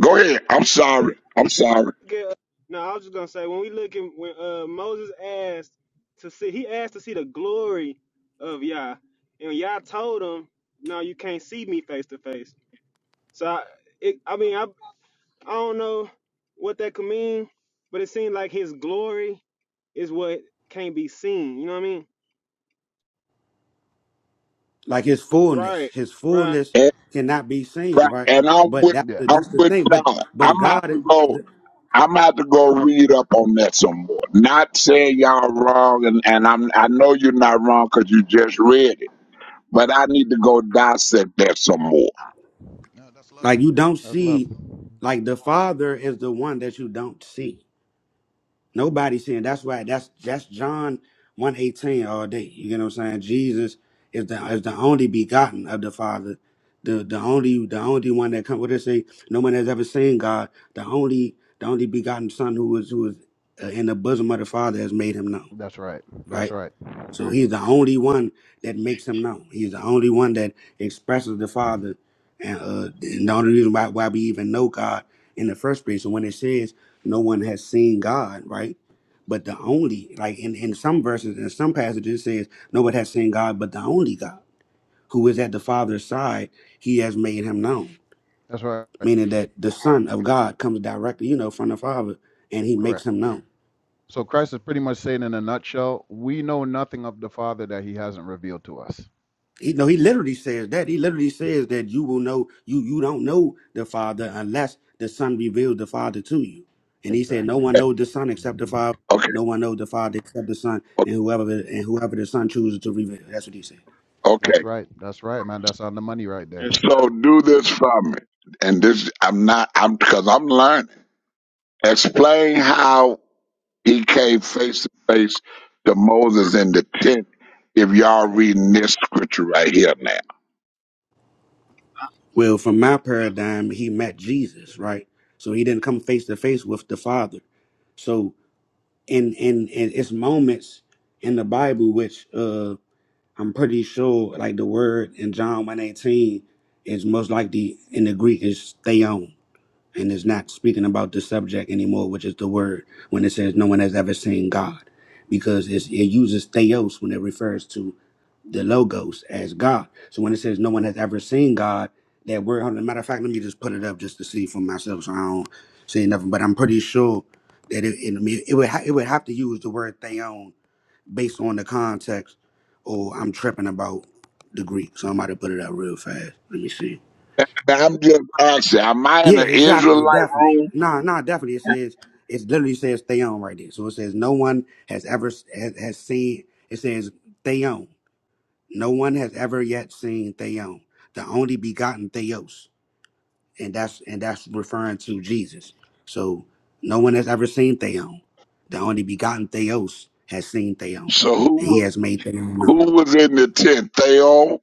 go ahead. I'm we sorry. I'm sorry. Get, no, I was just gonna say when we look at when uh, Moses asked to see, he asked to see the glory of Yah, and Yah told him, "No, you can't see me face to face." So, I, it, I mean, I I don't know what that could mean, but it seemed like his glory is what can't be seen. You know what I mean? like his fullness. Right, His right. fullness And, cannot be seen, right, right? and I'm But with that's Yeah. the, I'm that's the with thing. But God. I'm but have God, to go. I'm have to go read up on that some more. Not saying y'all wrong, and, and I'm I know you're not wrong because you just read it. But I need to go dissect that some more. No, that's love. like you don't That's love. see, like the Father is the one that you don't see. Nobody saying that's right. That's that's John one eighteen all day. You get what I'm saying? Jesus is the is the only begotten of the Father, the the only the only one that come. What they say? No one has ever seen God. The only the only begotten Son who is who is uh, in the bosom of the Father has made him known. That's right. That's Right? right. So he's the only one that makes him known. He's the only one that expresses the Father, and, uh, and the only reason why, why we even know God in the first place. So when it says no one has seen God, right? But the only, like in, in some verses, in some passages, it says no one has seen God, but the only God who is at the Father's side, He has made Him known. That's right. Meaning that the Son of God comes directly, you know, from the Father, and He makes Correct. Him known. So Christ is pretty much saying in a nutshell, we know nothing of the Father that he hasn't revealed to us. he no, he literally says that. He literally says that you will know you you don't know the Father unless the Son reveals the Father to you. And he said, No Exactly. one knows the Son except the hmm Father. Okay. No one knows the Father except the Son, and whoever and whoever the Son chooses to reveal. That's what he said. Okay. That's right. That's right, man. That's on the money right there. Yes, sir. So do this for me. And this, I'm not, I'm, cause I'm learning. Explain how he came face to face to Moses in the tent if y'all reading this scripture right here now. Well, from my paradigm, he met Jesus, right? So he didn't come face to face with the Father. So in in in it's moments in the Bible which uh I'm pretty sure like the word in John 118 is most likely in the Greek is theon and it's not speaking about the subject anymore, which is the word when it says no one has ever seen God. Because it's, it uses theos when it refers to the logos as God. So when it says no one has ever seen God, that word hold on, matter of fact, let me just put it up just to see for myself so I don't say nothing. But I'm pretty sure that it it, it would ha- it would have to use the word theon based on the context, or I'm tripping about the Greek. So I'm about to put it out real fast. Let me see. Now, I'm just asking, am I in Yeah, an Israelite exactly, definitely. room? Nah, nah, definitely. It says it literally says theon right there. So it says no one has ever s- has, has seen. It says theon. No one has ever yet seen theon, the only begotten theos, and that's and that's referring to Jesus. So no one has ever seen theon, the only begotten theos has seen theon, So who and he was, has made theon known. who was in the tent? Theo?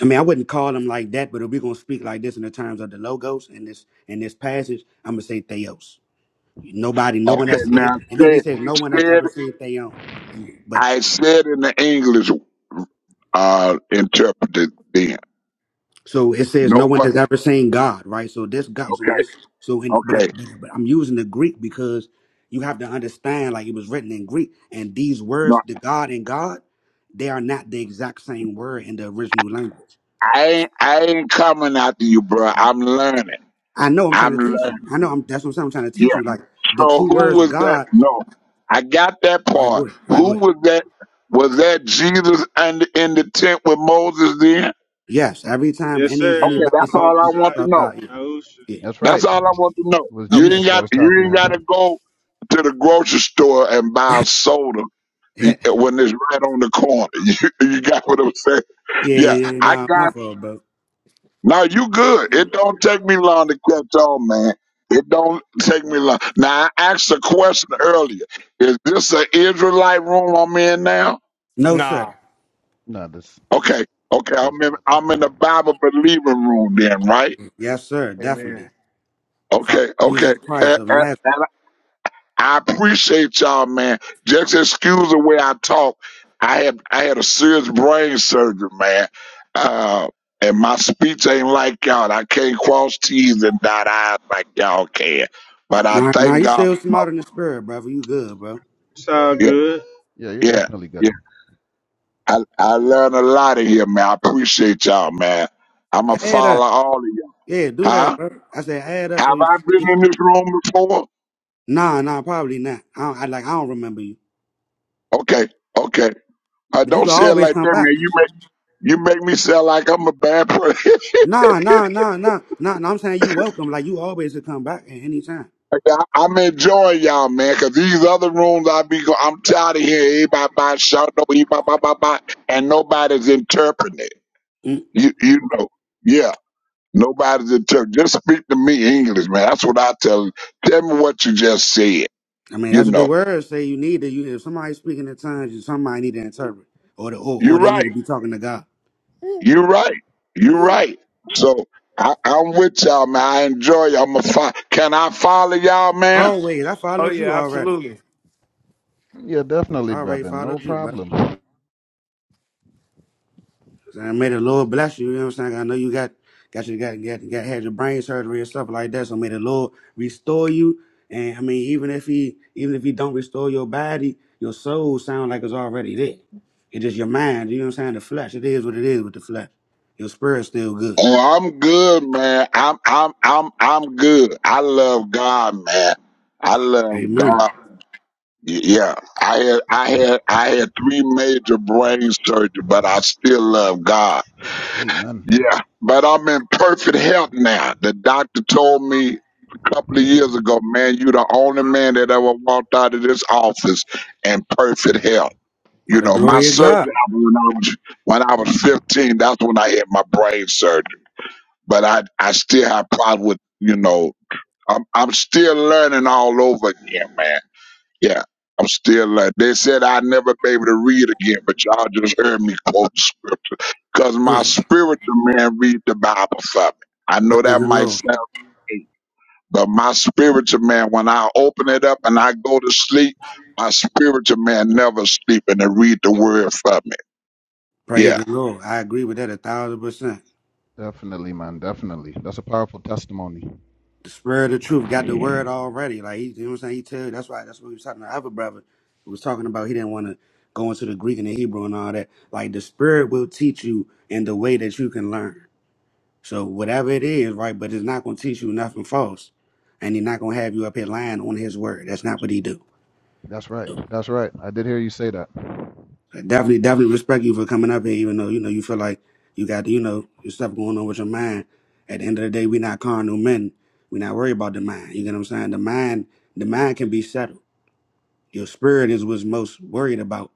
I mean, I wouldn't call them like that, but if we're gonna speak like this in the terms of the logos in this in this passage, I'm gonna say theos. Nobody, no Yeah. one Okay, has seen now it. It literally said says no one has said ever seen theon. But I said in the English uh interpreted then. so it says no No one what has ever seen God, right? So this God, so when okay, it's so, in, but I, okay. but I'm using the Greek because you have to understand, like it was written in Greek, and these No, words, the God and God, they are not the exact same word in the original language. I ain't I ain't coming after you, bro. I'm learning. I know I'm I'm trying to teach you. learning. I know I'm that's what I'm saying. I'm trying to Yeah, teach you. Like the So two who words was that? God. No, I got that All right, go part. ahead. All right, go Who ahead. was that? Was that Jesus and in the tent with Moses then? Yes, every time Yes, any Okay, sir. anybody that's saw Well, all I Messiah, want saw to know. God, Yahusha. yeah, yeah. That's right. That's all I want It to was, know. it was You okay, ain't Jesus that got was you talking to ain't got to him. go to the grocery store and buy a soda eh, yeah, when it's right on the corner. You, you got what I'm saying? Yeah, yeah, I nah, got. it. my fault, bro. Now you good. It don't take me long to catch on, man. It don't take me long. Now I asked a question earlier. Is this an Israelite room I'm in now? No, sir. Nah. No, this Okay, okay. says I'm in. public. I'm in the Bible believing room then, right? Yes, sir, Amen. definitely. Father Okay, okay. Jesus Eh, Christ of Nazareth. eh, I appreciate y'all, man. Just excuse the way I talk. I had I had a serious brain surgery, man. Uh, and my speech ain't like y'all. I can't cross T's and dot I's like y'all can. But I Nah, nah, thank you God. still my- smart in the spirit, brother. You good, bro. It's all Yeah, good. Yeah, you're yeah, definitely good. yeah. I, I learned a lot of here, man. I appreciate y'all, man. I'm going to Add follow up, all of y'all. yeah, do that, Huh? bro. I said add up, so Have you, I been you in this room before? nah, nah, probably not. I, don't, I like, I don't remember you, Okay, okay. Uh, but you don't can say it always like that, come man. back. You make, you make me sound like I'm a bad person. Nah, nah, nah, nah, nah. nah I'm saying you welcome, like you always to come back at any time. I- I'm enjoying y'all, man, because these other rooms I be go- I'm tired of hearing everybody by shout no he bah, bah, bah, bah, and nobody's interpreting it. You you know, yeah, nobody's interpreting. Just speak to me English, man. That's what I tell. Tell me what you just said. I mean, You that's what the know, words say. You need to. You, if somebody's speaking in tongues, you somebody need to interpret, or the, or, or you're they right. need to be talking to God. You're right. You're right. So I, I'm with y'all, man. I enjoy y'all. I'm a fo- Can I follow y'all, man? Always, I Oh followed you yeah, already. absolutely. Yeah, I definitely, already brother. No followed you, brother. problem. And may the Lord bless you. You know what I'm saying? I know you got got you got, got, got had your brain surgery and stuff like that. So may the Lord restore you. And I mean, even if he even if he don't restore your body, your soul sound like it's already there. It's just your mind. You know what I'm saying? The flesh. It is what it is with the flesh. Your spirit's still good. Oh, I'm good, man. I'm I'm I'm I'm good. I love God, man. I love Amen. God. Y- Yeah, I had I had I had three major brain surgery, but I still love God. Amen. Yeah, but I'm in perfect health now. The doctor told me a couple of years ago, man, you the only man that ever walked out of this office in perfect health. By You the know, my glory of surgery God. happened when I was when I was 15. That's when I had my brain surgery but I I still have problem with you know I'm I'm still learning all over again, man. Yeah, I'm still learning. They said I'd never be able to read again, but y'all just heard me quote the script because my Yeah. spiritual man read the Bible for me. I know Praise that the might Lord. sound weird, but my spiritual man, when I open it up and I go to sleep, my spiritual man never sleep and they read the word for me. Praise Yeah the Lord. I agree with that a thousand percent. Definitely, man. Definitely. That's a powerful testimony. The spirit of truth got the word already. Like he, you know what I'm saying? He tell you that's why that's what he was talking to. I have a brother who was talking about he didn't want to go into the Greek and the Hebrew and all that. Like the spirit will teach you in the way that you can learn. So whatever it is, right, but it's not gonna teach you nothing false. And he's not gonna have you up here lying on his word. That's not what he do. That's right. So, That's right. I did hear you say that. I definitely, definitely respect you for coming up here, even though you know you feel like you got you know your stuff going on with your mind. At the end of the day, we not carnal men. We not worried about the mind. You get what I'm saying? The mind, the mind can be settled. Your spirit is what's most worried about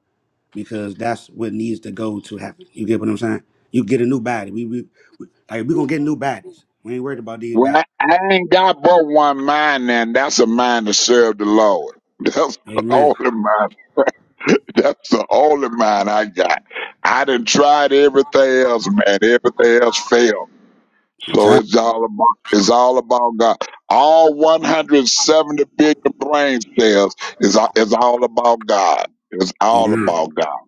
because that's what needs to go to heaven. You get what I'm saying? You get a new body. We we, we like we gonna get new bodies. We ain't worried about these Well, bodies. I, I ain't got but one mind, and that's a mind to serve the Lord. That's the Amen. only mind. That's the only mind I got. I done tried everything else, man. Everything else failed. I'm So telling it's all about it's all about God. All 170 billion brain cells is a- is all about God. It's you. all Amen. about God.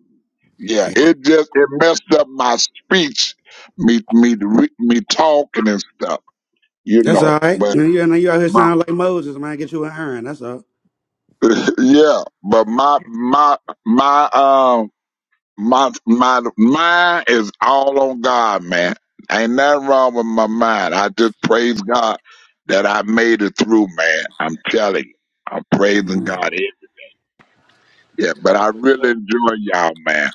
Yeah, it just it messed up my speech, me me re- me talking and stuff, you That's know. all right. But You know you out here sound like Moses, man. Get you an iron. That's all. yeah, but my my my um my my mind is all on God, man. Ain't nothing wrong with my mind. I just praise God that I made it through, man. I'm telling you, I'm praising Amen. God. Yeah, but I really enjoy y'all, man.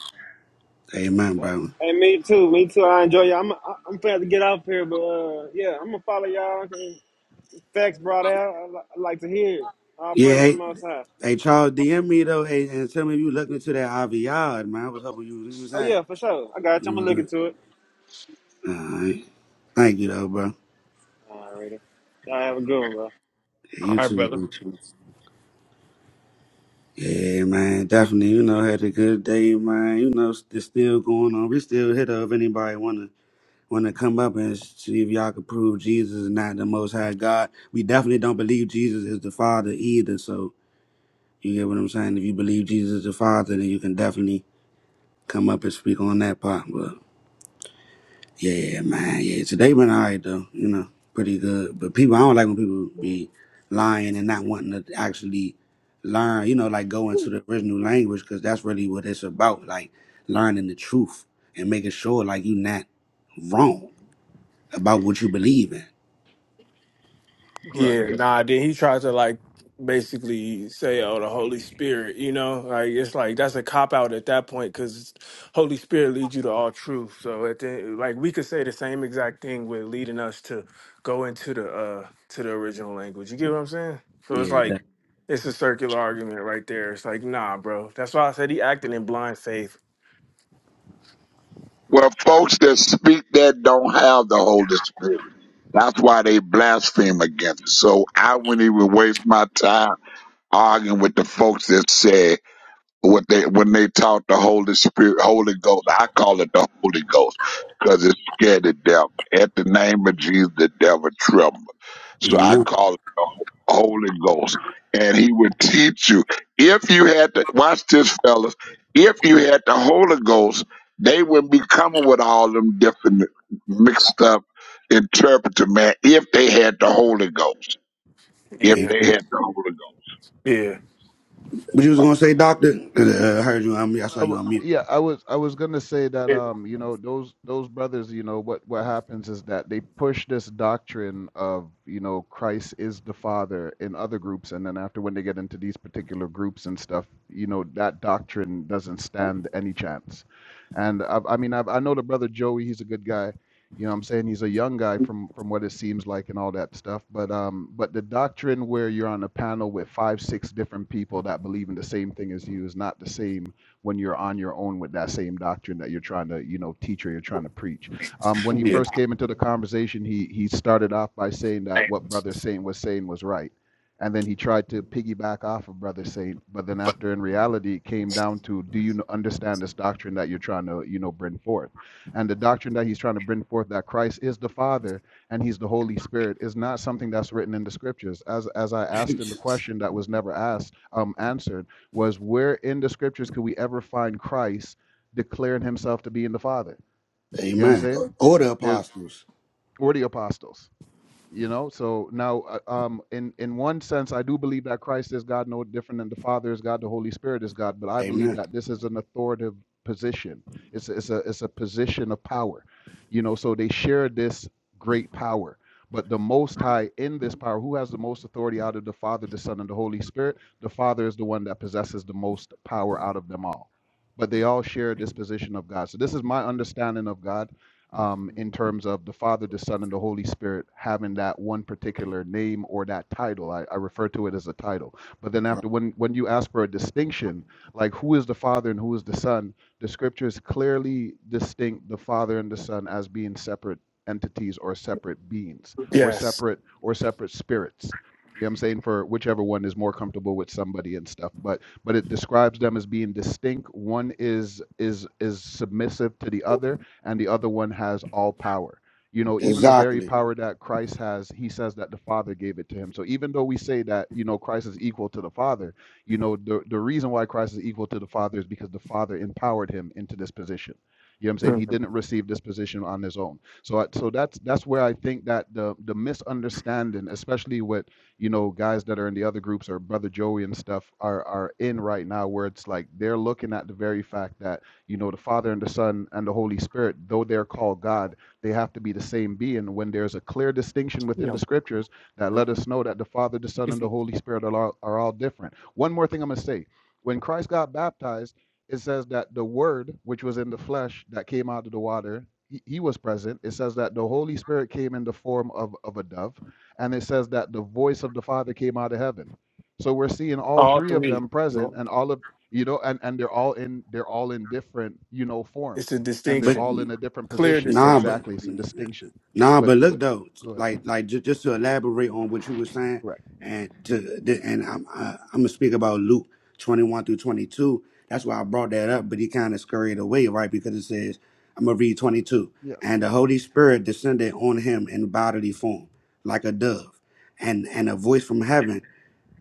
Amen, bro. Hey, me too. Me too. I enjoy y'all. I'm I- I'm glad to get off here, but uh, yeah, I'm gonna follow y'all. Okay. Facts brought out. I, li- I like to hear. it. All praise Yeah, to the Most High. Hey, Charles, DM me though, hey, and tell me if you looking into that Aviad, man. I was hoping you was, you know what I'm Oh saying? yeah, for sure. I got you. I'm You gonna was look good. into it. All right. Thank you though, bro. Alright, righty. Y'all have a good one, bro. Yeah, All you right, too, brother. bro. Yeah, man, definitely. You know, had a good day, man. You know, it's still going on. We still hit up if anybody wanna wanna come up and see if y'all can prove Jesus is not the Most High God. We definitely don't believe Jesus is the Father either. So you get what I'm saying. If you believe Jesus is the Father, then you can definitely come up and speak on that part. Yeah, yeah, yeah, man. Yeah, today been all right though. You know, pretty good. But people, I don't like when people be lying and not wanting to actually learn. You know, like go into the original language because that's really what it's about. Like learning the truth and making sure like you not wrong about what you believe in. Yeah, Correct. nah, then he tried to like basically say, oh, the Holy Spirit, you know? Like, it's like that's a cop out at that point because Holy Spirit leads you to all truth. So, at the, like, we could say the same exact thing with leading us to go into the, uh, to the original language. You get what I'm saying? So it's Yeah. like, That, it's a circular argument right there. It's like, nah, bro. That's why I said he acting in blind faith. Well, folks that speak that don't have the Holy Spirit. That's why they blaspheme against it. So I wouldn't even waste my time arguing with the folks that said what they when they taught the Holy Spirit, Holy Ghost. I call it the Holy Ghost because it scared the devil. At the name of Jesus, the devil trembled. So I amen. call it Holy Ghost, and He would teach you if you had to watch this, fellas. If you had the Holy Ghost, they wouldn't be coming with all them different mixed up interpreter man. If they had the Holy Ghost, if Yeah. they Amen. had the Holy Ghost. Yeah. But you was gonna say, doctor? 'Cause, Uh, I heard you on mute. I I saw you w- on mute. yeah, I was I was gonna say that um, you know, those those brothers, you know, what what happens is that they push this doctrine of, you know, Christ is the Father in other groups, and then after when they get into these particular groups and stuff, you know, that doctrine doesn't stand any chance. And I, I mean, I, I know the brother Joey, he's a good guy. You know, what I'm saying he's a young guy from from what it seems like and all that stuff. But um, but the doctrine where you're on a panel with five, six different people that believe in the same thing as you is not the same when you're on your own with that same doctrine that you're trying to, you know, teach or you're trying to preach. Um, when he Yeah. first came into the conversation, he he started off by saying that what Brother Saint was saying was right, and then he tried to piggyback off of Brother Saint. But then after, in reality, it came down to, do you understand this doctrine that you're trying to, you know, bring forth? And the doctrine that he's trying to bring forth that Christ is the Father and He's the Holy Spirit is not something that's written in the Scriptures. As as I asked in the question that was never asked, um, answered was where in the scriptures could we ever find Christ declaring himself to be in the Father? You know what I'm amen. saying? Order There's, apostles. or the apostles. You know, so now, uh, um, in in one sense, I do believe that Christ is God, no different than the Father is God, the Holy Spirit is God. But I believe Amen. that this is an authoritative position. It's a, it's a it's a position of power. You know, so they share this great power. But the Most High in this power, who has the most authority out of the Father, the Son, and the Holy Spirit? The Father is the one that possesses the most power out of them all. But they all share this position of God. So this is my understanding of God um, in terms of the Father, the Son, and the Holy Spirit having that one particular name or that title. I, I refer to it as a title. But then after when when you ask for a distinction, like who is the Father and who is the Son, the Scriptures clearly distinct the Father and the Son as being separate entities or separate beings or Yes. separate or separate spirits. You know what I'm saying for whichever one is more comfortable with somebody and stuff, but but it describes them as being distinct. One is is is submissive to the other, and the other one has all power. You know, even the very Exactly. power that Christ has, he says that the Father gave it to him. So even though we say that, you know, Christ is equal to the Father, you know, the, the reason why Christ is equal to the Father is because the Father empowered him into this position. You know what I'm saying? He Mhm. didn't receive this position on his own. So, uh, so that's that's where I think that the the misunderstanding, especially with you know guys that are in the other groups or Brother Joey and stuff, are are in right now, where it's like they're looking at the very fact that you know, the Father and the Son and the Holy Spirit, though they're called God, they have to be the same being. When there's a clear distinction within Yeah. the scriptures that let us know that the Father, the Son, and the Holy Spirit are all, are all different. One more thing I'm going to say. When Christ got baptized, it says that the Word, which was in the flesh that came out of the water, he, he was present. It says that the Holy Spirit came in the form of, of a dove. And it says that the voice of the Father came out of heaven. So we're seeing all All three of three. them present, yo. and all of you know and and they're all in they're all in different you know It's a forms and they're But distinction. all in a different clear position nah, distinction. but exactly it's a distinction Nah, but but look but though, go like ahead like just, just to elaborate on what you were saying, correct and to the, and I'm uh, I'm gonna speak about Luke twenty one through twenty two. That's why I brought that up, but he kind of scurried away, right? Because it says I'm gonna read twenty two, yes and the Holy Spirit descended on him in bodily form, like a dove, and and a voice from heaven,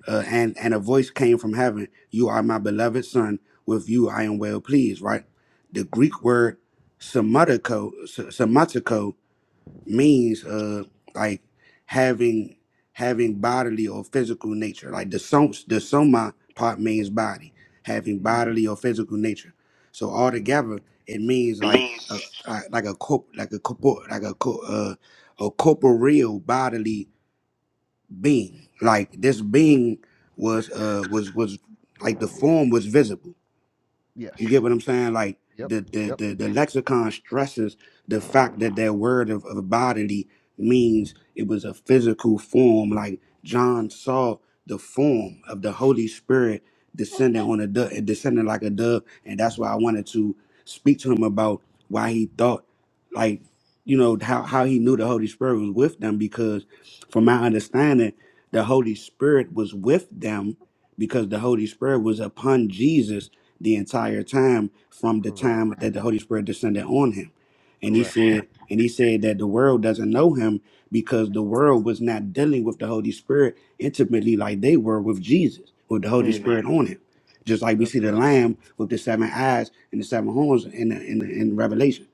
uh, and and a voice came from heaven. You are my beloved son. With you I am well pleased. Right. The Greek word somatico, means uh like having having bodily or physical nature like the som the soma part means body having Mhm. bodily or physical nature so altogether it means like a, like like a corp like a corpo like a co- uh, a corporeal bodily being like this being was uh was was like the form was visible you get yes what I'm saying? Like yep the the yep the, the lexicon stresses the fact that that word of, of bodily means it was a physical form. Like John saw the form of the Holy Spirit descending on a dove, descending like a dove, and that's why I wanted to speak to him about why he thought, like you know how how he knew the Holy Spirit was with them because, from my understanding, the Holy Spirit was with them because the Holy Spirit was upon Jesus the entire time from the correct time that the Holy Spirit descended on him. And he correct said, and he said that the world doesn't know him because the world was not dealing with the Holy Spirit intimately like they were with Jesus, with the Holy Yeah. Spirit on him. Just like we that's see the correct lamb with the seven eyes and the seven horns in the, in, the, in Revelation.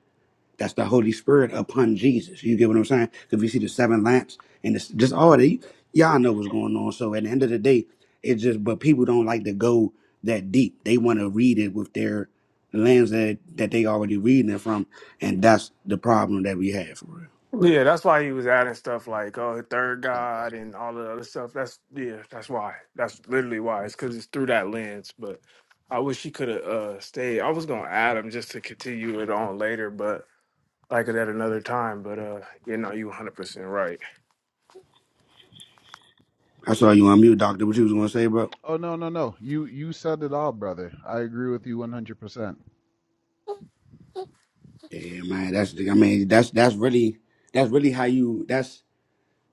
That's the Holy Spirit upon Jesus. You get what I'm saying? Because we see the seven lamps and it's just all the y'all know what's going on. So at the end of the day, it's just but people don't like to go that deep. They want to read it with their lens that that they already reading it from, and that's the problem that we have for real. Yeah, that's why he was adding stuff like oh the third point God and all the other stuff. That's yeah, that's why. That's literally why. It's because it's through that lens. But I wish he could have uh stayed. I was gonna add him just to continue it on later, but like it at another time. But uh, you know, you 100 percent right. I saw you on mute, Doctor. What you was gonna say, bro? oh no no no you you said it all brother i agree with you 100% Yeah, man. That's the- I mean that's that's really that's really how you that's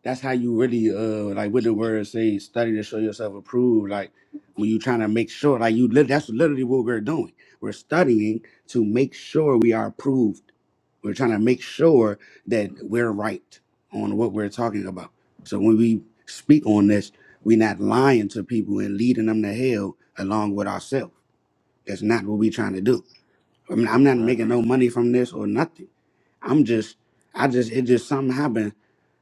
that's how you really uh like what the word say study to show yourself approved like when you trying to make sure like you lit- that's literally what we're doing we're studying to make sure we are approved we're trying to make sure that we're right on what we're talking about so when we speak on this we're not lying to people and leading them to hell along with ourselves that's not what we're trying to do I mean, I'm not making correct no money from this or nothing. I'm just, I just, it just something happened.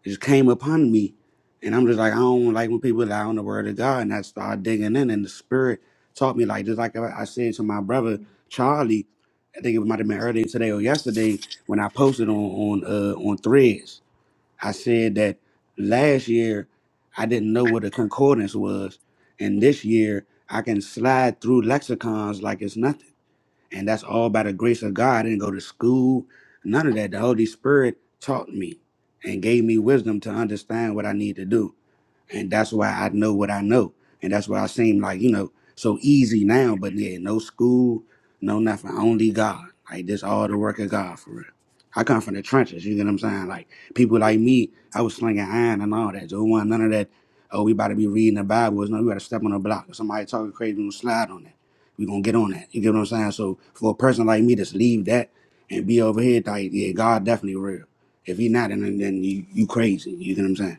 It just came upon me. And I'm just like, I don't like when people lie on the word of God. And I started digging in, and the Spirit taught me, like, just like I I said to my brother, Charlie, I think it might have been earlier today or yesterday when I posted on on uh, on Threads. I said that last year I didn't know what a concordance was, and this year I can slide through lexicons like it's nothing. And that's all by the grace of God. I didn't go to school, none of that. The Holy Spirit taught me and gave me wisdom to understand what I need to do and that's why I know what I know, and that's why I seem like you know so easy now. But yeah, no school, no nothing, only God. Like this, all the work of God for real. I come from the trenches. You get what I'm saying? Like people like me, I was slinging iron and all that. So it wasn't none of that. Oh, we about to be reading the Bible. It's no, we got to step on the block. If somebody talking crazy, we gonna slide on that. We gonna get on that. You get what I'm saying? So for a person like me, to just leave that and be over here. Like yeah, God definitely real. If he not, then then you you crazy. You get what I'm saying?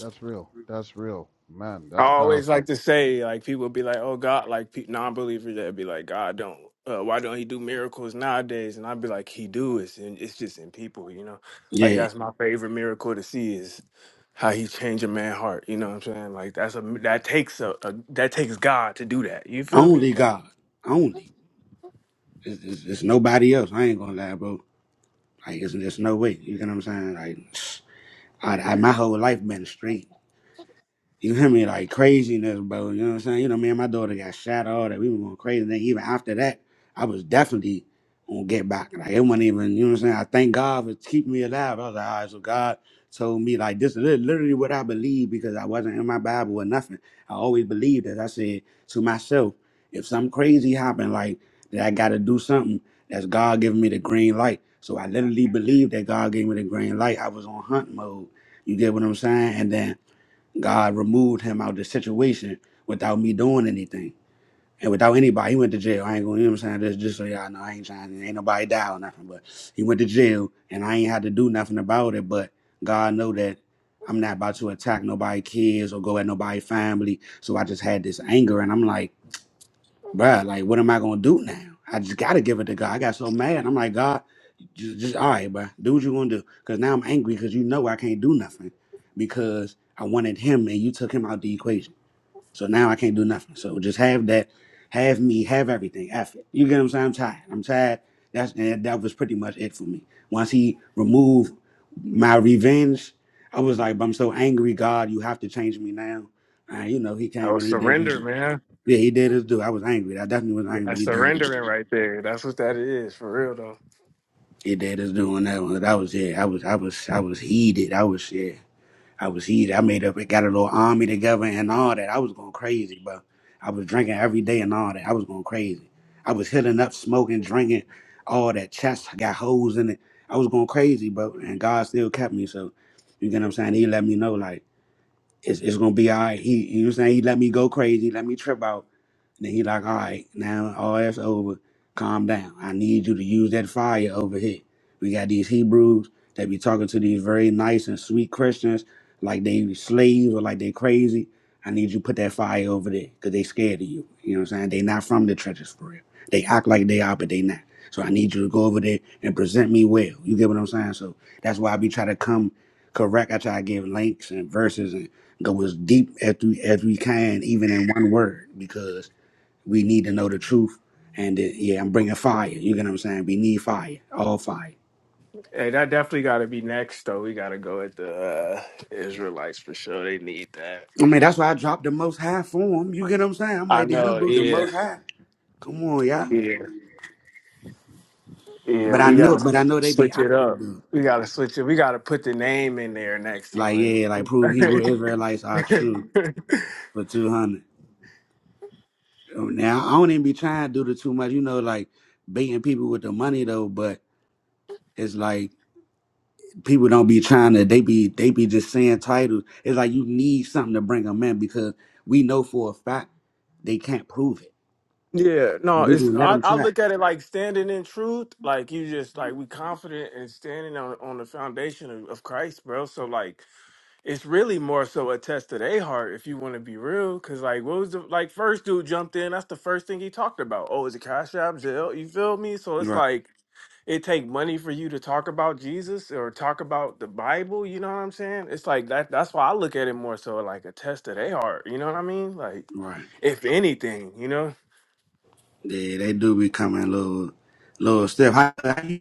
that's real that's real man I that's always powerful like to say, like people be like, "Oh God," like pe- non-believers that be like, "God don't, uh, why don't He do miracles nowadays?" And I'd be like, "He do it, and it's just in people, you know. Like Yeah. that's my favorite miracle to see is how He change a man's heart. You know what I'm saying? Like that's a that takes a, a that takes God to do that. You feel me? Only Like, God. Only. It's, it's, it's nobody else. I ain't gonna lie, bro. Like, it's, there's no way. You get what I'm saying? Like, I, I my whole life been straight. You hear me? Like craziness, bro. You know what I'm saying? You know, me and my daughter got shot, all that. We were going crazy. Then even after that, I was definitely gonna get back. Like it wasn't even, you know what I'm saying? I thank God for keeping me alive. I was like, all right, so God told me like this is lit- literally what I believe because I wasn't in my Bible or nothing. I always believed that I said to myself, if something crazy happened, like that I gotta do something, that's God giving me the green light. So I literally believed that God gave me the green light. I was on hunt mode. You get what I'm saying? And then God removed him out of the situation without me doing anything. And without anybody, he went to jail. I ain't going, you know what I'm saying? Just, just so y'all know, I ain't trying, to, ain't nobody die or nothing, but he went to jail and I ain't had to do nothing about it. But God know that I'm not about to attack nobody kids or go at nobody family. So I just had this anger and I'm like, bruh, like, what am I gonna do now? I just gotta give it to God. I got so mad. I'm like, God, just, just all right, bruh, do what you gonna do. Cause now I'm angry because you know I can't do nothing because I wanted him and you took him out the equation. So now I can't do nothing. So just have that, have me, have everything. F it. You get what I'm saying? I'm tired. I'm tired. That's and that was pretty much it for me. Once he removed my revenge, I was like, I'm so angry, God, you have to change me now. And you know, he I came was and he did it. surrender, man. Yeah, he did his due. I was angry. I definitely was angry, but That's he did his- surrendering right there. That's what that is for real though. he did his due on that one. That was yeah. I was I was I was heated. I was yeah. I was heated. I made up. Got a little army together and all that. I was going crazy, bro. I was drinking every day and all that. I was going crazy. I was hitting up, smoking, drinking, all that. Chest got holes in it. I was going crazy, bro. And God still kept me. So you get what I'm saying? He let me know like. it's, it's gonna be all right. He, you know, what I'm saying he let me go crazy, let me trip out. And then he like, all right, now all that's over. Calm down. I need you to use that fire over here. We got these Hebrews that be talking to these very nice and sweet Christians like they slaves or like they crazy. I need you to put that fire over there because they scared of you. You know what I'm saying? They not from the trenches for real. They act like they are, but they not. So I need you to go over there and present me well. You get what I'm saying? So that's why I be trying to come correct. I try to give links and verses and go as deep as we, as we can, even in one word, because we need to know the truth. And uh, yeah, I'm bringing fire. You get what I'm saying? We need fire, all fire. Hey, that definitely got to be next though. We got to go at the uh, Israelites for sure. They need that. I mean, that's why I dropped the most high form. You get what I'm saying? I'm I like the know, Hebrew, the yeah. most high. Come on, y'all. Yeah, yeah, But I we know, gotta but I know they be switch it acting up. though. We gotta switch it. We gotta put the name in there next Like time. yeah, like prove Hebrew Israelites are yeah, true for two hundred. Oh, Now I don't even be trying to do the too much, you know, like baiting people with the money though. But it's like people don't be trying to. They be they be just saying titles. It's like you need something to bring them in because we know for a fact they can't prove it. no, We it's gonna let I, them I try. look at it like standing in truth. Like you just like we confident and standing on on the foundation of, of Christ, bro. So like it's really more so a test of their heart if you want to be real. Cause like what was the like first dude jumped in, that's the first thing he talked about. Oh, is it Cash App Zelle? You feel me? So it's Right, like it take money for you to talk about Jesus or talk about the Bible, you know what I'm saying? It's like that that's why I look at it more so like a test of their heart, you know what I mean? Like right. if anything, you know? Yeah, they do be coming a little little stiff. How, how you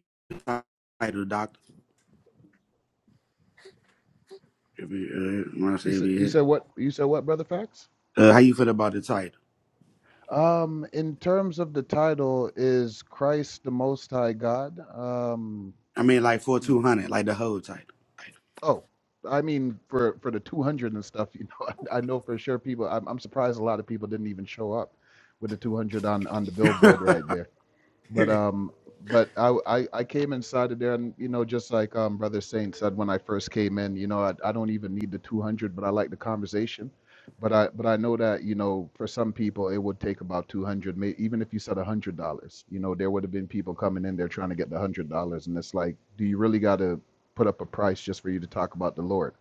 title doctor? If you uh, want you to said say you it. said what you said what brother facts Uh, how you feel about the title? Um, in terms of the title, is Christ the Most High God? Um, I mean, like for hmm. two hundred, like the whole title. oh, I mean for for the two hundred and stuff, you know, I, I know for sure people. I'm, I'm surprised a lot of people didn't even show up with the two hundred on on the right. billboard right there. But um, but I, I I came inside of there, and you know, just like um, Brother Saint said when I first came in, you know, I, I don't even need the 200, but I like the conversation. But I but I know that you know, for some people, it would take about 200, may, even if you said a hundred dollars. You know, there would have been people coming in there trying to get the hundred dollars, and it's like, do you really got to put up a price just for you to talk about the Lord?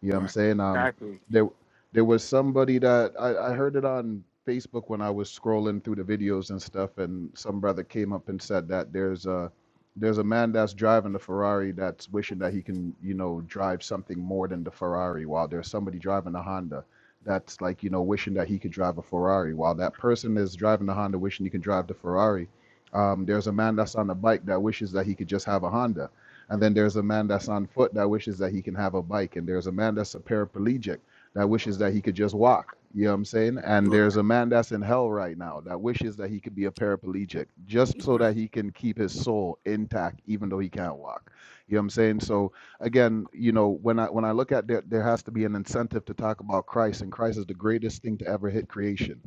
You know what I'm right. saying? Um, exactly. there there was somebody that I, I heard it on Facebook when I was scrolling through the videos and stuff, and some brother came up and said that there's a there's a man that's driving the Ferrari that's wishing that he can you know drive something more than the Ferrari, while there's somebody driving a Honda that's like you know wishing that he could drive a Ferrari, while that person is driving the Honda wishing he can drive the Ferrari. Um, there's a man that's on a bike that wishes that he could just have a Honda and then there's a man that's on foot that wishes that he can have a bike. And there's a man that's a paraplegic that wishes that he could just walk. You know what I'm saying? And there's a man that's in hell right now that wishes that he could be a paraplegic just so right. that he can keep his soul intact, even though he can't walk. You know what I'm saying? So again, you know, when I when I look at there, there has to be an incentive to talk about Christ, and Christ is the greatest thing to ever hit creation.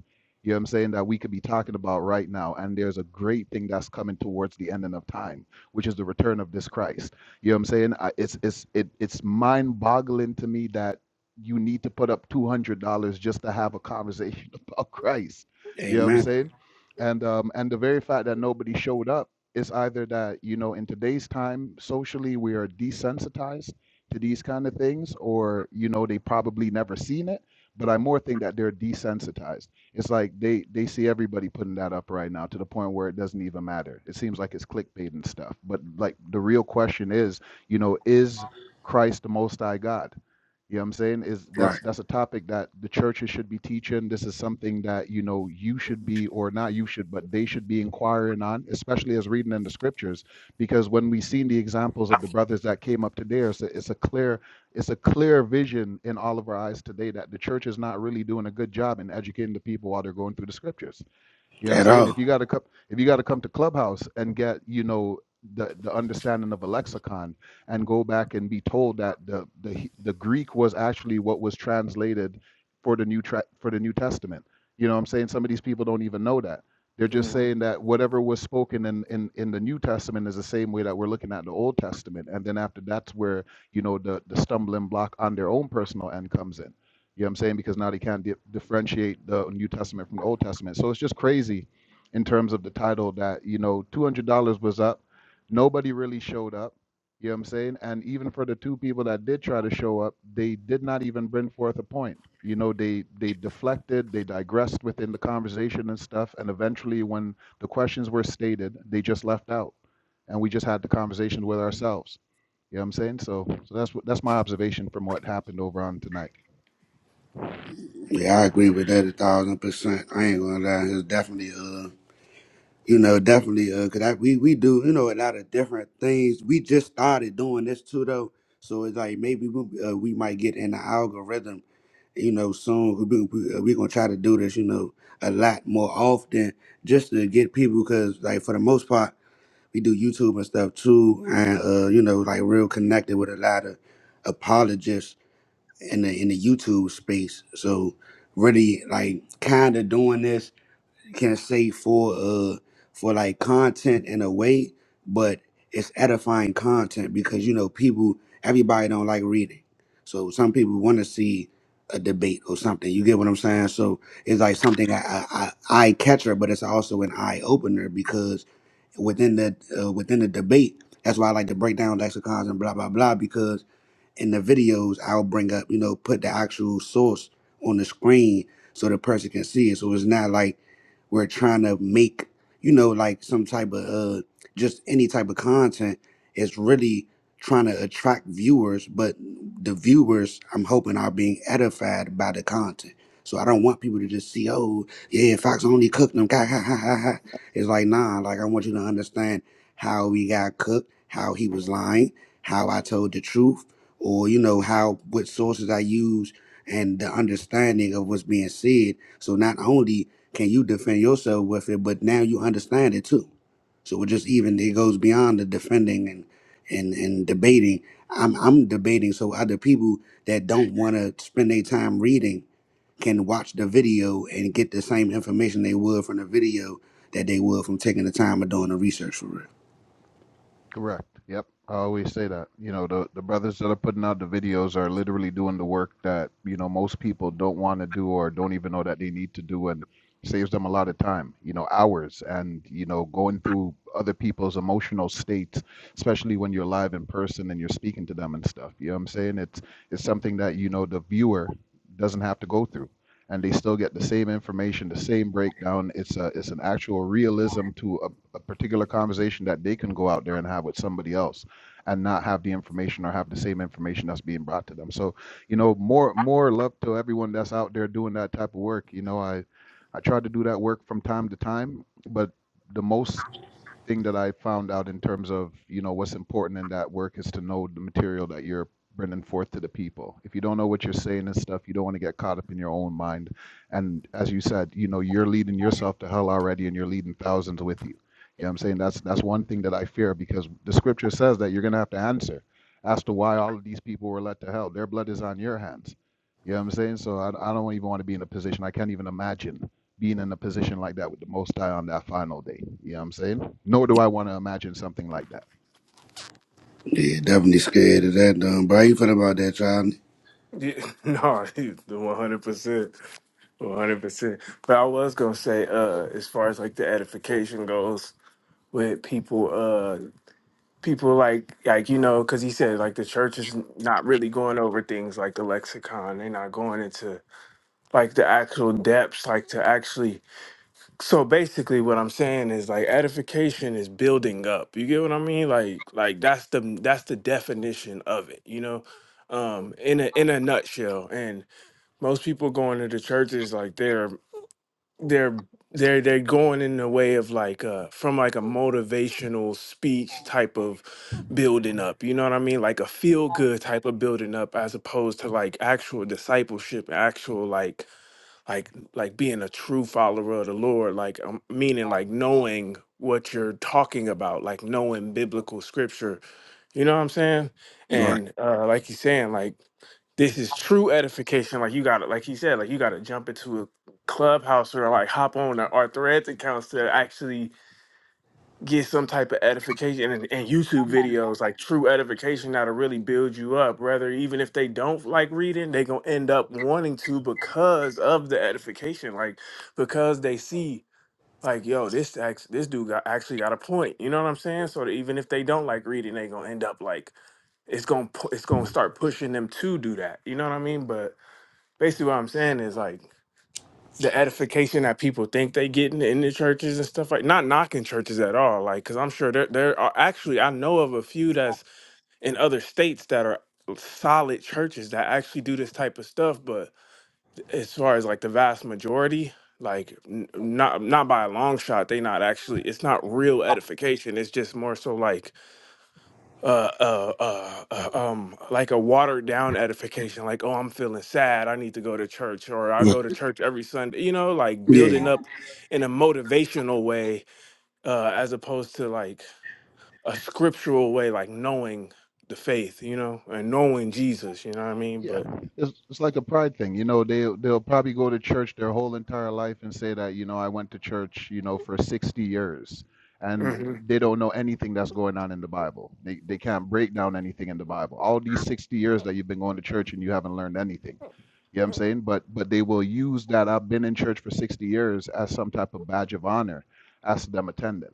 You know what I'm saying? That we could be talking about right now. And there's a great thing that's coming towards the ending of time, which is the return of this Christ. You know what I'm saying? I, it's it's it, it's mind-boggling to me that you need to put up two hundred dollars just to have a conversation about Christ. You know what I'm Amen. saying? And um and the very fact that nobody showed up is either that you know in today's time socially we are desensitized to these kind of things, or you know they probably never seen it. But I more think that they're desensitized it's like they they see everybody putting that up right now to the point where it doesn't even matter. It seems like it's clickbait and stuff. But like the real question is, you know, is Christ the most high God? You know what I'm saying? Is Right. that's that's a topic that the churches should be teaching. This is something that, you know, you should be or not you should, but they should be inquiring on, especially as reading in the scriptures. Because when we seen the examples of the brothers that came up today, it's a, it's a clear it's a clear vision in all of our eyes today that the church is not really doing a good job in educating the people while they're going through the scriptures you know what I'm At saying? If you all. gotta come if you gotta come to Clubhouse and get, you know, the, the understanding of a lexicon and go back and be told that the the He- the Greek was actually what was translated for the new tra- for the New Testament. You know what I'm saying? Some of these people don't even know that. They're just Mhm. saying that whatever was spoken in, in, in the New Testament is the same way that we're looking at the Old Testament. And then after that's where, you know, the, the stumbling block on their own personal end comes in you know what I'm saying? Because now they can't di- differentiate the New Testament from the Old Testament. So it's just crazy in terms of the title that, you know, $200 was up. Nobody really showed up. You know what I'm saying? And even for the two people that did try to show up, they did not even bring forth a point. You know, they they deflected, they digressed within the conversation and stuff. And eventually, when the questions were stated, they just left out, and we just had the conversation with ourselves. You know what I'm saying? So, so that's what that's my observation from what happened over on tonight. Yeah, I agree with that a thousand percent. I ain't gonna lie. It's definitely uh, you know, definitely uh, cause I, we we do you know a lot of different things. We just started doing this too though, so it's like maybe we uh, we might get in the algorithm, you know, soon. We're we, we, uh, we gonna try to do this, you know, a lot more often just to get people because like for the most part. we do YouTube and stuff too, and uh, you know, like real connected with a lot of apologists in the in the YouTube space. So really, like, kind of doing this can say for uh for like content in a way, but it's edifying content because you know people everybody don't like reading. So some people want to see a debate or something. You get what I'm saying? So it's like something I I, I eye catcher, but it's also an eye opener because within the uh, within the debate, that's why I like to break down lexicons and blah blah blah because in the videos I'll bring up, you know, put the actual source on the screen so the person can see it. So it's not like we're trying to make, you know, like some type of uh just any type of content. It's really trying to attract viewers, but the viewers I'm hoping are being edified by the content. So I don't want people to just see, oh, yeah, Fox only cooked them. Ha, ha, ha, ha, ha. It's like, nah, like I want you to understand how we got cooked, how he was lying, how I told the truth or you know how what sources I use and the understanding of what's being said. So not only can you defend yourself with it, but now you understand it too. So it just even it goes beyond the defending and and and debating. I'm I'm debating so other people that don't want to spend their time reading can watch the video and get the same information they would from the video that they would from taking the time of doing the research for real. Correct. Yep. I always say that. You know, the the brothers that are putting out the videos are literally doing the work that, you know, most people don't want to do or don't even know that they need to do and saves them a lot of time, you know, hours and, you know, going through other people's emotional states, especially when you're live in person and you're speaking to them and stuff. You know what I'm saying? It's it's something that, you know, the viewer doesn't have to go through. And they still get the same information, the same breakdown. It's a it's an actual realism to a a particular conversation that they can go out there and have with somebody else and not have the information or have the same information that's being brought to them. So, you know, more more love to everyone that's out there doing that type of work. You know, I I try to do that work from time to time, but the most thing that I found out in terms of you know what's important in that work is to know the material that you're bringing forth to the people. If you don't know what you're saying and stuff, you don't want to get caught up in your own mind. And as you said, you know you're leading yourself to hell already, and you're leading thousands with you. You know what I'm saying? That's that's one thing that I fear because the scripture says that you're gonna have to answer as to why all of these people were led to hell. Their blood is on your hands. You know what I'm saying? So I, I don't even want to be in a position I can't even imagine being in a position like that with the Most High on that final day. You know what I'm saying? Nor do I want to imagine something like that. Yeah, definitely scared of that. Um, but I ain't feeling about that, child. Yeah, no, he's the 100%. One hundred percent. But I was gonna say, uh, as far as like the edification goes with people, uh, people like like you know, because he said like the church is not really going over things like the lexicon. They're not going into like the actual depths, like to actually. So basically, what I'm saying is like edification is building up. You get what I mean? Like like that's the that's the definition of it. You know, um, in a in a nutshell, and most people going to the churches like they're they're they're they're going in the way of like uh from like a motivational speech type of building up you know what i mean like a feel good type of building up as opposed to like actual discipleship actual like like like being a true follower of the lord like um, meaning like knowing what you're talking about like knowing biblical scripture you know what i'm saying Right. and uh like you're saying like this is true edification. Like you got to, like he said, like you got to jump into a clubhouse or like hop on our our threads accounts to actually get some type of edification and, and YouTube videos, like true edification that'll really build you up. Rather, even if they don't like reading, they gonna end up wanting to because of the edification, like because they see. Like yo, this act, this dude got actually got a point. You know what I'm saying? So that even if they don't like reading, they gonna end up like it's gonna pu- it's gonna start pushing them to do that. You know what I mean? But basically what I'm saying is like the edification that people think they get in, in the churches and stuff like not knocking churches at all like because i'm sure there, there are actually i know of a few that's in other states that are solid churches that actually do this type of stuff but as far as like the vast majority like n- not not by a long shot they not actually it's not real edification it's just more so like uh, uh, uh, uh, um, like a watered down edification, like, oh, I'm feeling sad. I need to go to church, or I go to church every Sunday, you know, like building Yeah, up in a motivational way, uh, as opposed to like a scriptural way, like knowing the faith, you know, and knowing Jesus, you know what I mean? Yeah, But, it's, it's like a pride thing. You know, they, they'll probably go to church their whole entire life and say that, you know, I went to church, you know, for 60 years. And Mhm, they don't know anything that's going on in the Bible. They, they can't break down anything in the Bible. All these 60 years that you've been going to church and you haven't learned anything. You know what I'm saying? But but they will use that I've been in church for 60 years as some type of badge of honor as them attending.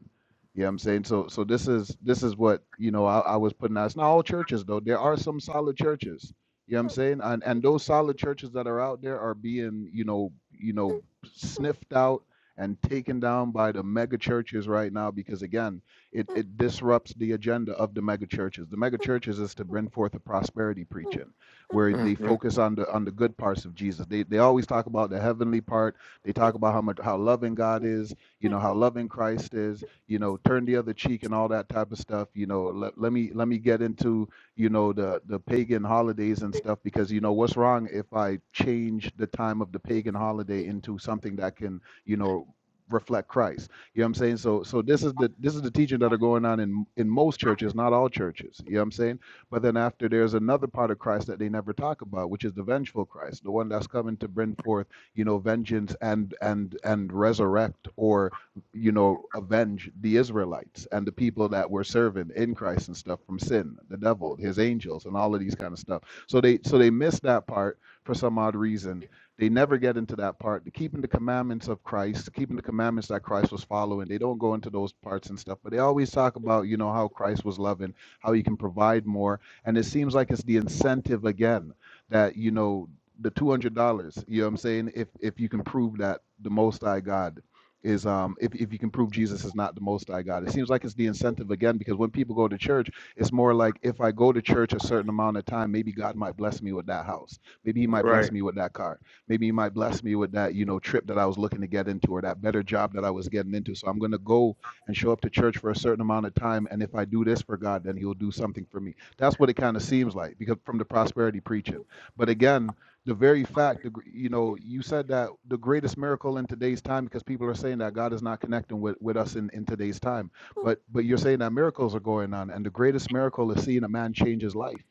You know what I'm saying? So so this is this is what, you know, I, I was putting out. It's not all churches though. There are some solid churches. You know what I'm saying? And and those solid churches that are out there are being, you know, you know, sniffed out and taken down by the mega churches right now because again, it, it disrupts the agenda of the mega churches. The mega churches is to bring forth a prosperity preaching where they mhm, focus on the on the good parts of Jesus. They they always talk about the heavenly part. They talk about how much how loving God is, you know, how loving Christ is, you know, turn the other cheek and all that type of stuff. You know, let, let me let me get into, you know, the the pagan holidays and stuff because you know what's wrong if I change the time of the pagan holiday into something that can, you know, reflect Christ. You know what I'm saying? So so this is the this is the teaching that are going on in in most churches, not all churches. You know what I'm saying? But then after there's another part of Christ that they never talk about, which is the vengeful Christ, the one that's coming to bring forth, you know, vengeance and and and resurrect or you know, avenge the Israelites and the people that were serving in Christ and stuff from sin, the devil, his angels, and all of these kind of stuff. So they so they miss that part for some odd reason. They never get into that part. The keeping the commandments of Christ, keeping the commandments that Christ was following. They don't go into those parts and stuff, but they always talk about, you know, how Christ was loving, how he can provide more, and it seems like it's the incentive again that, you know, the two hundred dollars, you know what I'm saying? If if you can prove that the most high God is um if, if you can prove Jesus is not the most high God. It seems like it's the incentive again because when people go to church, it's more like if I go to church a certain amount of time, maybe God might bless me with that house. Maybe he might right. bless me with that car. Maybe he might bless me with that, you know, trip that I was looking to get into or that better job that I was getting into. So I'm gonna go and show up to church for a certain amount of time. And if I do this for God, then he'll do something for me. That's what it kind of seems like because from the prosperity preaching. But again, the very fact, the, gr- you know, you said that the greatest miracle in today's time because people are saying that God is not connecting with, with us in, in today's time. But but you're saying that miracles are going on, and the greatest miracle is seeing a man change his life.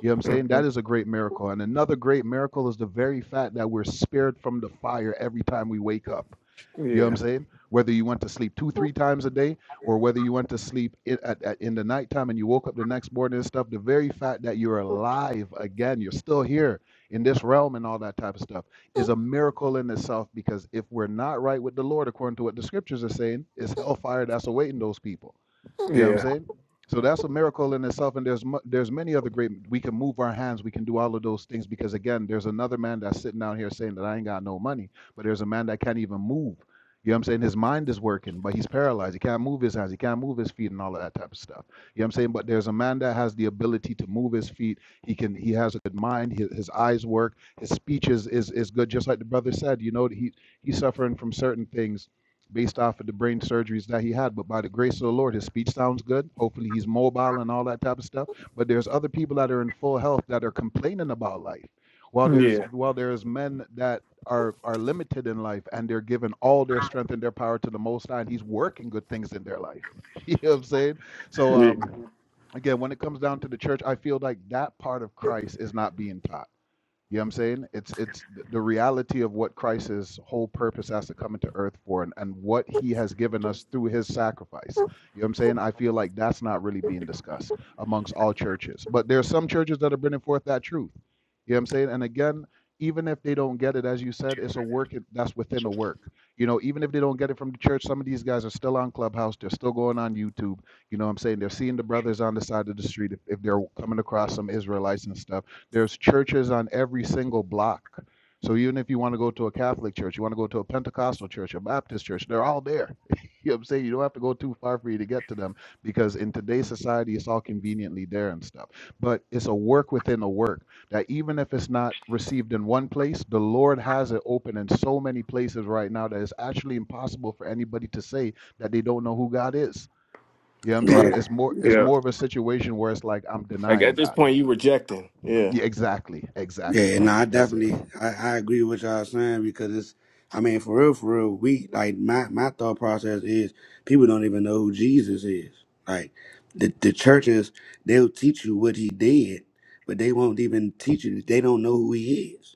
You know what I'm saying? That mhm. is a great miracle. And another great miracle is the very fact that we're spared from the fire every time we wake up. You know Yeah, what I'm saying? Whether you went to sleep two, three times a day, or whether you went to sleep in, at, at, in the nighttime and you woke up the next morning and stuff, the very fact that you're alive again, you're still here in this realm and all that type of stuff is a miracle in itself because if we're not right with the Lord, according to what the scriptures are saying, it's hellfire that's awaiting those people. You know what I'm yeah, saying? So that's a miracle in itself, and there's mu- there's many other great. We can move our hands, we can do all of those things because again, there's another man that's sitting down here saying that I ain't got no money, but there's a man that can't even move. You know what I'm saying? His mind is working, but he's paralyzed. He can't move his hands, he can't move his feet, and all of that type of stuff. You know what I'm saying? But there's a man that has the ability to move his feet. He can. He has a good mind. His, his eyes work. His speech is, is is good. Just like the brother said, you know, he he's suffering from certain things based off of the brain surgeries that he had. But by the grace of the Lord, his speech sounds good. Hopefully, he's mobile and all that type of stuff. But there's other people that are in full health that are complaining about life. While there's yeah, while there's men that are are limited in life and they're giving all their strength and their power to the Most High, and He's working good things in their life. You know what I'm saying? So yeah, um, again, when it comes down to the church, I feel like that part of Christ is not being taught you know what I'm saying? It's it's the reality of what Christ's whole purpose has to come into earth for and, and what he has given us through his sacrifice. You know what I'm saying? I feel like that's not really being discussed amongst all churches. But there are some churches that are bringing forth that truth. You know what I'm saying? And again, even if they don't get it, as you said, it's a work that's within a work. You know, even if they don't get it from the church, some of these guys are still on Clubhouse. They're still going on YouTube. You know what I'm saying? They're seeing the brothers on the side of the street if, if they're coming across some Israelites and stuff there's churches on every single block. So even if you want to go to a Catholic church, you want to go to a Pentecostal church, a Baptist church, they're all there. you know what I'm saying? You don't have to go too far for you to get to them because in today's society, it's all conveniently there and stuff. But it's a work within a work that even if it's not received in one place, the Lord has it open in so many places right now that it's actually impossible for anybody to say that they don't know who God is. You know what I'm saying? right. yeah, It's more it's yeah. more of a situation where it's like I'm Like denying at this God. point, you rejecting. Yeah. Yeah, exactly, exactly. Yeah, no, I That's it. definitely I, I agree with y'all saying because it's I mean for real, for real, we like my my thought process is people don't even know who Jesus is. Like the the churches, they'll teach you what he did, but they won't even teach you. They don't know who he is.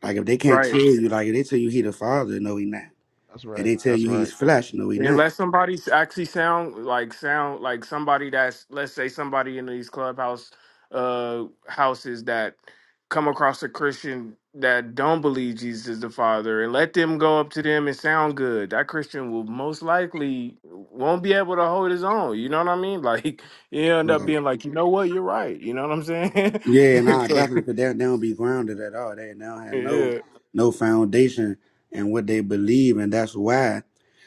Like if they can't tell Right. you, like if they tell you he the father, no he not. That's If right. they tell That's you he's right. flesh, no he Man, not. let somebody s- actually sound like sound like somebody that's let's say somebody in these clubhouse uh houses that come across a Christian that don't believe Jesus is the Father and let them go up to them and sound good. That Christian will most likely won't be able to hold his own. You know what I mean? Like you end Um, up being like, you know what, you're right. You know what I'm saying? Yeah, nah, So, definitely, because they, they don't be grounded at all. They, they don't have no yeah. no foundation in what they believe, and that's why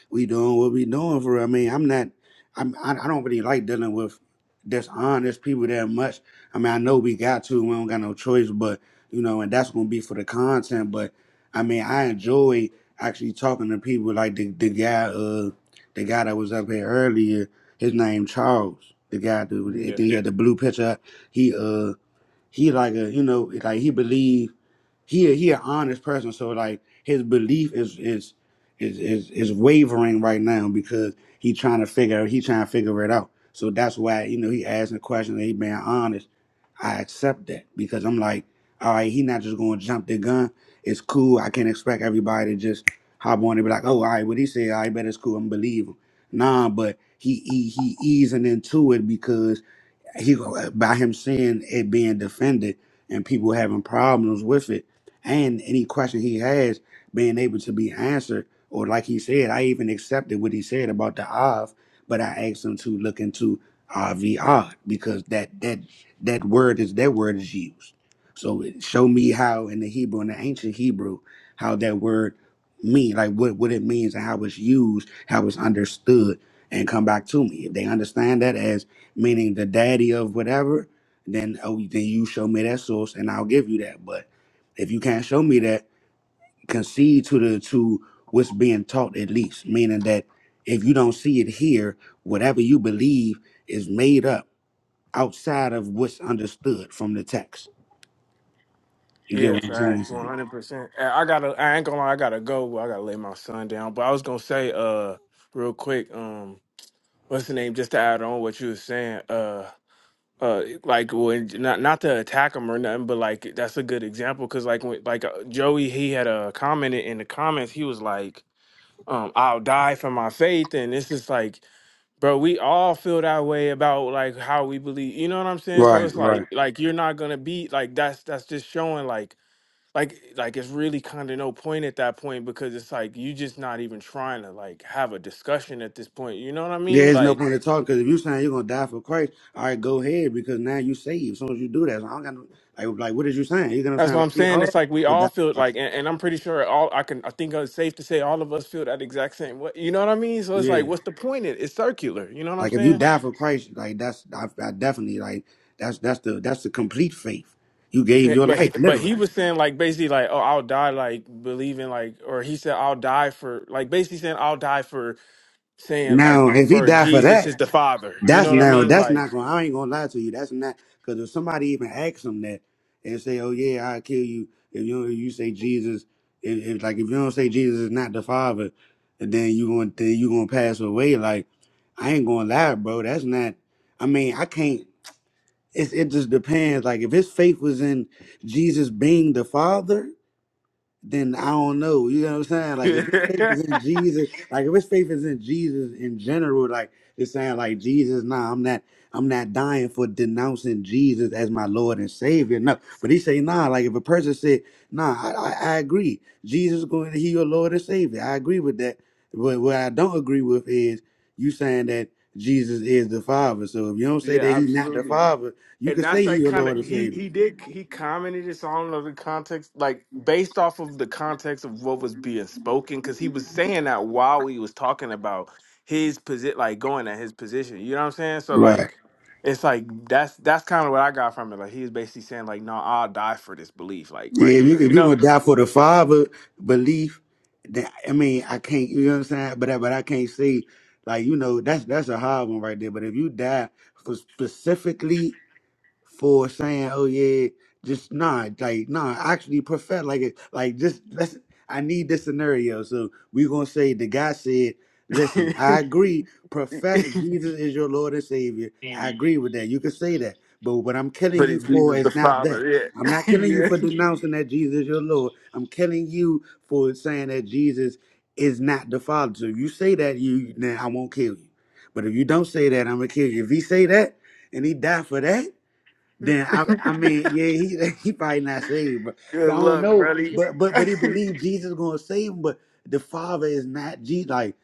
we doing what we doing. For real. I mean, I'm not, I'm, I, I don't really like dealing with dishonest people that much. I mean, I know we got to, we don't got no choice, but you know, and that's gonna be for the content. But I mean, I enjoy actually talking to people like the the guy, uh, the guy that was up here earlier. His name Charles, the guy that was- I Yeah. think he had the blue picture. He uh he like a you know like he believe he a, he an honest person so like his belief is is is is, is wavering right now because he trying to figure he trying to figure it out so that's why you know he asking questions and he being honest i accept that because i'm like all right he not just going to jump the gun it's cool i can't expect everybody to just hop on and be like oh all right what he said i bet it's cool i'm believe him nah but he he he easing into it because he by him seeing it being defended and people having problems with it, and any question he has being able to be answered, or like he said, I even accepted what he said about the Av, but I asked him to look into Avod because that that that word is that word is used. So it- show me how in the Hebrew, in the ancient Hebrew, how that word mean, like what what it means and how it's used, how it's understood, and come back to me if they understand that as meaning the daddy of whatever, then oh, then you show me that source and I'll give you that. But if you can't show me that, concede to the to what's being taught at least, meaning that if you don't see it here, whatever you believe is made up outside of what's understood from the text. You get Yeah, what I'm fact, saying? one Sam? hundred percent. I I gotta. I ain't gonna lie. I gotta go. I gotta lay my son down. But I was gonna say, uh, real quick, um, what's the name? Just to add on what you were saying, uh, uh, like when not not to attack him or nothing, but like that's a good example because like when like uh, Joey, he had uh, commented in the comments. He was like, um, I'll die for my faith, and this is like. Bro, we all feel that way about like how we believe. You know what I'm saying? So Right, it's like right. like you're not gonna be like that's that's just showing like like like it's really kind of no point at that point because it's like you just not even trying to like have a discussion at this point you know what i There mean is no like point in talking because if you saying you're gonna die for Christ, all right, go ahead because now you saved. So As soon as you do that, so I don't got no, like, like what is you saying? You know what I'm that's saying? what Like i'm we saying all it's like we would all die. feel for Christ. like and, and i'm pretty sure all i can i think it's safe to say all of us feel that exact same way you know what i mean so it's like Yeah. what's the point it, it's circular you know what i'm Like if you saying die for Christ, like that's I, I definitely like that's that's the that's the complete faith. You gave Yeah, your but he, life but he literally. was saying like basically like oh i'll die like believing like or he said i'll die for like basically saying i'll die for saying like Now if he for died for jesus that, is the father you know that's what i now mean that's like not going. to I ain't gonna lie to you. That's not because if somebody even asks him that and say, "Oh yeah, I will kill you," if you you say Jesus, if, if like if you don't say Jesus is not the Father, then you going to then you gonna pass away. Like I ain't gonna lie, bro. That's not. I mean, I can't. it, it just depends. Like if his faith was in Jesus being the Father, then I don't know. You know what I'm saying? Like if his faith is in Jesus, like if his faith is in Jesus in general, like just saying like Jesus, nah, I'm not I'm not dying for denouncing Jesus as my Lord and Savior. No. But he say, nah, like if a person said, nah, I, I, I agree. Jesus is going to heal your Lord and Savior. I agree with that. But what I don't agree with is you saying that Jesus is the Father. So if you don't say Yeah, that he's not the absolutely. Father, you And can that's say he's like your kind of Lord and he Savior. he did he commented this. I don't know the context, like based off of the context of what was being spoken, because he was saying that while he was talking about his position, like going at his position. You know what I'm saying? So like, it's like that's that's kind of what I got from it. Like he was basically saying like, no, I'll die for this belief, like Yeah, right if here, you you if you're know. gonna die for the father belief, that I mean, I can't. You know what I'm saying? But I, but I can't say like you know that's that's a hard one right there. But if you die for specifically for saying, "Oh yeah, just nah, like nah." Actually, perfect, like it, like just let's. I need this scenario, so we're gonna say the guy said, "Listen, but I agree. Profess Jesus is your Lord and Savior. I agree with that. You can say that, but what I'm killing you it's for Jesus is the not that." Father. I'm not Yeah, killing you yeah. for denouncing that Jesus is your Lord. I'm killing you for saying that Jesus is not the Father. So if you say that, you then I won't kill you. But if you don't say that, I'm gonna kill you. If he say that and he died for that, then I, I mean, yeah, he he probably not saved, but but Good I don't luck, know. buddy. But but but he believed Jesus gonna save him, but the Father is not Jesus. Like,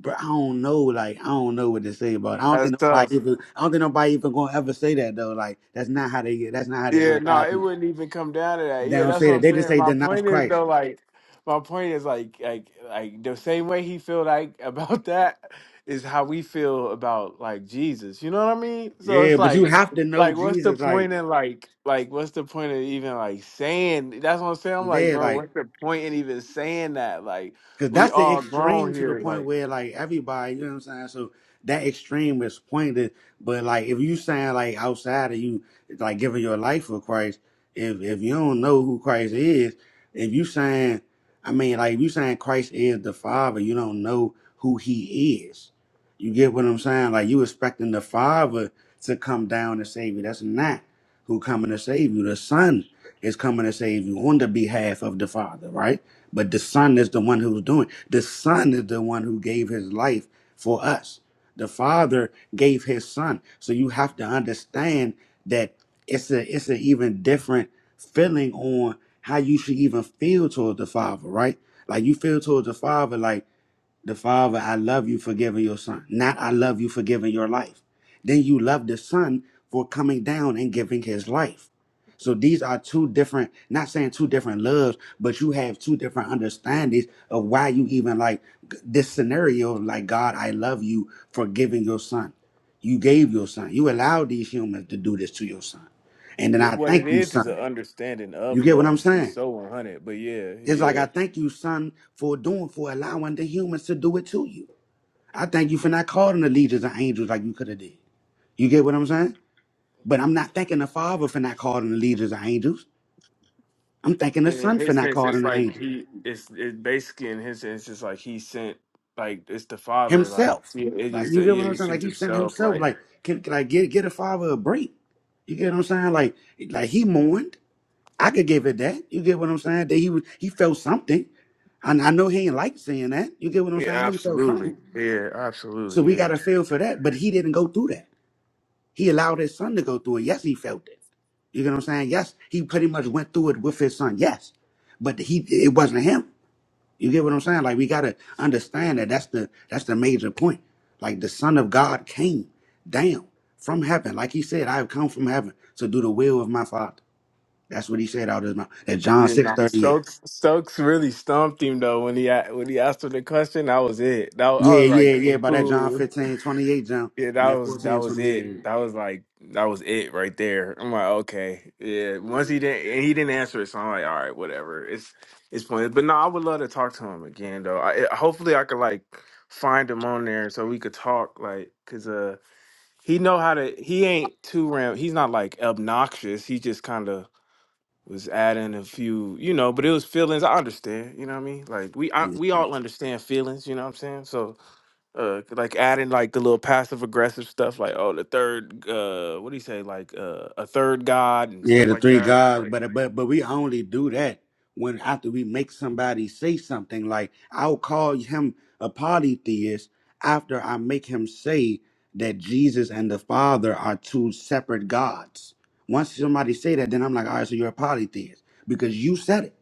but I don't know. Like, I don't know what to say about. It. I don't That's think tough. nobody even. I don't think nobody even gonna ever say that though. Like, that's not how they. get. That's not how they Yeah, no, unalive it people. wouldn't even come down to that. They Yeah, don't that's say what that. I'm They just saying. say My denounce point is Christ. though, like, my point is like, like, like the same way he feel like about that is how we feel about like Jesus. You know what I mean? So it's Yeah, but you like, have to know like, what's the Jesus. Like, point in like, like, what's the point of even like saying? That's what I'm saying. I'm like, yeah, bro, like. what's the point in even saying that? Like, Cause we that's the all extreme grown to the here. point Like, where like everybody, you know what I'm saying? So that extreme is pointed, but like if you saying like outside of you like giving your life for Christ, if if you don't know who Christ is, if you saying I mean like if you saying Christ is the Father, you don't know who he is. You get what I'm saying? Like you expecting the Father to come down and save you. That's not who coming to save you. The Son is coming to save you on the behalf of the Father, right? But the Son is the one who's doing. The Son is the one who gave his life for us. The Father gave his son. So you have to understand that it's a it's an even different feeling on how you should even feel towards the Father, right? Like you feel towards the Father like the Father, I love you for giving your son, not I love you for giving your life. Then you love the son for coming down and giving his life. So these are two different, not saying two different loves, but you have two different understandings of why you even like this scenario, like God, I love you for giving your son. You gave your son. You allowed these humans to do this to your son. And then yeah, I what it thank you, is is an son. understanding of You get what I'm love to be saying? so 100. But yeah, It's like yeah. I thank you, son, for doing, for allowing the humans to do it to you. I thank you for not calling the leaders of angels like you could have did. You get what I'm saying? But I'm not thanking the Father for not calling the leaders of angels. I'm thanking the and in Son for his not sense, it's calling the like angels he it's it's basically in his sense, it's like he sent like it's the father, like himself. yeah, it Like is you the get yeah, what I'm he saying? Like sent he sent himself, himself. like Like can, can I get get a Father a break? You get what I'm saying? Like like he mourned. I could give it that. You get what I'm saying? That he was he felt something. And I know he ain't like saying that. You get what I'm yeah, saying? I know he felt absolutely, something. yeah, So absolutely, we got yeah. to feel for that. But he didn't go through that. He allowed his son to go through it. Yes, he felt it. You get what I'm saying? Yes, he pretty much went through it with his son. Yes, but he it wasn't him. You get what I'm saying? Like we gotta understand that that's the that's the major point. Like the Son of God came down from heaven, like he said, "I have come from heaven to do the will of my Father." That's what he said out of his mouth. At John Yeah, six nah, thirty eight. Stokes Stokes really stumped him though when he a- when he asked him the question. That was it. That, I Yeah, was yeah, like, yeah. By that John ooh. fifteen twenty-eight, John, Yeah, and that that was that 14 was it. 28. That was like that was it right there. I'm like, okay, yeah. Once he didn't, and he didn't answer it, so I'm like, all right, whatever. It's it's pointless. But no, I would love to talk to him again, though. I, hopefully, I could like find him on there so we could talk, like, cause uh, he know how to. He ain't too ram. He's not like obnoxious. He just kind of was adding a few, you know. But it was feelings. I understand. You know what I mean? Like we I, we all understand feelings. You know what I'm saying? So uh like adding like the little passive aggressive stuff like oh the third uh what do you say like uh a third god and Yeah, stuff the like three that it's gods, like but but but we only do that when after we make somebody say something. Like I'll call him a polytheist after I make him say that Jesus and the Father are two separate gods. Once somebody say that, then I'm like, all right, so you're a polytheist because you said it.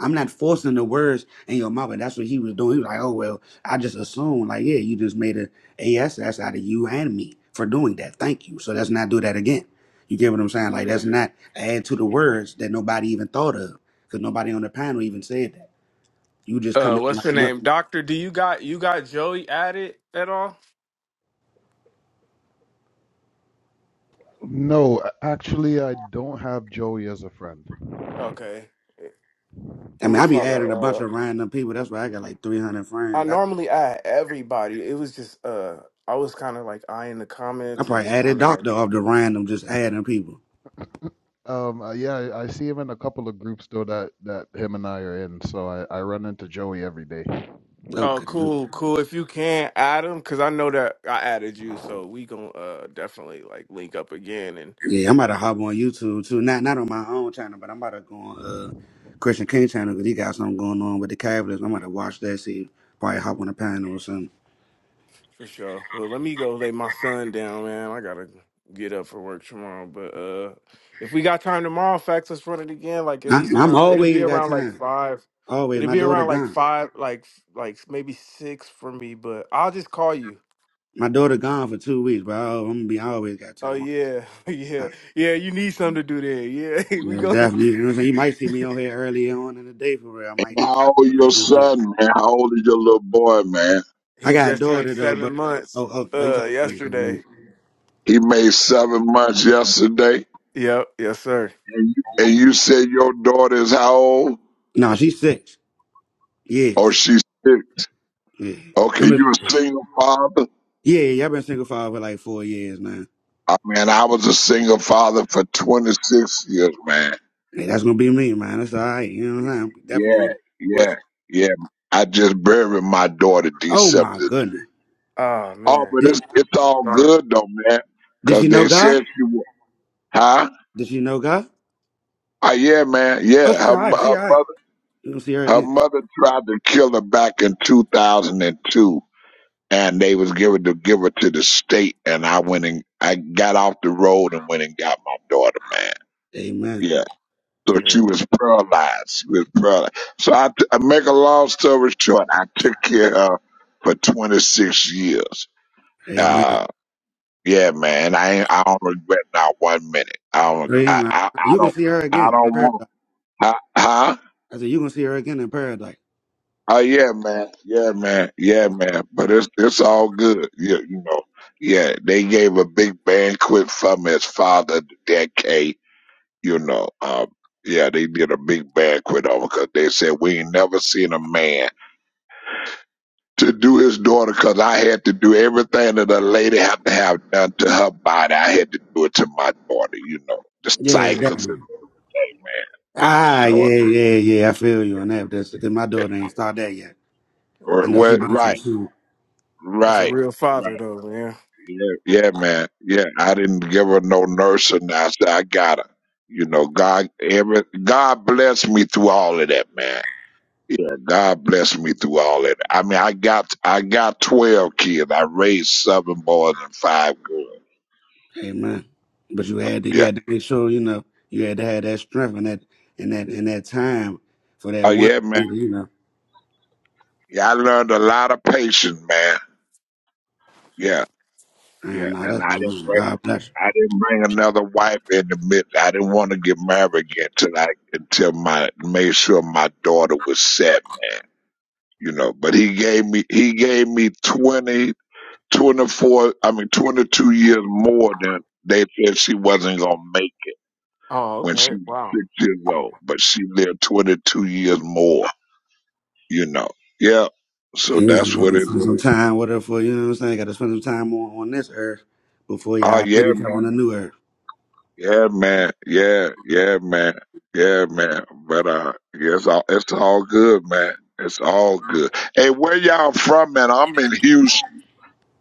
I'm not forcing the words in your mouth, and that's what he was doing. He was like, oh well, I just assumed, like, yeah, you just made a ass out of you and me for doing that. Thank you. So let's not do that again. You get what I'm saying? Like yeah that's not add to the words that nobody even thought of, because nobody on the panel even said that. You just uh coming in what's her like much. name doctor do you got you got joey added at all No, a- actually, I don't have Joey as a friend. okay I i'm mean, gonna I be try to adding a bunch uh of random people. That's why I got like 300 i friends. I, normally add everybody it was just uh i was kind of like eyeing the I comments and probably just added trying to like doctor off the random, just adding people. Um, uh, yeah, I I see him in a couple of groups though that that him and I are in. So I I run into Joey every day. oh Okay. cool cool if you can add them because i know that i added you so we gonna uh definitely like link up again and. Yeah, I'm about to hop on YouTube too. Not not on my own channel, but I'm about to go on uh, Christian King channel because he got something going on with the Cavaliers. I'm about to watch that. See, probably hop on the panel or something. For sure. Well, let me go lay my son down, man. I gotta get up for work tomorrow. But uh if we got time tomorrow, facts, let us run it again. Like at I, least I'm around it'll be always got around like time. five. Always, It'll my be daughter around like gone. five, like like maybe six for me. But I'll just call you. My daughter gone for two weeks, but I, am gonna be I always got Oh time. yeah, yeah, I, yeah. You need something to do there. Yeah, we yeah, go. definitely. You know what I'm saying? You might see me on here early on in the day for real. I And might. how old your might do something. son, man? How old is your little boy, man? I he got a just turned daughter though, but seven months. oh oh, oh you Uh, talking to me? yesterday. He made seven months yesterday. Yep. Yes, sir. And you, and you said your daughter is how old? No, she's six. Oh, Yes, she's six. yeah. Okay, I'm a, you a single father? yeah, yeah. I've been single for over like four years now. I mean, I was a single father for 26 years, man. Hey, that's gonna be me, man. That's all right. You know what I'm saying? I'm definitely Yeah, gonna. Which, yeah, yeah. I just buried my daughter oh December my this year. goodness. Oh Oh, man. but Did it's, it's all Sorry. good though, man. did Cause she know they God? said she was, huh? Did she know God? Oh, yeah, man. Oh, Yeah, she her, all mo- right. her She all right. mother, You gonna see her her again? mother tried to kill her back in 2002 and they was giving to give it to the state and I went and I got off the road and went and got my daughter, man. Amen. Yeah. So Yeah. she was paralyzed. She was paralyzed. So I, t- I make a long story short, I took care of her for 26 years. Amen. Uh, yeah, man. I ain't, I don't regret not one minute. I don't, I, Lynn, I- I, I you gonna don't, see her I again in don't want, paradise. huh? Huh? I said you gonna see her again in paradise. Oh yeah, man. Yeah, man. Yeah, man. But it's it's all good. Yeah, you know. Yeah, they gave a big banquet from his father, Dad K. You know. Um. Yeah, they did a big banquet over because they said we ain't never seen a man to do his daughter because I had to do everything that a lady have to have done to her body. I had to do it to my daughter. You know, the Yeah, cycles and definitely. the day, Ah, man. So yeah, yeah, yeah. I feel you on that. That's because my yeah. daughter ain't start that yet. I Well, know she Yeah. right, about to soon. That's a right. real right. father though, man. Yeah, yeah, man. Yeah, I didn't give her no nursing. I said I got her. You know, God, every God bless me through all of that, man. Yeah, God bless me through all of that. I mean, I got I got twelve kids. I raised seven boys and five girls. Hey man, but you had to you Yeah. had to make sure you know you had to have that strength and that and that and that time for Oh that one. yeah, man. You know, Yeah, I learned a lot of patience, man. Yeah, yeah. and nah, And that's I my didn't mom. bring God bless. I didn't bring another wife in the mix. I didn't want to get married again until I until my made sure my daughter was set, man you know, but he gave me, he gave me 20 24. I mean, 22 years more than they said she wasn't going to make it Oh, when okay. she was Wow. six years old, but she lived 22 years more, you know. Yeah. So You. that's You what gotta it, spend some time with her for you know what I'm saying. Got to spend some time on, on this earth before oh y'all yeah, meet each man. other on the new earth. yeah, man. Yeah, yeah, man. Yeah, man. But, uh, yeah, it's all, it's all good, man. It's all good. Hey, where y'all from, man? I'm in Houston.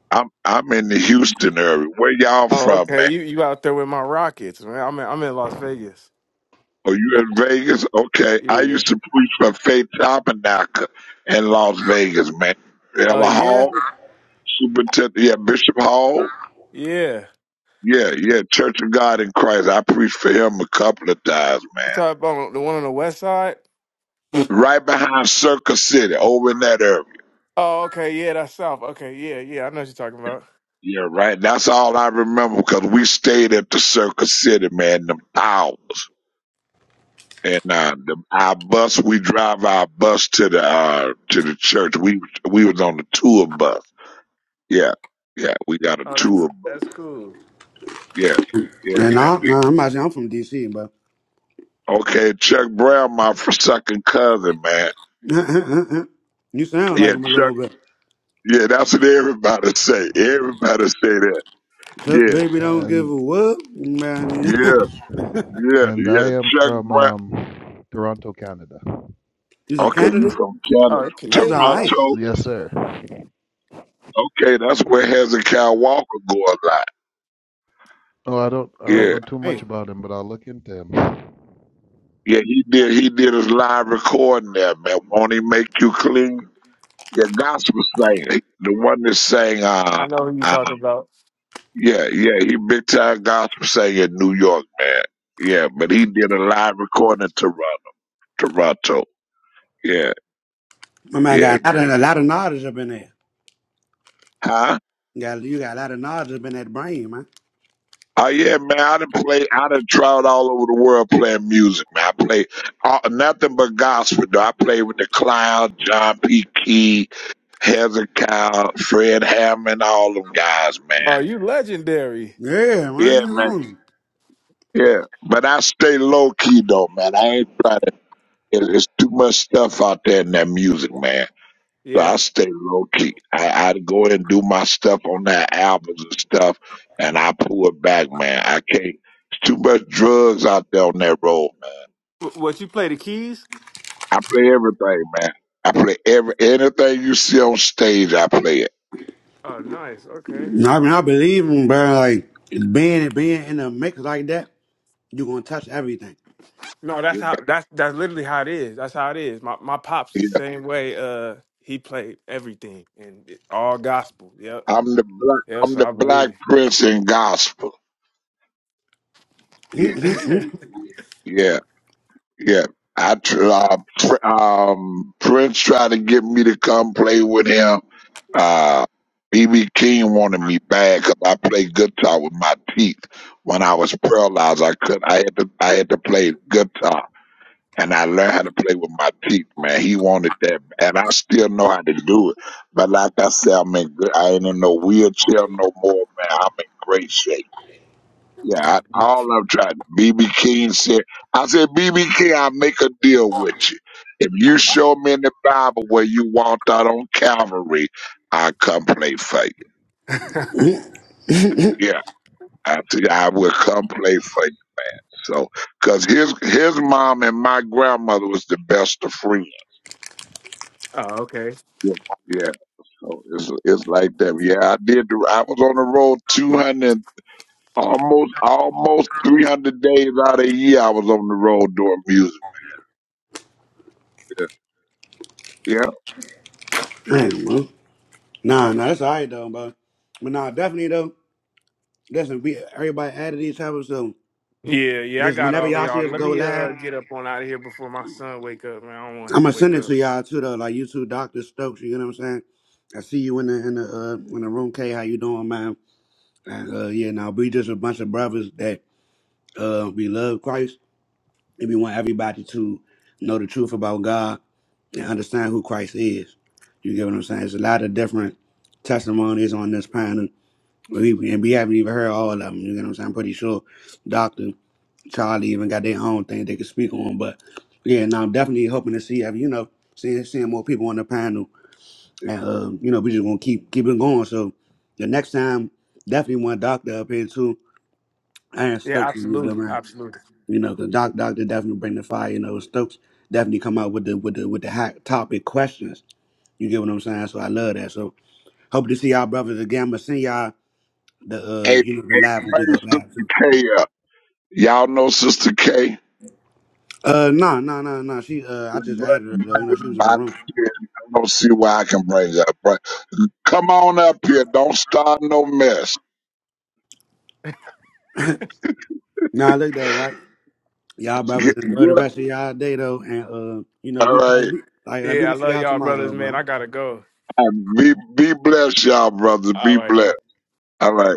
I'm, I'm in the Houston area. Where y'all Oh, from, okay. man? You you out there with my Rockets, man. I'm in I'm in Las Vegas. Oh, you in Vegas? Okay. I Yeah. used to preach for Faith Tabernacle in Las Vegas, man. Oh Ella yeah? Hall, Superintendent, yeah, Bishop Hall. Yeah. Yeah, yeah, Church of God in Christ. I preached for him a couple of times, You man. talking about the one on the west side? Right behind Circus City, over in that area. Oh, okay, yeah, that's south. Okay, yeah, yeah. I know what you're talking about. Yeah, right. That's all I remember because we stayed at the Circus City, man, them hours. And uh, the, our bus, we drive our bus to the uh, to the church. We we was on the tour bus Yeah, yeah, we got a Oh, that's two of them. that's cool. Yeah, yeah, And I, nah, man. I'm, actually, I'm from DC, bro. Okay, Chuck Brown, my f- second cousin, man. you sound Yeah, like him a Chuck. little bit. Yeah, that's what everybody say. Everybody say that. Look, Yeah, baby, don't give And a whoop. Man, yeah, yeah, and I yeah. am Chuck from Brown. um Toronto, Canada. you said Okay, you Canada? from Oh, Canada, you're That's all Canadian. right. That's- Toronto. Yes, sir. Okay, that's where Hezekiah Walker go a lot. Oh, I don't I don't That's know Yeah, all too much right. about him, but I'll look into him. yeah, he did. He did his live recording there, man. Won't he make you clean? Your gospel singer, the one that sang, I uh, know who you're uh, talking about. Yeah, yeah, he big time gospel singer in New York, man. Yeah, but he did a live recording in Toronto. Toronto. Yeah, My man yeah, got a lot, of, man. a lot of knowledge up in there. Huh? You got, you got a lot of knowledge up in that brain, man. Oh yeah, man. I done play. I done traveled all over the world playing music, man. I play uh, nothing but gospel. Though I played with the Clown, John P. Key, Hezekiah, Fred Hammond, all them guys, Oh, man. you legendary. Yeah, Yeah, man. man. Yeah, but I stay low key though, man. I ain't trying to. There's too much stuff out there in that music, man. So I Yes. stay low key. I, I'd go and do my stuff on that albums and stuff, and I pull it back, man. I can't. It's too much drugs out there on that road, man. W- what you play the keys? I play everything, man. I play every anything you see on stage. I play it. Oh, nice. I Okay. mean, I believe him, bro. Like, being, being in a mix like that, you going to touch everything. No, that's Yeah, how that's that's literally how it is. That's how it is. My my pops the yeah. same way. Uh, he played everything and it, all gospel. Yep. I'm the black. Yeah, I'm so the I black believe. prince in gospel. Yeah, it. Mm-mm-mm. yeah. Yeah, I tr- uh, pr- um, Prince tried to get me to come play with him. Uh, BB King wanted me bad because I played guitar with my teeth. When I was paralyzed, I could I had to I had to play guitar, and I learned how to play with my teeth. Man, he wanted that, and I still know how to do it. But like I said, I'm in good. I ain't in no wheelchair no more, man. I'm in great shape. Yeah, I, God, all beautiful. I'm trying to. BB King said, I said, BB King, I make a deal with you. If you show me in the Bible where you walked out on Calvary, I come play for you. oh, Yeah, I said, I will come play for you. So, cause his his mom and my grandmother was the best of friends. okay. Yeah, yeah. so it's it's like that. Yeah, I did. The, I was on the road two hundred, almost almost three hundred days out of the year. I was on the road doing music. Yeah. Man, bro. Nah, nah, that's all right, though, bro. But nah, definitely, though, listen, we everybody added each other, so Yeah, yeah, I just got whenever all of y'all see y'all. us Let go me live, uh get up on out of here before my son wake up, man. I don't want I'm him to gonna wake send it up. to y'all too, though. Like you two, Doctor Stokes. You know what I'm saying? I see you in the in the uh, in the room, K. How you doing, man? And, uh, yeah, now we just a bunch of brothers that uh, we love Christ and we want everybody to know the truth about God and understand who Christ is. You get what I'm saying? There's a lot of different testimonies on this panel, we, and we haven't even heard all of them. You get what I'm saying? I'm pretty sure Doctor Charlie even got their own thing they could speak on, but yeah, now I'm definitely hoping to see, you know, seeing seeing more people on the panel and, um, you know, we just gonna keep keep it going. So the next time, definitely want Doctor up here too. I am Yeah, stoked for you, though, absolutely, man. absolutely. You know, the doc doctor definitely bring the fire. You know, Stokes definitely come out with the with the with the hot topic questions. You get what I'm saying? So I love that. So hope to see y'all brothers again. I'ma send y'all the Hey, uh hey, you know the live when we bring go live too. Sister K up. Y'all know Sister K? I Uh no no no no she uh I just added her though you know she was in don't the room. care. I don't see why I can bring her up. But come on up here. Don't start no mess. Nah look though right y'all brothers Get, enjoy the get up. rest of y'all day though and uh you know All we play right. like, like we Yeah, I gonna see love y'all y'all, brothers, tomorrow bro. man. I gotta go. Be, be blessed, y'all, brothers. All Be right, now. blessed. All right.